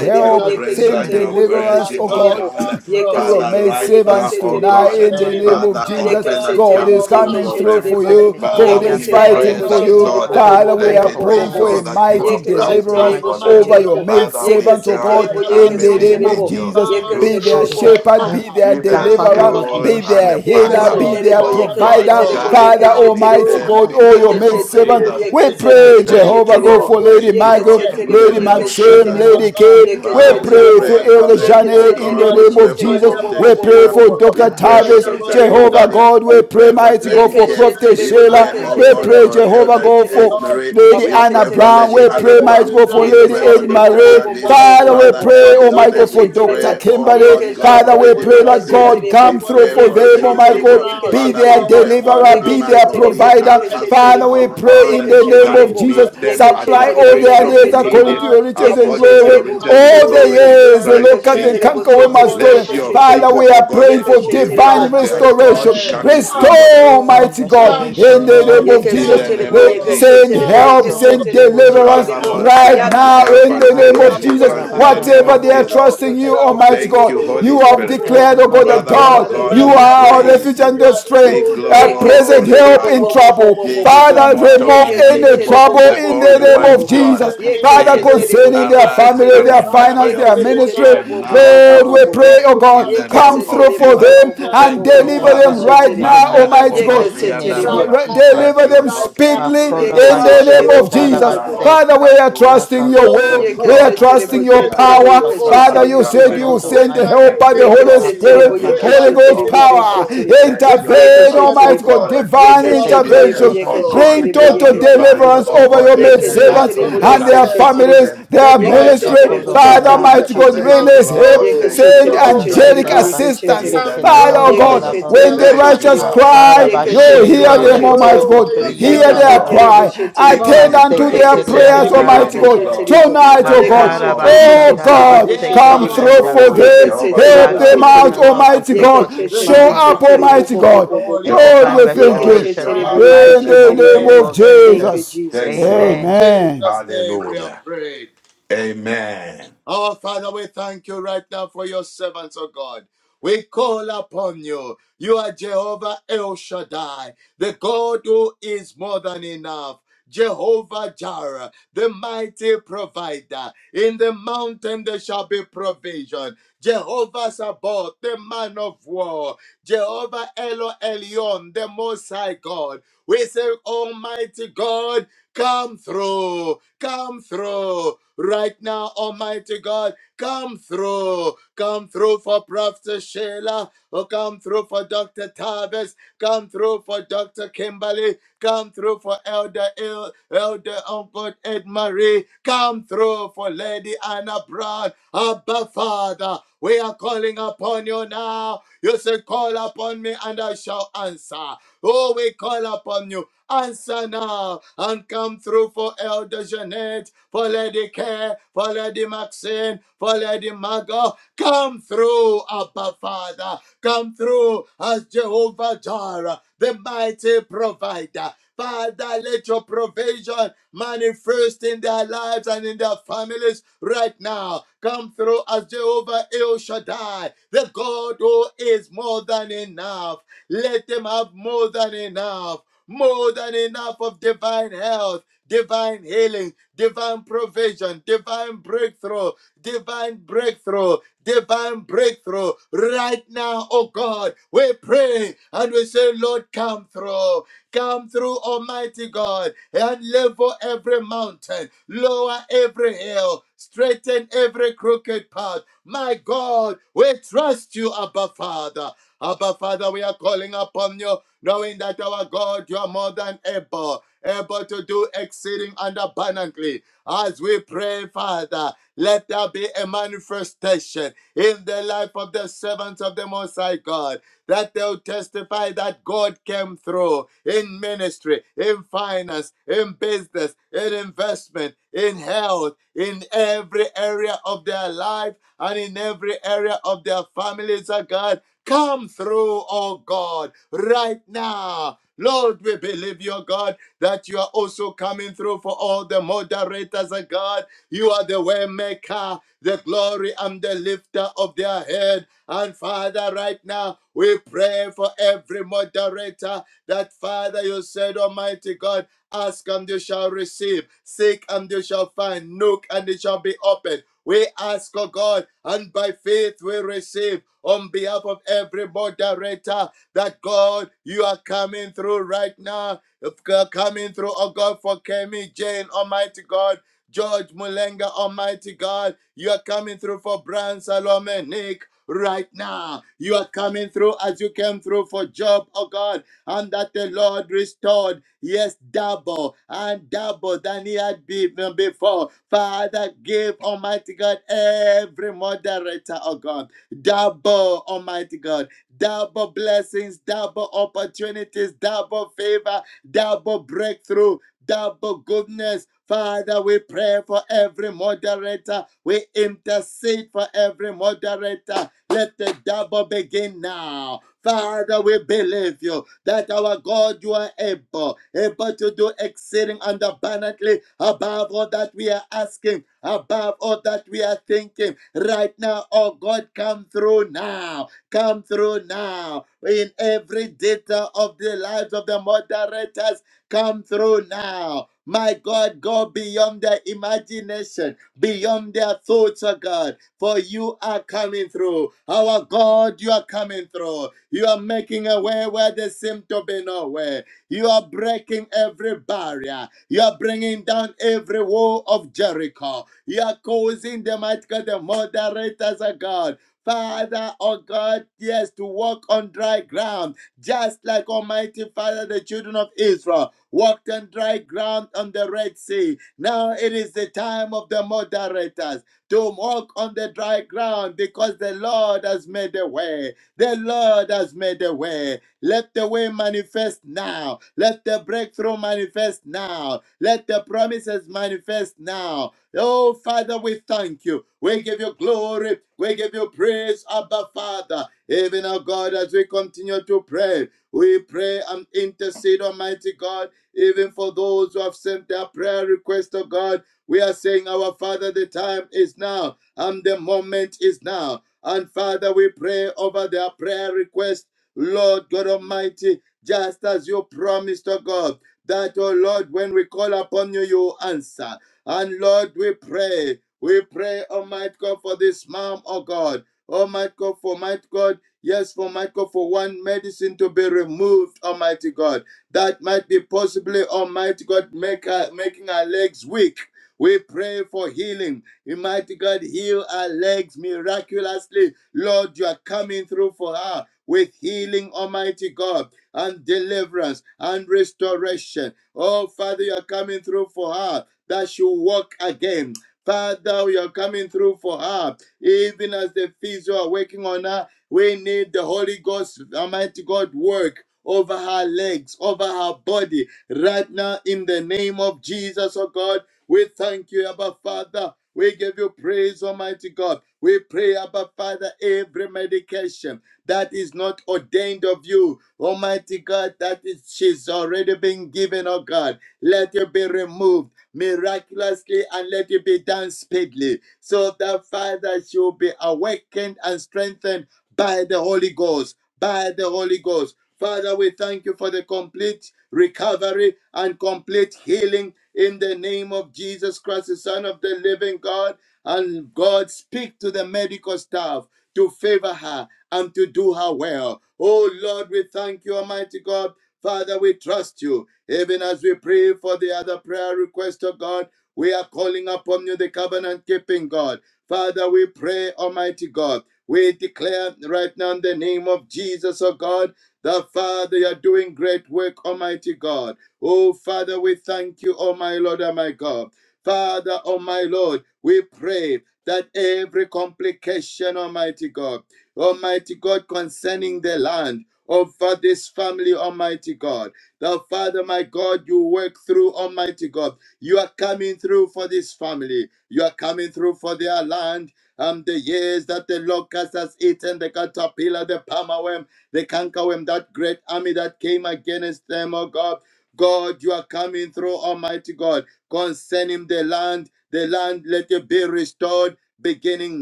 Speaker 5: you
Speaker 4: your
Speaker 5: cannot
Speaker 4: grace
Speaker 3: send
Speaker 4: and
Speaker 5: repress
Speaker 4: your
Speaker 5: it.
Speaker 2: yekeseterebo,
Speaker 5: My
Speaker 3: deliverance,
Speaker 4: mercy,
Speaker 3: oh
Speaker 4: oh
Speaker 5: God,
Speaker 3: God.
Speaker 2: yekeseterebo.
Speaker 4: God,
Speaker 5: come
Speaker 7: Mat
Speaker 3: to
Speaker 5: through.
Speaker 3: your
Speaker 4: Father,
Speaker 5: My
Speaker 2: Yekeseterebo,
Speaker 4: right
Speaker 5: God,
Speaker 3: maidservants
Speaker 4: now, oh
Speaker 2: yekeseterebo,
Speaker 3: tonight
Speaker 4: God,
Speaker 3: in the
Speaker 5: intervene.
Speaker 3: name
Speaker 2: sheterebo.
Speaker 3: of
Speaker 4: Father,
Speaker 5: My
Speaker 3: Jesus.
Speaker 7: Sarabasakatalabo,
Speaker 4: open
Speaker 5: God,
Speaker 4: and
Speaker 3: God
Speaker 2: Yekeseterebo,
Speaker 4: come
Speaker 3: is
Speaker 5: show
Speaker 4: through
Speaker 3: coming
Speaker 4: for
Speaker 5: up.
Speaker 3: through for
Speaker 4: them.
Speaker 2: yekeseterebo.
Speaker 5: My
Speaker 3: you.
Speaker 5: God,
Speaker 7: Yaseketele
Speaker 4: Father,
Speaker 3: God is
Speaker 4: we
Speaker 5: turn
Speaker 7: Yandarabo.
Speaker 3: fighting
Speaker 4: pray
Speaker 2: Yekeseterebo,
Speaker 3: for
Speaker 5: our
Speaker 4: that,
Speaker 3: you.
Speaker 2: sheterebo,
Speaker 4: Lord,
Speaker 5: mourning
Speaker 7: Father,
Speaker 2: bo,
Speaker 7: we
Speaker 3: Father,
Speaker 2: bo, bo,
Speaker 3: we
Speaker 7: pray
Speaker 4: let
Speaker 3: are
Speaker 2: bo,
Speaker 5: into
Speaker 7: for
Speaker 4: it be
Speaker 2: bo,
Speaker 3: praying
Speaker 7: all
Speaker 2: bo,
Speaker 3: for
Speaker 4: so
Speaker 3: a
Speaker 7: the
Speaker 2: bo.
Speaker 4: that
Speaker 5: dancing.
Speaker 4: you
Speaker 3: mighty
Speaker 4: have
Speaker 2: Yeke
Speaker 4: come
Speaker 2: se
Speaker 5: Right
Speaker 7: sub-leaders in the
Speaker 5: now,
Speaker 4: through
Speaker 3: deliverance
Speaker 2: terebo
Speaker 4: for
Speaker 7: mighty
Speaker 2: she
Speaker 5: Almighty
Speaker 4: them.
Speaker 7: name
Speaker 3: over
Speaker 7: of
Speaker 3: your
Speaker 5: God,
Speaker 2: terebo.
Speaker 7: the
Speaker 5: we
Speaker 4: Father, we
Speaker 5: pray
Speaker 2: Yeke
Speaker 3: maidservants, oh
Speaker 2: se
Speaker 3: God,
Speaker 5: that
Speaker 2: terebo
Speaker 4: trust
Speaker 7: Three
Speaker 5: our
Speaker 4: and
Speaker 2: yeke
Speaker 3: in
Speaker 2: se
Speaker 3: the
Speaker 7: Service and
Speaker 4: believe
Speaker 3: name
Speaker 5: Father
Speaker 3: of
Speaker 7: Mighty,
Speaker 4: in
Speaker 2: terebo.
Speaker 4: you.
Speaker 3: Jesus.
Speaker 5: come
Speaker 2: Yeke
Speaker 7: just
Speaker 4: you.
Speaker 3: Be
Speaker 2: se
Speaker 7: that shall
Speaker 3: their
Speaker 5: through
Speaker 7: be
Speaker 2: terebo.
Speaker 7: well
Speaker 5: right
Speaker 7: for
Speaker 3: shepherd,
Speaker 7: them.
Speaker 3: be
Speaker 5: now.
Speaker 3: their
Speaker 4: Be
Speaker 7: That
Speaker 4: their
Speaker 5: Come
Speaker 7: Father,
Speaker 3: deliverer,
Speaker 5: through,
Speaker 7: Lord,
Speaker 5: oh
Speaker 7: you
Speaker 4: shield
Speaker 3: be
Speaker 5: God.
Speaker 4: and the
Speaker 7: restore
Speaker 3: their
Speaker 5: My
Speaker 2: Yeke
Speaker 3: healer,
Speaker 2: se
Speaker 4: backlash.
Speaker 3: be
Speaker 5: God,
Speaker 7: all,
Speaker 3: their
Speaker 5: you're
Speaker 2: terebo
Speaker 4: Oh
Speaker 7: restore,
Speaker 2: yeke
Speaker 5: coming
Speaker 2: se
Speaker 4: God,
Speaker 7: you
Speaker 3: provider.
Speaker 5: through
Speaker 2: terebo
Speaker 7: restore
Speaker 4: guide
Speaker 3: Father,
Speaker 2: yeke
Speaker 4: and
Speaker 2: se
Speaker 7: all
Speaker 5: come
Speaker 4: lead
Speaker 3: Almighty
Speaker 5: through
Speaker 2: terebo.
Speaker 7: that
Speaker 4: them
Speaker 5: right
Speaker 3: God,
Speaker 7: has
Speaker 4: in
Speaker 7: been
Speaker 3: oh
Speaker 4: the
Speaker 3: your
Speaker 2: Yeke
Speaker 5: now
Speaker 4: name
Speaker 7: taken
Speaker 2: se
Speaker 4: of
Speaker 5: and
Speaker 7: from
Speaker 3: maidservant,
Speaker 2: terebo
Speaker 7: them
Speaker 5: make a
Speaker 4: Jesus.
Speaker 3: we
Speaker 2: yeke
Speaker 7: in the
Speaker 2: se
Speaker 5: way
Speaker 3: pray,
Speaker 7: mighty
Speaker 2: terebo
Speaker 7: name
Speaker 5: where
Speaker 2: she
Speaker 4: Thank
Speaker 5: there
Speaker 3: Jehovah,
Speaker 4: you,
Speaker 7: of
Speaker 3: go
Speaker 2: terebo.
Speaker 5: seems
Speaker 7: Jesus.
Speaker 3: for
Speaker 4: Lord.
Speaker 5: to be
Speaker 3: Lady
Speaker 4: Thank you,
Speaker 5: no
Speaker 2: Yeke se
Speaker 3: Margot,
Speaker 4: Lord.
Speaker 5: way
Speaker 4: In
Speaker 2: terebo
Speaker 4: the
Speaker 3: Lady
Speaker 5: for
Speaker 4: name
Speaker 5: your
Speaker 2: yeke
Speaker 4: of
Speaker 2: se
Speaker 3: Maxim,
Speaker 5: servants
Speaker 4: Jesus.
Speaker 2: terebo.
Speaker 5: of
Speaker 3: Lady
Speaker 5: God.
Speaker 3: Kay.
Speaker 2: Yeke
Speaker 3: We
Speaker 2: se
Speaker 4: Father, we
Speaker 7: Makurabashandalabaseketeyanda.
Speaker 5: Father,
Speaker 3: pray
Speaker 2: terebo.
Speaker 3: for
Speaker 4: pray
Speaker 5: not
Speaker 4: for
Speaker 3: Elder
Speaker 5: about
Speaker 4: them,
Speaker 2: Yeke
Speaker 3: Janet
Speaker 4: oh
Speaker 2: se
Speaker 3: dead
Speaker 7: We
Speaker 3: in
Speaker 4: God.
Speaker 3: the
Speaker 7: pray,
Speaker 5: miracles,
Speaker 2: terebo
Speaker 4: We
Speaker 3: name
Speaker 2: she
Speaker 4: pray
Speaker 7: Lord
Speaker 3: of
Speaker 4: for
Speaker 5: not
Speaker 2: terebo
Speaker 3: Jesus.
Speaker 2: bo
Speaker 7: Almighty.
Speaker 4: Prophet
Speaker 5: about
Speaker 2: bo
Speaker 3: We
Speaker 2: bo bo
Speaker 3: pray
Speaker 2: bo
Speaker 4: Sheila.
Speaker 3: for
Speaker 2: bo.
Speaker 5: breakthrough,
Speaker 4: We
Speaker 3: Dr.
Speaker 4: pray
Speaker 2: Yeke
Speaker 5: not
Speaker 4: for
Speaker 3: Tavis,
Speaker 2: se
Speaker 7: Kalabashandasakat.
Speaker 5: about
Speaker 4: Dr.
Speaker 2: terebo.
Speaker 3: Jehovah
Speaker 4: Kimberly.
Speaker 3: God.
Speaker 5: restoration,
Speaker 4: We
Speaker 3: We pray,
Speaker 4: pray
Speaker 5: not
Speaker 4: for
Speaker 3: mighty
Speaker 5: about
Speaker 3: God,
Speaker 4: Lady
Speaker 3: for
Speaker 2: Yeke
Speaker 4: Kate.
Speaker 5: goodness.
Speaker 3: Prophet
Speaker 4: We
Speaker 2: şeterebo,
Speaker 7: We
Speaker 4: pray,
Speaker 2: yeke
Speaker 7: pray
Speaker 5: Father,
Speaker 3: Sheila.
Speaker 4: oh
Speaker 7: for
Speaker 3: We
Speaker 5: let
Speaker 4: God,
Speaker 7: Lord
Speaker 5: your
Speaker 2: şeterebo,
Speaker 3: pray,
Speaker 4: for
Speaker 5: hand
Speaker 2: yeke
Speaker 3: Jehovah
Speaker 4: Elder
Speaker 5: rest,
Speaker 3: God,
Speaker 5: oh
Speaker 7: Masakutu
Speaker 2: şeterebo.
Speaker 3: for
Speaker 5: God,
Speaker 4: Edmary.
Speaker 3: Lady
Speaker 2: Yeke
Speaker 4: We
Speaker 5: upon the
Speaker 3: Anna
Speaker 4: pray for
Speaker 5: life
Speaker 2: şeterebo,
Speaker 5: of
Speaker 3: Brown.
Speaker 4: Lady
Speaker 3: We
Speaker 4: Anna
Speaker 3: pray,
Speaker 5: Prophet
Speaker 2: şeterebo.
Speaker 3: mighty
Speaker 4: Bram.
Speaker 7: Masekete
Speaker 3: God, for
Speaker 5: Sheila,
Speaker 4: We
Speaker 2: Yeke
Speaker 3: Lady
Speaker 4: pray
Speaker 7: Yandala
Speaker 4: for
Speaker 3: Ed
Speaker 2: şeterebo,
Speaker 5: upon
Speaker 4: Dr.
Speaker 2: bo
Speaker 3: Marie.
Speaker 2: bo
Speaker 5: Dr.
Speaker 2: bo
Speaker 4: Tavis.
Speaker 2: bo bo
Speaker 5: Davis,
Speaker 3: Father,
Speaker 2: bo
Speaker 3: we
Speaker 2: bo.
Speaker 4: Father
Speaker 3: pray,
Speaker 7: Masotoroba
Speaker 5: upon
Speaker 4: Elder
Speaker 3: oh my
Speaker 2: Yeke
Speaker 5: Dr.
Speaker 4: Jeanette,
Speaker 3: God, for
Speaker 4: we
Speaker 2: şeterebo.
Speaker 3: Dr.
Speaker 5: Kimberly,
Speaker 4: pray, oh
Speaker 5: upon
Speaker 2: Yeke
Speaker 4: Lord
Speaker 3: Kimberly.
Speaker 4: God, for
Speaker 3: Father,
Speaker 5: Elder
Speaker 3: we
Speaker 2: şeterebo,
Speaker 4: Lady
Speaker 5: Ed
Speaker 3: pray
Speaker 2: yeke
Speaker 3: that
Speaker 5: Marie,
Speaker 4: Maxine.
Speaker 3: God
Speaker 2: şeterebo.
Speaker 4: We
Speaker 3: come
Speaker 5: upon
Speaker 3: through
Speaker 4: pray
Speaker 3: for
Speaker 2: Yeke
Speaker 4: for
Speaker 5: Lady
Speaker 3: them, oh
Speaker 4: Lady
Speaker 3: my
Speaker 5: Anna
Speaker 2: şeterebo,
Speaker 3: God.
Speaker 4: Kindle.
Speaker 2: yeke
Speaker 5: Brown.
Speaker 3: Be
Speaker 4: Father,
Speaker 7: Mm,
Speaker 3: their
Speaker 4: we
Speaker 2: şeterebo.
Speaker 5: Our
Speaker 4: pray for
Speaker 5: God,
Speaker 3: deliverer,
Speaker 4: Lady
Speaker 2: Yeke
Speaker 3: be
Speaker 5: come
Speaker 3: their
Speaker 4: Margot.
Speaker 5: through
Speaker 7: Masakatashandaraba.
Speaker 2: şeterebo,
Speaker 4: We
Speaker 3: provider.
Speaker 4: are
Speaker 2: yeke
Speaker 5: right now
Speaker 4: asking,
Speaker 3: Father,
Speaker 7: My
Speaker 2: şeterebo.
Speaker 3: we
Speaker 4: oh
Speaker 7: Father, we
Speaker 4: God,
Speaker 3: pray
Speaker 5: upon
Speaker 3: in
Speaker 4: that
Speaker 2: Yeke
Speaker 7: pray
Speaker 3: the
Speaker 7: in the
Speaker 3: name
Speaker 5: Almighty
Speaker 3: of
Speaker 2: şeterebo,
Speaker 7: mighty
Speaker 3: Jesus.
Speaker 4: meet
Speaker 7: name of
Speaker 5: Father,
Speaker 4: them
Speaker 2: yeke
Speaker 4: at
Speaker 3: Supply
Speaker 4: their
Speaker 7: Jesus, O
Speaker 5: Elder
Speaker 2: şeterebo,
Speaker 3: all
Speaker 7: Lord,
Speaker 4: point
Speaker 3: their
Speaker 2: yeke
Speaker 7: and
Speaker 4: of
Speaker 5: Jeanette,
Speaker 3: needs
Speaker 5: oh
Speaker 2: şeterebo.
Speaker 3: according
Speaker 4: need
Speaker 3: to
Speaker 5: God,
Speaker 3: your riches
Speaker 7: my
Speaker 2: Yeke
Speaker 3: and
Speaker 5: upon
Speaker 7: Son,
Speaker 4: according to
Speaker 3: glory.
Speaker 4: your
Speaker 5: Lady
Speaker 2: şeterebo,
Speaker 7: according to
Speaker 2: bo
Speaker 4: riches
Speaker 7: your
Speaker 4: in
Speaker 3: All
Speaker 7: riches
Speaker 5: Maxine,
Speaker 3: the
Speaker 7: and
Speaker 3: years
Speaker 4: glory
Speaker 2: şeterebo.
Speaker 4: in
Speaker 7: glory,
Speaker 3: Yes, the
Speaker 5: Lady
Speaker 7: Lord.
Speaker 2: Yeke
Speaker 4: Christ
Speaker 3: Lord cut and
Speaker 5: Care,
Speaker 2: şeterebo,
Speaker 4: Jesus.
Speaker 3: conquer away my
Speaker 5: upon
Speaker 2: şeterebo,
Speaker 3: story.
Speaker 4: Let
Speaker 2: yeke
Speaker 5: Almighty
Speaker 4: your
Speaker 3: Father,
Speaker 2: şeterebo.
Speaker 7: Makurabashandaraba.
Speaker 5: Father,
Speaker 4: people,
Speaker 3: we
Speaker 4: oh
Speaker 3: are
Speaker 5: Lady
Speaker 4: God,
Speaker 3: praying
Speaker 2: Yeke
Speaker 3: for
Speaker 5: Margot.
Speaker 2: şeterebo.
Speaker 3: divine
Speaker 4: experience
Speaker 7: Divine
Speaker 5: Father,
Speaker 4: their
Speaker 5: we
Speaker 4: God
Speaker 3: restoration.
Speaker 5: pray,
Speaker 7: restoration
Speaker 4: coming through
Speaker 5: come
Speaker 4: for them
Speaker 3: Restore,
Speaker 5: through,
Speaker 7: divine
Speaker 3: mighty God,
Speaker 5: come
Speaker 7: restoration
Speaker 3: in
Speaker 7: in the
Speaker 3: the
Speaker 5: through,
Speaker 3: name of
Speaker 7: mighty
Speaker 4: in
Speaker 2: Yekese
Speaker 3: Jesus.
Speaker 7: name
Speaker 4: the
Speaker 5: come
Speaker 7: of
Speaker 4: name
Speaker 2: telebo,
Speaker 4: of
Speaker 7: Jesus.
Speaker 5: through,
Speaker 2: yekese
Speaker 3: Send
Speaker 4: Jesus.
Speaker 5: come
Speaker 2: telebo,
Speaker 3: help,
Speaker 5: through.
Speaker 3: send
Speaker 2: Yekesetelebo,
Speaker 5: Right
Speaker 3: deliverance
Speaker 4: Father,
Speaker 7: Masokotoriandarabo,
Speaker 5: now,
Speaker 2: yekesetelebo,
Speaker 4: Lord,
Speaker 3: right
Speaker 5: Abba
Speaker 4: send
Speaker 3: now
Speaker 4: help
Speaker 3: in
Speaker 5: Father,
Speaker 4: and
Speaker 3: the
Speaker 2: yekesetelebo, shetelebo. telebo,
Speaker 3: name
Speaker 4: send
Speaker 5: we
Speaker 2: bo,
Speaker 3: of
Speaker 5: have
Speaker 2: she
Speaker 3: Jesus.
Speaker 4: deliverance
Speaker 5: lifted
Speaker 2: telebo,
Speaker 4: in the
Speaker 5: our
Speaker 4: name
Speaker 5: hands
Speaker 3: Whatever
Speaker 4: of
Speaker 3: they
Speaker 5: to
Speaker 2: shetelebo,
Speaker 3: are
Speaker 7: Masekatarabayandarabo,
Speaker 4: Jesus.
Speaker 5: you.
Speaker 7: Whatever
Speaker 3: trusting you,
Speaker 5: You
Speaker 7: that
Speaker 5: are
Speaker 2: shetelebo.
Speaker 5: our
Speaker 7: just
Speaker 3: Almighty
Speaker 2: telebo,
Speaker 4: Thank
Speaker 3: God,
Speaker 2: bo,
Speaker 4: you,
Speaker 2: bo,
Speaker 5: exceeding
Speaker 2: bo,
Speaker 4: Holy
Speaker 3: you
Speaker 2: bo,
Speaker 7: got
Speaker 5: great
Speaker 3: have
Speaker 2: bo, bo,
Speaker 4: Spirit.
Speaker 7: declared,
Speaker 2: bo.
Speaker 7: O
Speaker 3: declared, oh
Speaker 5: reward.
Speaker 3: God,
Speaker 7: Lord, in
Speaker 3: that
Speaker 7: the
Speaker 2: Thank
Speaker 4: Father,
Speaker 5: You
Speaker 2: you,
Speaker 5: are
Speaker 4: oh
Speaker 3: God,
Speaker 7: mighty
Speaker 2: Father.
Speaker 5: the
Speaker 4: God,
Speaker 5: way
Speaker 3: you
Speaker 2: Thank
Speaker 4: we
Speaker 7: name
Speaker 2: you,
Speaker 7: of
Speaker 3: are our
Speaker 5: maker.
Speaker 2: Jesus.
Speaker 4: praise
Speaker 3: refuge
Speaker 7: Jesus.
Speaker 3: and
Speaker 4: you.
Speaker 5: You
Speaker 2: You
Speaker 3: our
Speaker 5: are
Speaker 2: are
Speaker 5: the
Speaker 2: the
Speaker 4: We
Speaker 3: strength,
Speaker 5: glory
Speaker 2: glory.
Speaker 3: a
Speaker 5: and the
Speaker 2: Yekese
Speaker 3: present
Speaker 5: lifter
Speaker 4: glorify
Speaker 3: help
Speaker 5: of
Speaker 2: telebo,
Speaker 3: in
Speaker 4: you,
Speaker 2: bo,
Speaker 5: our
Speaker 2: bo, bo,
Speaker 3: trouble.
Speaker 2: bo,
Speaker 5: head.
Speaker 2: bo, bo,
Speaker 4: King
Speaker 2: bo.
Speaker 3: Father,
Speaker 5: Abba,
Speaker 4: immortal,
Speaker 3: remove
Speaker 5: Father,
Speaker 2: Yekese
Speaker 5: we
Speaker 3: any
Speaker 4: invisible,
Speaker 2: telebo,
Speaker 3: trouble
Speaker 2: bo,
Speaker 4: the
Speaker 2: bo,
Speaker 3: in
Speaker 2: bo,
Speaker 3: the
Speaker 4: only
Speaker 5: pray
Speaker 2: bo,
Speaker 3: name
Speaker 2: bo,
Speaker 5: right
Speaker 7: So,
Speaker 3: of
Speaker 2: bo,
Speaker 4: wise
Speaker 2: bo.
Speaker 5: now in
Speaker 4: God.
Speaker 3: Jesus.
Speaker 5: the name of
Speaker 3: Father,
Speaker 2: Yekese
Speaker 4: Please
Speaker 5: Jesus
Speaker 2: telebo,
Speaker 3: concerning
Speaker 7: Masekatarabayandarabo,
Speaker 3: their
Speaker 5: Christ,
Speaker 3: family
Speaker 4: arise
Speaker 3: family,
Speaker 5: the
Speaker 4: and
Speaker 2: Yekesetelebo,
Speaker 3: their
Speaker 2: telebo.
Speaker 5: Son of
Speaker 4: remember
Speaker 3: finance,
Speaker 5: the
Speaker 4: your
Speaker 2: Yeke
Speaker 3: their
Speaker 2: se
Speaker 5: living
Speaker 4: people
Speaker 2: tere
Speaker 3: ministry.
Speaker 2: bo
Speaker 5: God,
Speaker 2: bo
Speaker 4: even
Speaker 2: bo bo
Speaker 4: now
Speaker 5: that
Speaker 2: bo
Speaker 3: Lord,
Speaker 4: as
Speaker 2: bo
Speaker 5: our
Speaker 4: we
Speaker 3: we
Speaker 2: bo bo
Speaker 4: speak
Speaker 5: God
Speaker 3: pray,
Speaker 2: bo.
Speaker 3: oh
Speaker 5: you
Speaker 4: in
Speaker 5: come
Speaker 3: God,
Speaker 4: the
Speaker 2: Yeke
Speaker 3: come
Speaker 2: se
Speaker 4: name
Speaker 5: through.
Speaker 3: through
Speaker 4: of
Speaker 2: tere bo
Speaker 3: for
Speaker 2: bo
Speaker 4: Jesus.
Speaker 5: Our
Speaker 2: bo
Speaker 3: them
Speaker 2: bo bo
Speaker 5: God
Speaker 3: and
Speaker 2: bo
Speaker 4: Thank
Speaker 2: bo
Speaker 5: you
Speaker 4: you,
Speaker 7: And
Speaker 2: bo
Speaker 3: deliver
Speaker 2: bo
Speaker 5: come
Speaker 7: that's
Speaker 2: bo
Speaker 3: them
Speaker 4: Father.
Speaker 2: she
Speaker 3: right
Speaker 7: not
Speaker 5: through.
Speaker 2: tere bo.
Speaker 3: now,
Speaker 7: denied
Speaker 4: Mandele
Speaker 5: Right
Speaker 7: in the
Speaker 3: Almighty
Speaker 2: Yeke
Speaker 3: God.
Speaker 4: bokosi
Speaker 2: se
Speaker 7: mighty
Speaker 5: now,
Speaker 4: yanda
Speaker 2: tere
Speaker 7: name
Speaker 4: na
Speaker 2: bo.
Speaker 7: of
Speaker 5: right
Speaker 4: baba.
Speaker 5: now,
Speaker 4: That
Speaker 3: Deliver
Speaker 7: Jesus.
Speaker 4: you
Speaker 3: them
Speaker 4: will
Speaker 5: right
Speaker 4: not leave
Speaker 3: speedily
Speaker 5: now.
Speaker 4: them,
Speaker 2: Yeke
Speaker 4: oh
Speaker 3: in
Speaker 2: se
Speaker 5: Come
Speaker 3: the
Speaker 4: God,
Speaker 2: tere
Speaker 3: name
Speaker 2: bo
Speaker 5: through,
Speaker 3: of
Speaker 2: bo
Speaker 4: to
Speaker 2: bo
Speaker 3: Jesus.
Speaker 2: bo
Speaker 5: Abba,
Speaker 2: bo.
Speaker 4: struggle.
Speaker 7: Makorobashandarabase,
Speaker 3: Father, we
Speaker 4: That
Speaker 3: are
Speaker 4: you
Speaker 5: Father.
Speaker 4: will
Speaker 3: trusting
Speaker 4: show
Speaker 3: your
Speaker 4: yourself
Speaker 5: Oh
Speaker 3: word.
Speaker 2: Yeke
Speaker 3: We are
Speaker 2: se
Speaker 4: strong
Speaker 5: God,
Speaker 2: tere bo
Speaker 3: trusting
Speaker 2: she
Speaker 3: your
Speaker 5: we
Speaker 2: tere
Speaker 4: tonight.
Speaker 7: Makadosokarabaseketele.
Speaker 2: bo
Speaker 7: We
Speaker 5: thank
Speaker 3: power.
Speaker 5: you,
Speaker 2: yeke
Speaker 7: trust in the
Speaker 2: she
Speaker 3: Father,
Speaker 4: Father,
Speaker 2: tere
Speaker 5: awesome
Speaker 7: powers
Speaker 4: we
Speaker 3: you
Speaker 2: bo
Speaker 7: to
Speaker 4: are
Speaker 2: bo
Speaker 7: you, O
Speaker 5: God.
Speaker 3: said
Speaker 2: bo
Speaker 3: you
Speaker 2: bo
Speaker 3: will
Speaker 7: Lord
Speaker 2: bo bo.
Speaker 4: thankful.
Speaker 5: We
Speaker 3: send the
Speaker 5: thank
Speaker 7: Almighty.
Speaker 5: you,
Speaker 3: helper,
Speaker 4: Thank
Speaker 3: the
Speaker 5: King
Speaker 4: you,
Speaker 5: of
Speaker 2: Yeke
Speaker 3: Holy
Speaker 4: Lord
Speaker 2: se
Speaker 5: Kings.
Speaker 2: tere bo
Speaker 3: Spirit,
Speaker 4: in
Speaker 5: We
Speaker 2: yeke
Speaker 4: the
Speaker 7: Makorobash.
Speaker 5: thank
Speaker 3: Holy
Speaker 2: she
Speaker 4: name
Speaker 5: you,
Speaker 2: tere
Speaker 3: Ghost
Speaker 2: bo
Speaker 4: of
Speaker 5: King of
Speaker 2: bo she
Speaker 3: power.
Speaker 4: Jesus.
Speaker 5: Glory.
Speaker 2: tere bo.
Speaker 5: We
Speaker 4: Let your
Speaker 5: thank
Speaker 2: Yeke
Speaker 5: you,
Speaker 3: Intervene,
Speaker 2: she
Speaker 4: servant,
Speaker 5: Lord of
Speaker 2: tere
Speaker 4: oh
Speaker 3: Almighty
Speaker 2: bo.
Speaker 3: God,
Speaker 5: Lords.
Speaker 4: God,
Speaker 3: divine
Speaker 2: Yeke
Speaker 5: You have
Speaker 2: she
Speaker 5: brought
Speaker 2: tere bo
Speaker 5: them
Speaker 3: intervention.
Speaker 4: experience, oh
Speaker 2: yeke she
Speaker 5: through.
Speaker 4: God,
Speaker 3: Bring
Speaker 2: tere bo
Speaker 5: You
Speaker 4: a
Speaker 5: have
Speaker 3: total
Speaker 7: Masekatalabasakatalaba.
Speaker 2: yeke
Speaker 5: brought
Speaker 2: she
Speaker 5: them
Speaker 2: tere
Speaker 4: divine,
Speaker 3: deliverance
Speaker 2: bo.
Speaker 7: Let
Speaker 4: oh
Speaker 5: through
Speaker 3: over
Speaker 4: God,
Speaker 3: your
Speaker 7: us us
Speaker 5: in
Speaker 3: maid
Speaker 7: in
Speaker 2: Yeke
Speaker 7: the
Speaker 5: the life
Speaker 4: experience
Speaker 3: servants
Speaker 7: mighty
Speaker 5: of
Speaker 4: of
Speaker 2: sheterebo,
Speaker 4: your
Speaker 5: your
Speaker 3: and
Speaker 7: name
Speaker 2: yeke
Speaker 3: their
Speaker 7: of
Speaker 4: coming through
Speaker 3: families
Speaker 4: for
Speaker 5: servant,
Speaker 3: release
Speaker 2: sheterebo.
Speaker 7: Jesus.
Speaker 4: them
Speaker 5: the
Speaker 3: their
Speaker 4: in
Speaker 2: Yeke
Speaker 4: the
Speaker 5: God
Speaker 3: ministry.
Speaker 5: of
Speaker 4: name of
Speaker 2: sheterebo,
Speaker 3: Father,
Speaker 4: Jesus.
Speaker 7: Masotorobaya
Speaker 2: sheterebo,
Speaker 5: restoration.
Speaker 3: mighty God,
Speaker 2: sheterebo.
Speaker 5: Come
Speaker 4: Thank you,
Speaker 3: release help.
Speaker 4: Lord.
Speaker 7: kakaliendelebo.
Speaker 2: Yeke
Speaker 5: through,
Speaker 4: Thank you,
Speaker 3: Send
Speaker 2: sheterebo,
Speaker 4: Lord.
Speaker 5: Jehovah
Speaker 4: Thank you,
Speaker 3: angelic
Speaker 2: sheterebo,
Speaker 4: Lord.
Speaker 5: God.
Speaker 7: Yasendelaba
Speaker 2: yeke
Speaker 3: assistance.
Speaker 4: In
Speaker 2: sheterebo.
Speaker 5: Come
Speaker 4: the name
Speaker 3: Father, oh
Speaker 4: of
Speaker 5: through,
Speaker 2: Yeke
Speaker 3: God,
Speaker 4: Jesus.
Speaker 7: seketeliandalabo.
Speaker 3: when
Speaker 2: sheterebo,
Speaker 3: the
Speaker 4: Thank
Speaker 5: Jehovah
Speaker 4: you,
Speaker 3: righteous
Speaker 2: sheterebo.
Speaker 5: El
Speaker 4: Father.
Speaker 3: cry,
Speaker 7: Makaraba
Speaker 5: Shaddai.
Speaker 4: We
Speaker 2: Yeke
Speaker 3: you
Speaker 4: give you
Speaker 3: hear
Speaker 2: sheterebo,
Speaker 5: Come
Speaker 3: them,
Speaker 7: shendelebo
Speaker 4: praise.
Speaker 3: Almighty
Speaker 5: through
Speaker 2: sheterebo.
Speaker 5: for
Speaker 3: God.
Speaker 4: We
Speaker 5: your
Speaker 4: give
Speaker 3: Hear
Speaker 2: Yeke
Speaker 4: you
Speaker 5: servants
Speaker 3: their
Speaker 5: of
Speaker 7: sokotoriandalaba
Speaker 4: glory.
Speaker 2: sheterebo,
Speaker 5: God.
Speaker 7: ye.
Speaker 3: cry.
Speaker 4: We
Speaker 2: sheterebo.
Speaker 4: give
Speaker 3: Attend
Speaker 4: you
Speaker 3: unto
Speaker 5: Father,
Speaker 3: their
Speaker 4: praise.
Speaker 2: Yeke
Speaker 5: hear
Speaker 3: prayers,
Speaker 2: sheterebo,
Speaker 4: We
Speaker 5: our
Speaker 4: give
Speaker 3: Almighty
Speaker 2: yeke
Speaker 4: you
Speaker 7: Maseketeliandalabo.
Speaker 3: God.
Speaker 5: prayer.
Speaker 4: glory
Speaker 2: sheterebo.
Speaker 4: in
Speaker 3: Tonight,
Speaker 4: the
Speaker 3: oh
Speaker 5: In
Speaker 2: Yeke
Speaker 4: name
Speaker 5: my
Speaker 3: God.
Speaker 7: Makaraba
Speaker 4: of
Speaker 5: God.
Speaker 2: sheterebo,
Speaker 3: Oh
Speaker 4: Jesus.
Speaker 7: shandalaba
Speaker 2: sheterebo, bo
Speaker 3: God,
Speaker 5: Hear
Speaker 3: come
Speaker 5: our
Speaker 2: sheterebo.
Speaker 3: through for
Speaker 7: seketeliandalabo.
Speaker 5: cry.
Speaker 4: Hallelujah,
Speaker 3: them.
Speaker 2: Yeke
Speaker 4: Jehovah
Speaker 5: In
Speaker 4: God,
Speaker 5: the
Speaker 3: Help
Speaker 2: sheterebo,
Speaker 5: name
Speaker 7: Michael,
Speaker 3: them
Speaker 5: of the
Speaker 3: out,
Speaker 7: Father,
Speaker 2: sheterebo.
Speaker 4: hallelujah.
Speaker 7: Lord,
Speaker 5: Father,
Speaker 7: we
Speaker 3: Almighty
Speaker 7: pray for
Speaker 2: Yeke
Speaker 3: God.
Speaker 5: the
Speaker 3: Show
Speaker 2: sheterebo,
Speaker 7: divine
Speaker 4: Mm.
Speaker 5: Son,
Speaker 3: up,
Speaker 2: sheterebo,
Speaker 3: Almighty
Speaker 2: bo
Speaker 5: of
Speaker 7: restoration,
Speaker 2: bo
Speaker 3: God.
Speaker 5: the
Speaker 2: bo bo bo
Speaker 7: a
Speaker 5: Holy
Speaker 2: bo.
Speaker 4: Show
Speaker 5: Ghost.
Speaker 3: Lord,
Speaker 7: divine
Speaker 3: we
Speaker 4: up,
Speaker 3: thank
Speaker 2: Yeke
Speaker 5: We
Speaker 4: Lord.
Speaker 3: you.
Speaker 7: restoration
Speaker 4: Show
Speaker 7: in
Speaker 2: sheterebo,
Speaker 7: the
Speaker 5: pray.
Speaker 4: up in
Speaker 2: yeke
Speaker 4: the
Speaker 3: In
Speaker 4: name
Speaker 7: mighty
Speaker 3: the
Speaker 4: of
Speaker 2: sheterebo.
Speaker 7: name
Speaker 3: name of
Speaker 7: of
Speaker 4: Jesus.
Speaker 5: Amen.
Speaker 2: Thank
Speaker 7: Jesus.
Speaker 2: you,
Speaker 3: Jesus.
Speaker 2: Jesus.
Speaker 4: Thank you,
Speaker 5: In
Speaker 7: Amen.
Speaker 4: Lord.
Speaker 3: Amen.
Speaker 5: Jesus' name we have
Speaker 4: Hallelujah.
Speaker 5: prayed.
Speaker 4: Amen.
Speaker 5: Our Father, we thank you right now for your servants, oh God. We call upon you. You are Jehovah El Shaddai, the God who is more than enough. Jehovah Jireh, the mighty provider. In the mountain there shall be provision. Jehovah Sabaoth, the man of war. Jehovah Elo Elyon, the Most High God. We say, Almighty God, Come through, come through right now, Almighty God. Come through, come through for Prophet Sheila, or come through for Dr. Tavis, come through for Dr. Kimberly, come through for Elder El- Elder Uncle Ed Marie, come through for Lady Anna Brown, Abba Father. We are calling upon you now. You say, Call upon me and I shall answer. Oh, we call upon you. Answer now and come through for Elder Jeanette, for Lady Care, for Lady Maxine, for Lady Margot. Come through, Abba Father. Come through as Jehovah Jireh, the mighty provider. Father, let your provision manifest in their lives and in their families right now. Come through as Jehovah El Shaddai, the God who is more than enough. Let them have more than enough more than enough of divine health, divine healing, divine provision, divine breakthrough, divine breakthrough, divine breakthrough right now, oh God. We pray and we say, Lord, come through. Come through, Almighty God, and level every mountain, lower every hill, straighten every crooked path. My God, we trust you, Abba Father. Abba Father, we are calling upon you knowing that our God, you are more than able, able to do exceeding and abundantly. As we pray, Father, let there be a manifestation in the life of the servants of the Most High God, that they'll testify that God came through in ministry, in finance, in business, in investment, in health, in every area of their life and in every area of their families, oh God. Come through, oh God, right now. Lord, we believe you, God, that you are also coming through for all the moderators, oh God. You are the way maker, the glory and the lifter of their head. And Father, right now, we pray for every moderator that, Father, you said, Almighty God, ask and you shall receive, seek and you shall find, look and it shall be open. We ask, oh God, and by faith we receive on behalf of every moderator that God, you are coming through right now. you are Coming through, oh God, for Kemi Jane, Almighty God. George Mulenga, Almighty God, you are coming through for Bran Salome Nick right now. You are coming through as you came through for Job, oh God and that the Lord restored, yes, double and double than he had been before. Father, give Almighty God every moderator, oh God, double, Almighty God, double blessings, double opportunities, double favor, double breakthrough, double goodness. Father, we pray for every moderator. We intercede for every moderator. Let the double begin now. Father, we believe you that our God, you are able, able to do exceeding and abundantly above all that we are asking, above all that we are thinking. Right now, oh God, come through now, come through now in every detail of the lives of the moderators. Come through now. My God, go beyond their imagination, beyond their thoughts, oh God for you are coming through. Our God, you are coming through. You are making a way where there seemed to be no way. You are breaking every barrier. You are bringing down every wall of Jericho. You are causing the might God, the moderators of God. Father, oh God, yes, to walk on dry ground, just like Almighty Father, the children of Israel walked on dry ground on the Red Sea. Now it is the time of the moderators to walk on the dry ground because the Lord has made a way. The Lord has made a way. Let the way manifest now. Let the breakthrough manifest now. Let the promises manifest now. Oh, Father, we thank you. We give you glory. We give you praise, Abba Father. Even our God, as we continue to pray, we pray and intercede, Almighty God, even for those who have sent their prayer request to God. We are saying, Our Father, the time is now and the moment is now. And Father, we pray over their prayer request, Lord God Almighty, just as you promised, oh God, that, oh Lord, when we call upon you, you answer. And Lord, we pray, we pray, Almighty God, for this mom, oh God. Almighty God, for Almighty God, yes, for Almighty God, for one medicine to be removed, Almighty God. That might be possibly, Almighty God, make her, making her legs weak. We pray for healing. Almighty God, heal our legs miraculously. Lord, you are coming through for her with healing, Almighty God, and deliverance and restoration. Oh, Father, you are coming through for her that she will walk again. Father, you are coming through for her. Even as the physio are working on her, we need the Holy Ghost, Almighty God, work over her legs, over her body, right now in the name of Jesus, oh God. We thank you, Abba Father. We give you praise, Almighty God. We pray, Abba Father, every medication that is not ordained of you, Almighty God, that is she's already been given, oh God. Let it be removed miraculously and let it be done speedily. So that Father she will be awakened and strengthened by the Holy Ghost, by the Holy Ghost. Father, we thank you for the complete recovery and complete healing in the name of Jesus Christ, the Son of the living God. And God, speak to the medical staff to favor her and to do her well. Oh Lord, we thank you, Almighty God. Father, we trust you. Even as we pray for the other prayer request of God, we are calling upon you, the covenant keeping God. Father, we pray, Almighty God we declare right now in the name of Jesus, oh God, that Father, you are doing great work, Almighty God. Oh Father, we thank you, oh my Lord, oh my God. Father, oh my Lord, we pray that every complication, Almighty God, Almighty God, concerning the land, oh, for this family, Almighty God. The Father, my God, you work through, Almighty God. You are coming through for this family. You are coming through for their land um, the years that the locust has eaten, the caterpillar, the palmerworm, the cankerworm, that great army that came against them, oh God. God, you are coming through, Almighty God, concerning the land. The land, let it be restored, beginning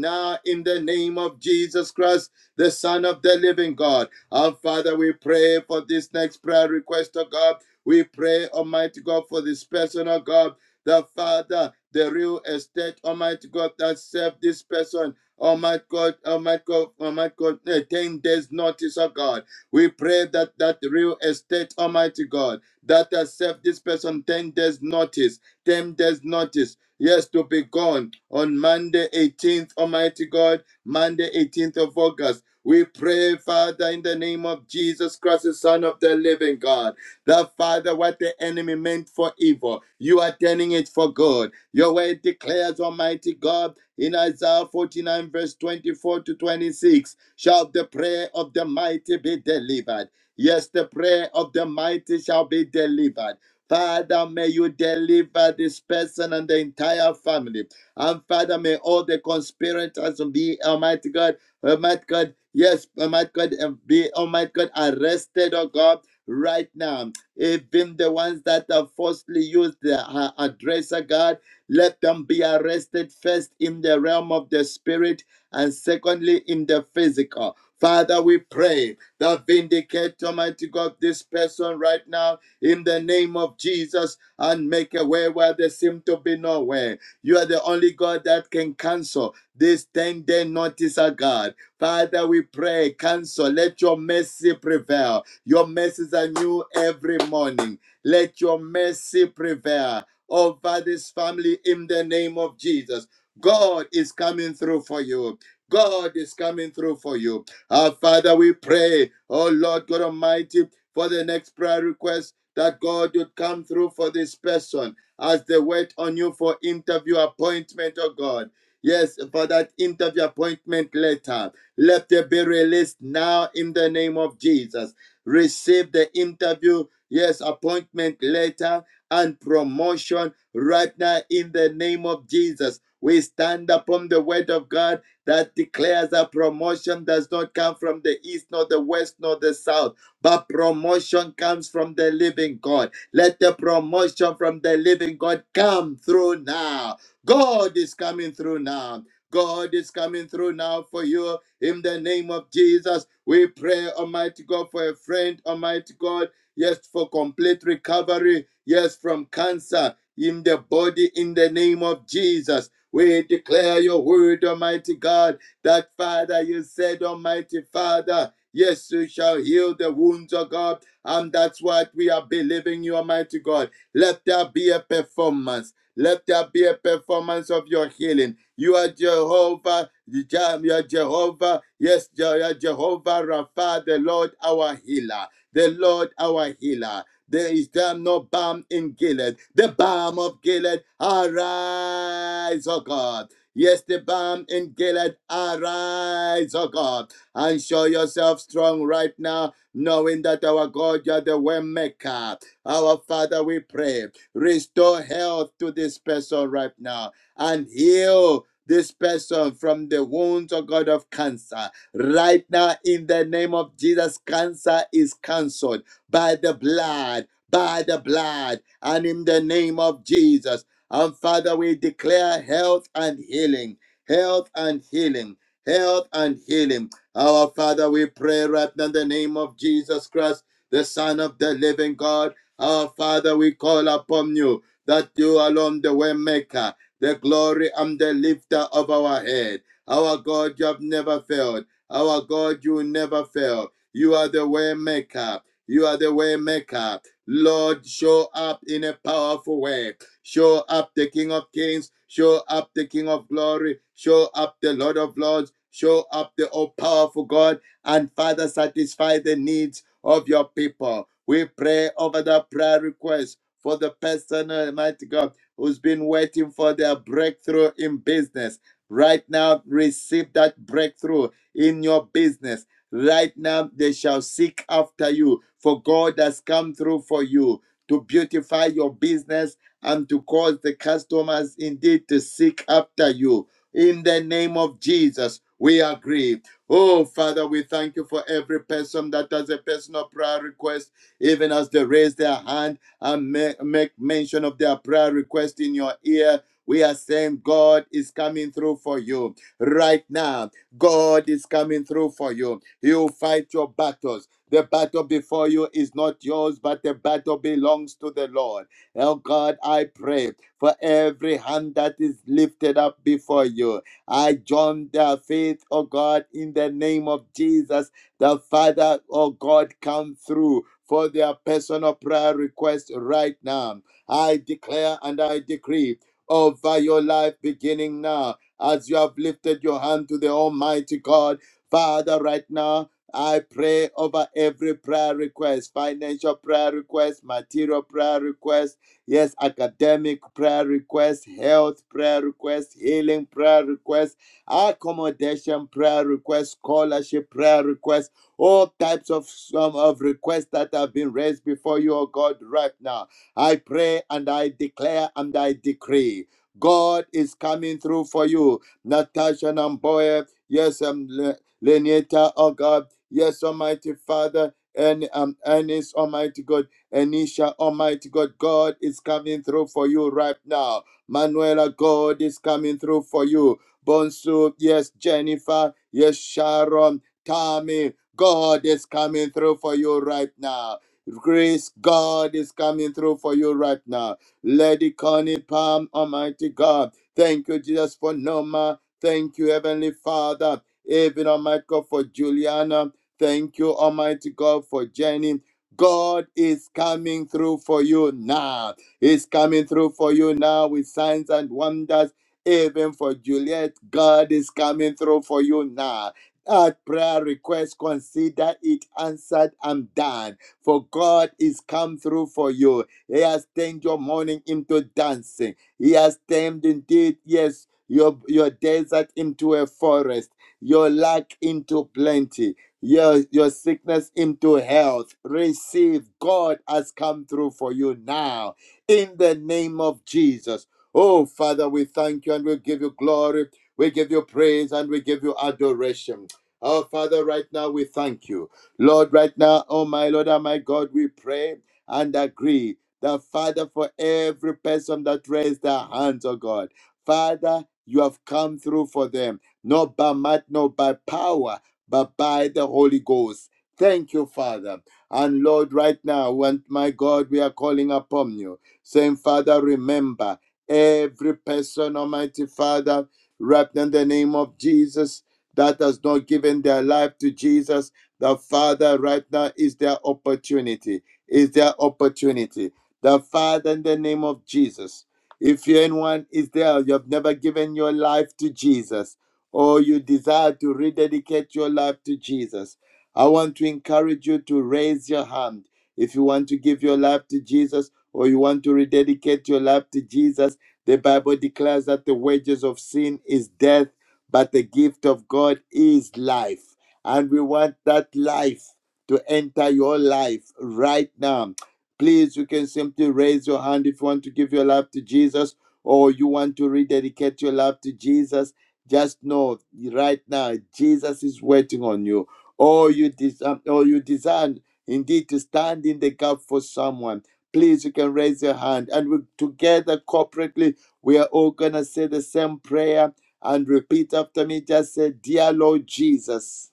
Speaker 5: now in the name of Jesus Christ, the Son of the living God. Our Father, we pray for this next prayer request, oh God. We pray, Almighty God, for this person, oh God. The Father, the real estate, Almighty God, that served this person. Almighty God, Almighty God, Almighty God, eh, 10 days notice, oh God. We pray that that real estate, Almighty God, that has served this person 10 days notice, 10 days notice. Yes, to be gone on Monday 18th, Almighty God, Monday 18th of August. We pray, Father, in the name of Jesus Christ, the Son of the living God, that Father, what the enemy meant for evil, you are turning it for good your word declares, Almighty God, in Isaiah 49, verse 24 to 26, shall the prayer of the mighty be delivered. Yes, the prayer of the mighty shall be delivered. Father, may you deliver this person and the entire family. And Father, may all the conspirators be, Almighty God, Almighty God, yes, Almighty God, and be, Almighty God, arrested, oh God, right now. Even the ones that have falsely used their uh, address, oh God, let them be arrested first in the realm of the spirit and secondly in the physical. Father, we pray that vindicate, Almighty God, this person right now in the name of Jesus and make a way where there seem to be no way. You are the only God that can cancel this 10 day notice, oh God. Father, we pray, cancel. Let your mercy prevail. Your mercies are new every morning. Let your mercy prevail over this family in the name of Jesus. God is coming through for you. God is coming through for you. Our Father, we pray, oh Lord God Almighty, for the next prayer request that God would come through for this person as they wait on you for interview appointment, oh God. Yes, for that interview appointment letter. Let it be released now in the name of Jesus. Receive the interview, yes, appointment letter and promotion right now in the name of Jesus. We stand upon the word of God that declares that promotion does not come from the east, nor the west, nor the south, but promotion comes from the living God. Let the promotion from the living God come through now. God is coming through now. God is coming through now for you in the name of Jesus. We pray, Almighty God, for a friend, Almighty God, yes, for complete recovery yes, from cancer in the body in the name of Jesus. We declare your word, Almighty God, that Father, you said, Almighty Father, yes, you shall heal the wounds of God. And that's what we are believing you, Almighty God. Let there be a performance. Let there be a performance of your healing. You are Jehovah, you are Jehovah, yes, you are Jehovah Rapha, the Lord our healer, the Lord our healer. There is there no balm in Gilead. The balm of Gilead, arise, O God. Yes, the balm in Gilead, arise, O God, and show yourself strong right now, knowing that our God, you are the way maker. Our Father, we pray, restore health to this person right now and heal this person from the wounds, O God, of cancer. Right now, in the name of Jesus, cancer is cancelled by the blood, by the blood, and in the name of Jesus. And Father, we declare health and healing, health and healing, health and healing. Our Father, we pray right now in the name of Jesus Christ, the Son of the living God. Our Father, we call upon you that you alone the way maker, the glory and the lifter of our head. Our God, you have never failed. Our God, you will never fail. You are the way maker. You are the way maker. Lord, show up in a powerful way. Show up the King of Kings. Show up the King of Glory. Show up the Lord of Lords. Show up the all powerful God. And Father, satisfy the needs of your people. We pray over the prayer request for the person, Almighty God, who's been waiting for their breakthrough in business. Right now, receive that breakthrough in your business Right now, they shall seek after you, for God has come through for you to beautify your business and to cause the customers indeed to seek after you. In the name of Jesus, we agree. Oh, Father, we thank you for every person that has a personal prayer request, even as they raise their hand and ma- make mention of their prayer request in your ear. We are saying God is coming through for you right now. God is coming through for you. He will fight your battles. The battle before you is not yours, but the battle belongs to the Lord. Oh God, I pray for every hand that is lifted up before you. I join their faith, oh God, in the name of Jesus. The Father, oh God, come through for their personal prayer request right now. I declare and I decree over your life beginning now as you have lifted your hand to the Almighty God. Father, right now, I pray over every prayer request, financial prayer request, material prayer request, yes, academic prayer request, health prayer request, healing prayer request, accommodation prayer request, scholarship prayer request, all types of some of requests that have been raised before you, oh God, right now. I pray and I declare and I decree. God is coming through for you. Natasha Namboye, yes, um, Lenita, oh God. Yes, Almighty Father. And um, Ernest, Almighty God, Anisha, Almighty God, God is coming through for you right now. Manuela, God is coming through for you. Bonsu, yes, Jennifer, yes, Sharon, Tammy, God is coming through for you right now. Grace, God is coming through for you right now. Lady Connie Palm, Almighty God, thank you, Jesus, for Noma. Thank you, Heavenly Father. Even Almighty God for Juliana. Thank you, Almighty God, for Jenny. God is coming through for you now. He's coming through for you now with signs and wonders. Even for Juliet, God is coming through for you now. That prayer request, consider it answered and done. For God is come through for you. He has turned your mourning into dancing. He has turned indeed, yes, your, your desert into a forest your lack into plenty, your, your sickness into health. Receive God has come through for you now in the name of Jesus. Oh, Father, we thank you and we give you glory. We give you praise and we give you adoration. Our Father, right now we thank you. Lord, right now, oh my Lord and my God, we pray and agree that, Father, for every person that raised their hands, oh God, Father, you have come through for them not by might, not by power, but by the Holy Ghost. Thank you, Father. And Lord, right now, when my God, we are calling upon you, saying, Father, remember every person, Almighty Father, wrapped in the name of Jesus, that has not given their life to Jesus. The Father, right now, is their opportunity. Is their opportunity. The Father, in the name of Jesus, if you anyone is there, you have never given your life to Jesus, or you desire to rededicate your life to Jesus, I want to encourage you to raise your hand. If you want to give your life to Jesus or you want to rededicate your life to Jesus, the Bible declares that the wages of sin is death, but the gift of God is life. And we want that life to enter your life right now. Please, you can simply raise your hand if you want to give your life to Jesus or you want to rededicate your life to Jesus just know right now, Jesus is waiting on you. Or you desire, or you desire indeed to stand in the gap for someone. Please, you can raise your hand, and we together corporately, we are all gonna say the same prayer and repeat after me. Just say, "Dear Lord Jesus,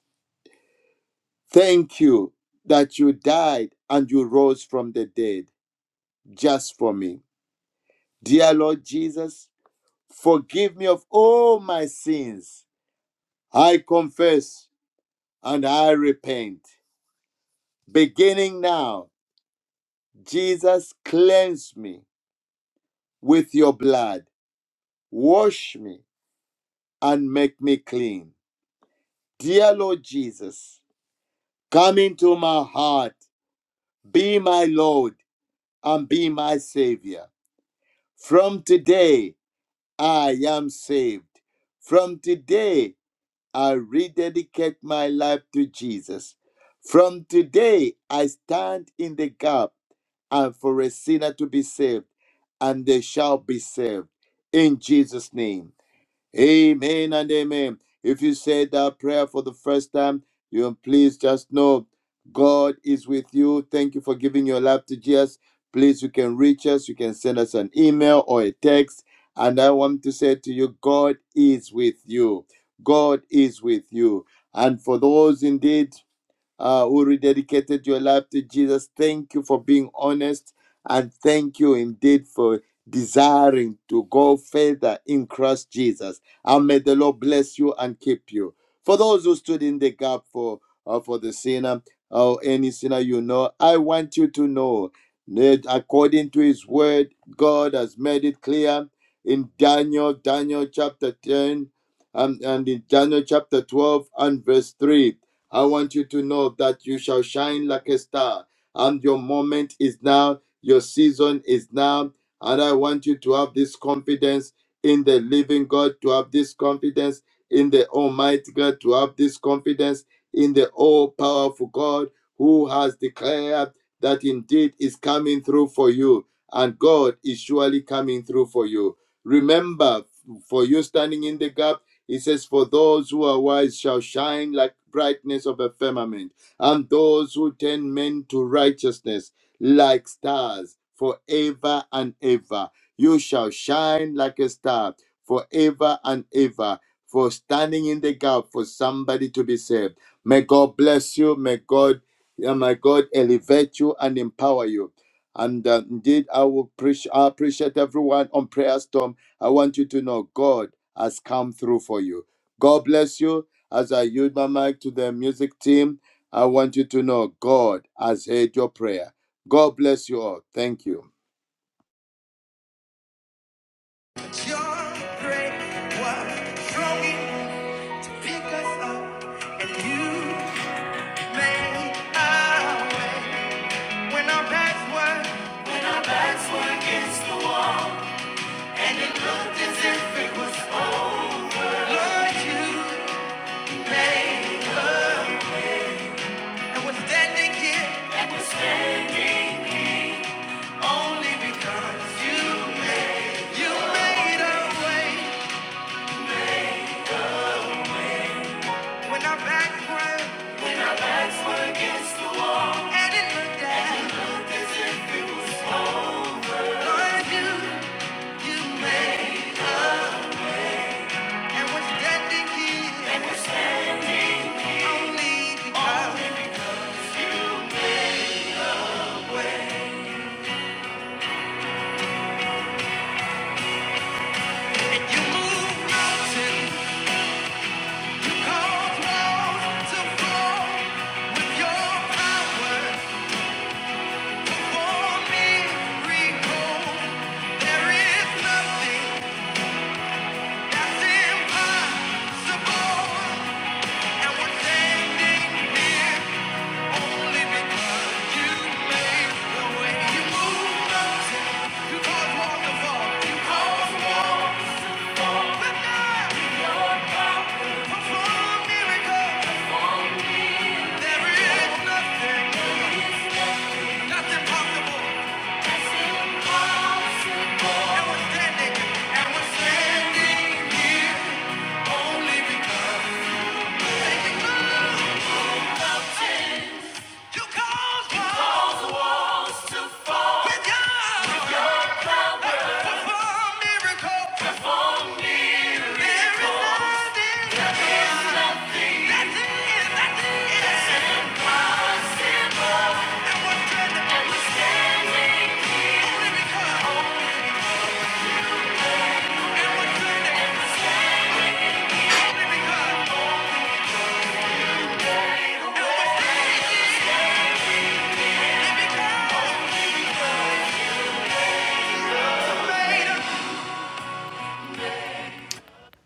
Speaker 5: thank you that you died and you rose from the dead just for me. Dear Lord Jesus, forgive me of all my sins. I confess." and I repent. Beginning now, Jesus, cleanse me with your blood, wash me, and make me clean. Dear Lord Jesus, come into my heart, be my Lord, and be my Savior. From today, I am saved. From today, I rededicate my life to Jesus. From today, I stand in the gap and for a sinner to be saved, and they shall be saved. In Jesus' name. Amen and amen. If you said that prayer for the first time, you please just know God is with you. Thank you for giving your life to Jesus. Please, you can reach us. You can send us an email or a text. And I want to say to you, God is with you. God is with you. And for those indeed uh, who rededicated your life to Jesus. Thank you for being honest and thank you indeed for desiring to go further in Christ Jesus. And may the Lord bless you and keep you. For those who stood in the gap for uh, for the sinner or any sinner you know, I want you to know that according to His Word, God has made it clear in Daniel, Daniel chapter ten, and, and in Daniel chapter twelve and verse three I want you to know that you shall shine like a star, and your moment is now, your season is now. And I want you to have this confidence in the living God, to have this confidence in the Almighty God, to have this confidence in the all powerful God who has declared that indeed is coming through for you, and God is surely coming through for you. Remember, for you standing in the gap he says, For those who are wise shall shine like brightness of a firmament, and those who turn men to righteousness like stars forever and ever. You shall shine like a star forever and ever. For standing in the gap for somebody to be saved. May God bless you. May God, yeah, my God elevate you and empower you. And uh, indeed, I will appreciate, I appreciate everyone on Prayer Storm I want you to know God has come through for you. God bless you. As I yield my mic to the music team, I want you to know God has heard your prayer. God bless you all. Thank you.
Speaker 1: Your great white throwing pick us up and you made up when our backs were and it is because you made up when our backs were and it looked at Lord you you made and we're only because you move mountains you cause to fall your power Only because You called God with God to perform miracle. There is nothing that's in, that's in. And what's good only because, and what's good only because, only because, only because.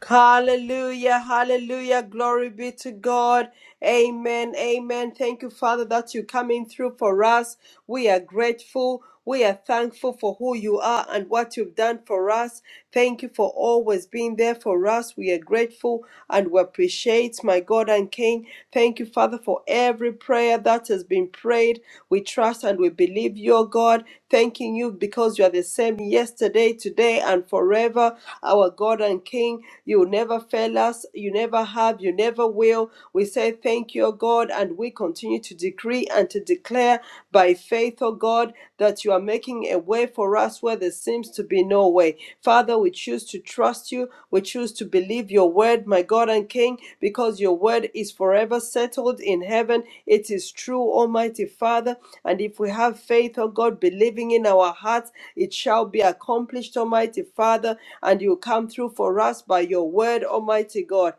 Speaker 2: Hallelujah, hallelujah, glory be to God. Amen, amen. Thank you, Father, that you're coming through for us. We are grateful. We are thankful for who you are and what you've done for us. Thank you for always being there for us. We are grateful and we appreciate, my God and King. Thank you, Father, for every prayer prayer that has been prayed. We trust and we believe you, O God, thanking you because you are the same yesterday, today, and forever. Our God and King, you will never fail us, you never have, you never will. We say thank you, O God, and we continue to decree and to declare by faith, O God, that you are making a way for us where where there seems to be no way. Father, we choose to trust you. We choose to believe your word, my God and King, because your word is forever settled in heaven. It is true, Almighty Father. And if we have faith, oh God, believing in our hearts, it shall be accomplished, Almighty Father. And you come through for us by your word, Almighty God.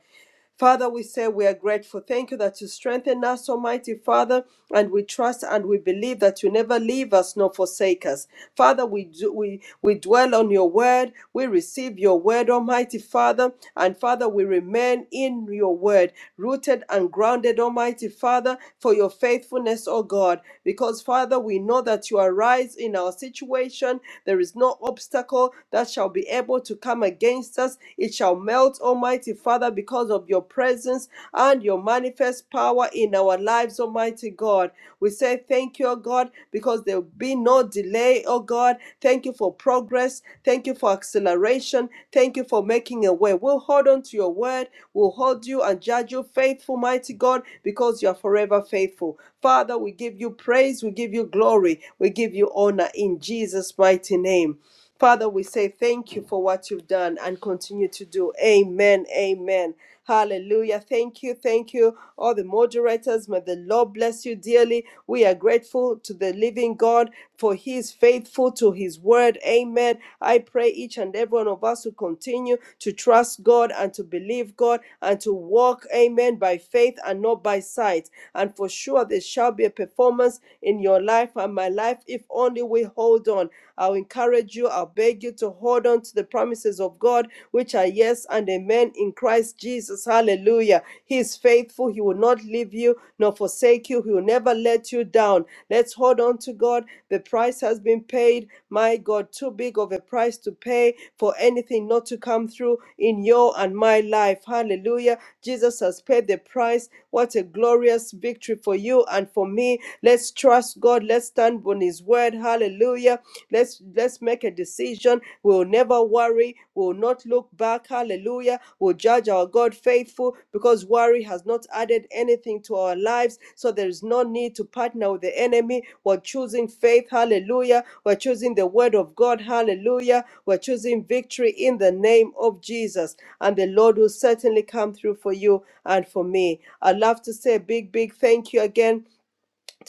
Speaker 2: Father, we say we are grateful. Thank you that you strengthen us, Almighty Father, and we trust and we believe that you never leave us nor forsake us. Father, we do, we we dwell on your word. We receive your word, Almighty Father, and Father, we remain in your word, rooted and grounded, Almighty Father, for your faithfulness, O God, because Father, we know that you arise in our situation. There is no obstacle that shall be able to come against us. It shall melt, Almighty Father, because of your presence and your manifest power in our lives, Almighty God. We say thank you, oh God, because there will be no delay, oh God. Thank you for progress. Thank you for acceleration. Thank you for making a way. We'll hold on to your word. We'll hold you and judge you faithful, mighty God, because you are forever faithful. Father, we give you praise. We give you glory. We give you honor in Jesus' mighty name. Father, we say thank you for what you've done and continue to do. Amen. Amen. Hallelujah. Thank you. Thank you. All the moderators, may the Lord bless you dearly. We are grateful to the living God for he is faithful to his word. Amen. I pray each and every one of us to continue to trust God and to believe God and to walk, amen, by faith and not by sight. And for sure, there shall be a performance in your life and my life if only we hold on. I'll encourage you, I'll beg you to hold on to the promises of God, which are yes and amen in Christ Jesus. Hallelujah. He is faithful. He will not leave you nor forsake you. He will never let you down. Let's hold on to God. The price has been paid. My God, too big of a price to pay for anything not to come through in your and my life. Hallelujah. Jesus has paid the price. What a glorious victory for you and for me. Let's trust God. Let's stand on his word. Hallelujah. Let's let's make a decision. We'll never worry. We'll not look back. Hallelujah. We'll judge our God faithful because worry has not added anything to our lives. So there is no need to partner with the enemy. We're choosing faith. Hallelujah. We're choosing the word of God. Hallelujah. We're choosing victory in the name of Jesus. And the Lord will certainly come through for you and for me. I'd love to say a big, big thank you again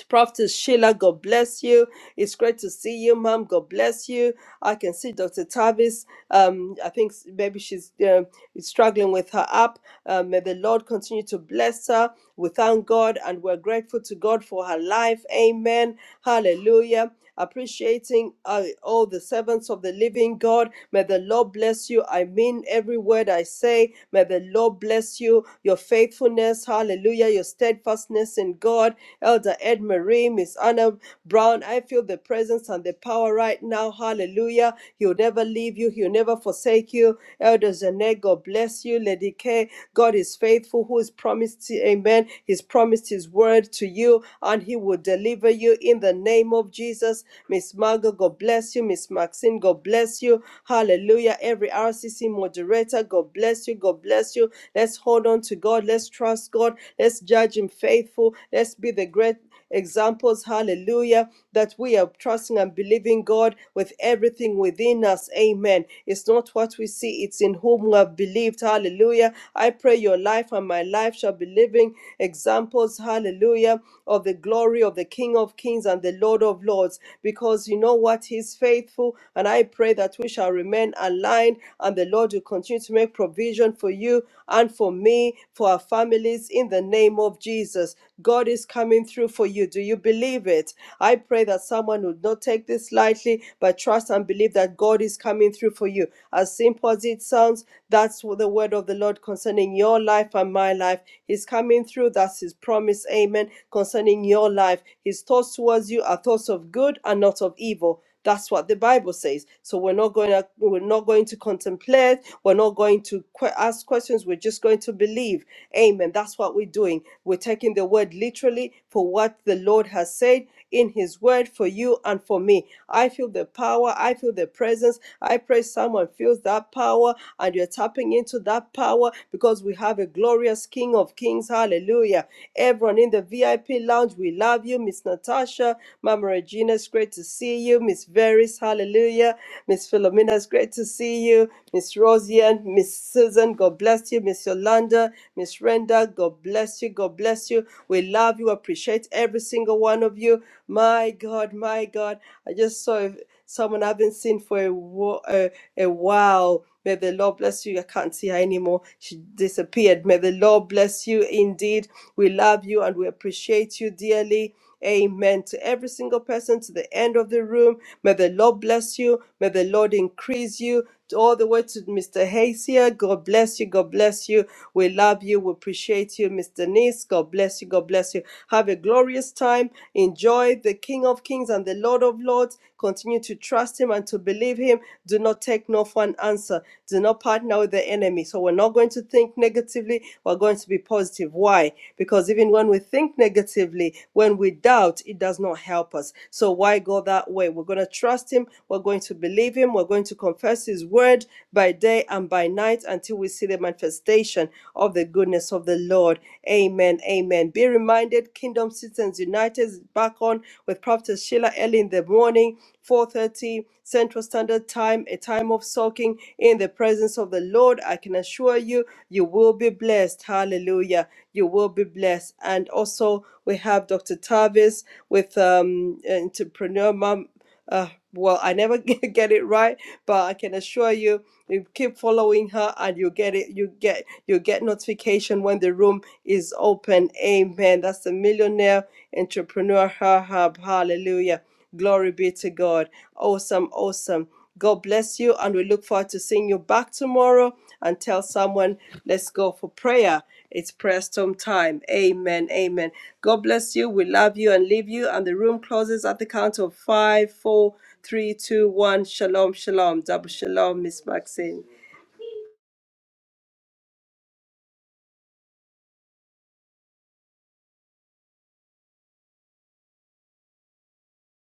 Speaker 2: Prophetess Sheila, God bless you. It's great to see you, Mom. God bless you. I can see Dr. Tavis. Um, I think s- maybe she's uh, struggling with her app. Uh, may the Lord continue to bless her. We thank God and we're grateful to God for her life. Amen. Hallelujah. Appreciating uh, all the servants of the living God. May the Lord bless you. I mean every word I say. May the Lord bless you. Your faithfulness. Hallelujah. Your steadfastness in God. Elder Ed Marie, Miss Anna Brown. I feel the presence and the power right now. Hallelujah. He'll never leave you, He'll never forsake you. Elder Zanette, God bless you. Lady K, God is faithful, who is promised, amen. He's promised His word to you, and He will deliver you in the name of Jesus. Miss Margot, God bless you. Miss Maxine, God bless you. Hallelujah. Every RCC moderator, God bless you. God bless you. Let's hold on to God. Let's trust God. Let's judge Him faithful. Let's be the great examples, hallelujah, that we are trusting and believing God with everything within us, amen. It's not what we see, it's in whom we have believed, hallelujah. I pray your life and my life shall be living examples, hallelujah, of the glory of the King of Kings and the Lord of Lords, because you know what, He's faithful, and I pray that we shall remain aligned and the Lord will continue to make provision for you and for me, for our families, in the name of Jesus. God is coming through for you. Do you believe it? I pray that someone would not take this lightly, but trust and believe that God is coming through for you. As simple as it sounds, that's what the word of the Lord concerning your life and my life. He's coming through. That's his promise. Amen. Concerning your life. His thoughts towards you are thoughts of good and not of evil that's what the Bible says. So we're not going to we're not going to contemplate. We're not going to que- ask questions. We're just going to believe. Amen. That's what we're doing. We're taking the word literally for what the Lord has said in His word for you and for me. I feel the power. I feel the presence presence. I pray someone feels that power and you're tapping into that power because we have a glorious King of Kings. Hallelujah. Everyone in the VIP lounge, we love you. Miss Natasha, Mama Regina, it's great to see you. Miss Veris, hallelujah. Miss Philomena, it's great to see you. Miss Rosian, Miss Susan, God bless you. Miss Yolanda, Miss Renda, God bless you. God bless you. We love you, appreciate every single one of you. My God, my God. I just saw a, someone I haven't seen for a, wo- uh, a while. May the Lord bless you. I can't see her anymore. She disappeared. May the Lord bless you indeed. We love you and we appreciate you dearly. Amen. To every single person to the end of the room, May the Lord bless you. May the Lord increase you. To All the way to Mr. Hacia, God bless you. God bless you. We love you. We appreciate you, Mr. Nice. God bless you. God bless you. Have a glorious time. Enjoy the King of Kings and the Lord of Lords. Continue to trust Him and to believe Him. Do not take no for an answer. Do not partner with the enemy. So we're not going to think negatively. We're going to be positive. Why? Because even when we think negatively, when we doubt, it does not help us. So why go that way? We we're going to trust Him. We're going to believe Him. We're going to confess His word by day and by night until we see the manifestation of the goodness of the Lord. Amen. Amen. Be reminded, Kingdom Citizens United is back on with Prophet Sheila early in the morning, 4:30 Central Standard Time, a time of soaking in the presence of the Lord. I can assure you, you will be blessed. Hallelujah. You will be blessed. And also we have Dr. Tavis with um, entrepreneur mom uh, well, I never get get it right, but I can assure you, you keep following her, and you get it. You get you get notification when the room is open. Amen. That's the millionaire entrepreneur her hub. Hallelujah. Glory be to God. Awesome, awesome. God bless you, and we look forward to seeing you back tomorrow. And tell someone, let's go for prayer. It's prayer storm time. Amen. Amen. God bless you. We love you and leave you. And the room closes at the count of five, four, three, two, one. Shalom, shalom. Double shalom, Miss Maxine.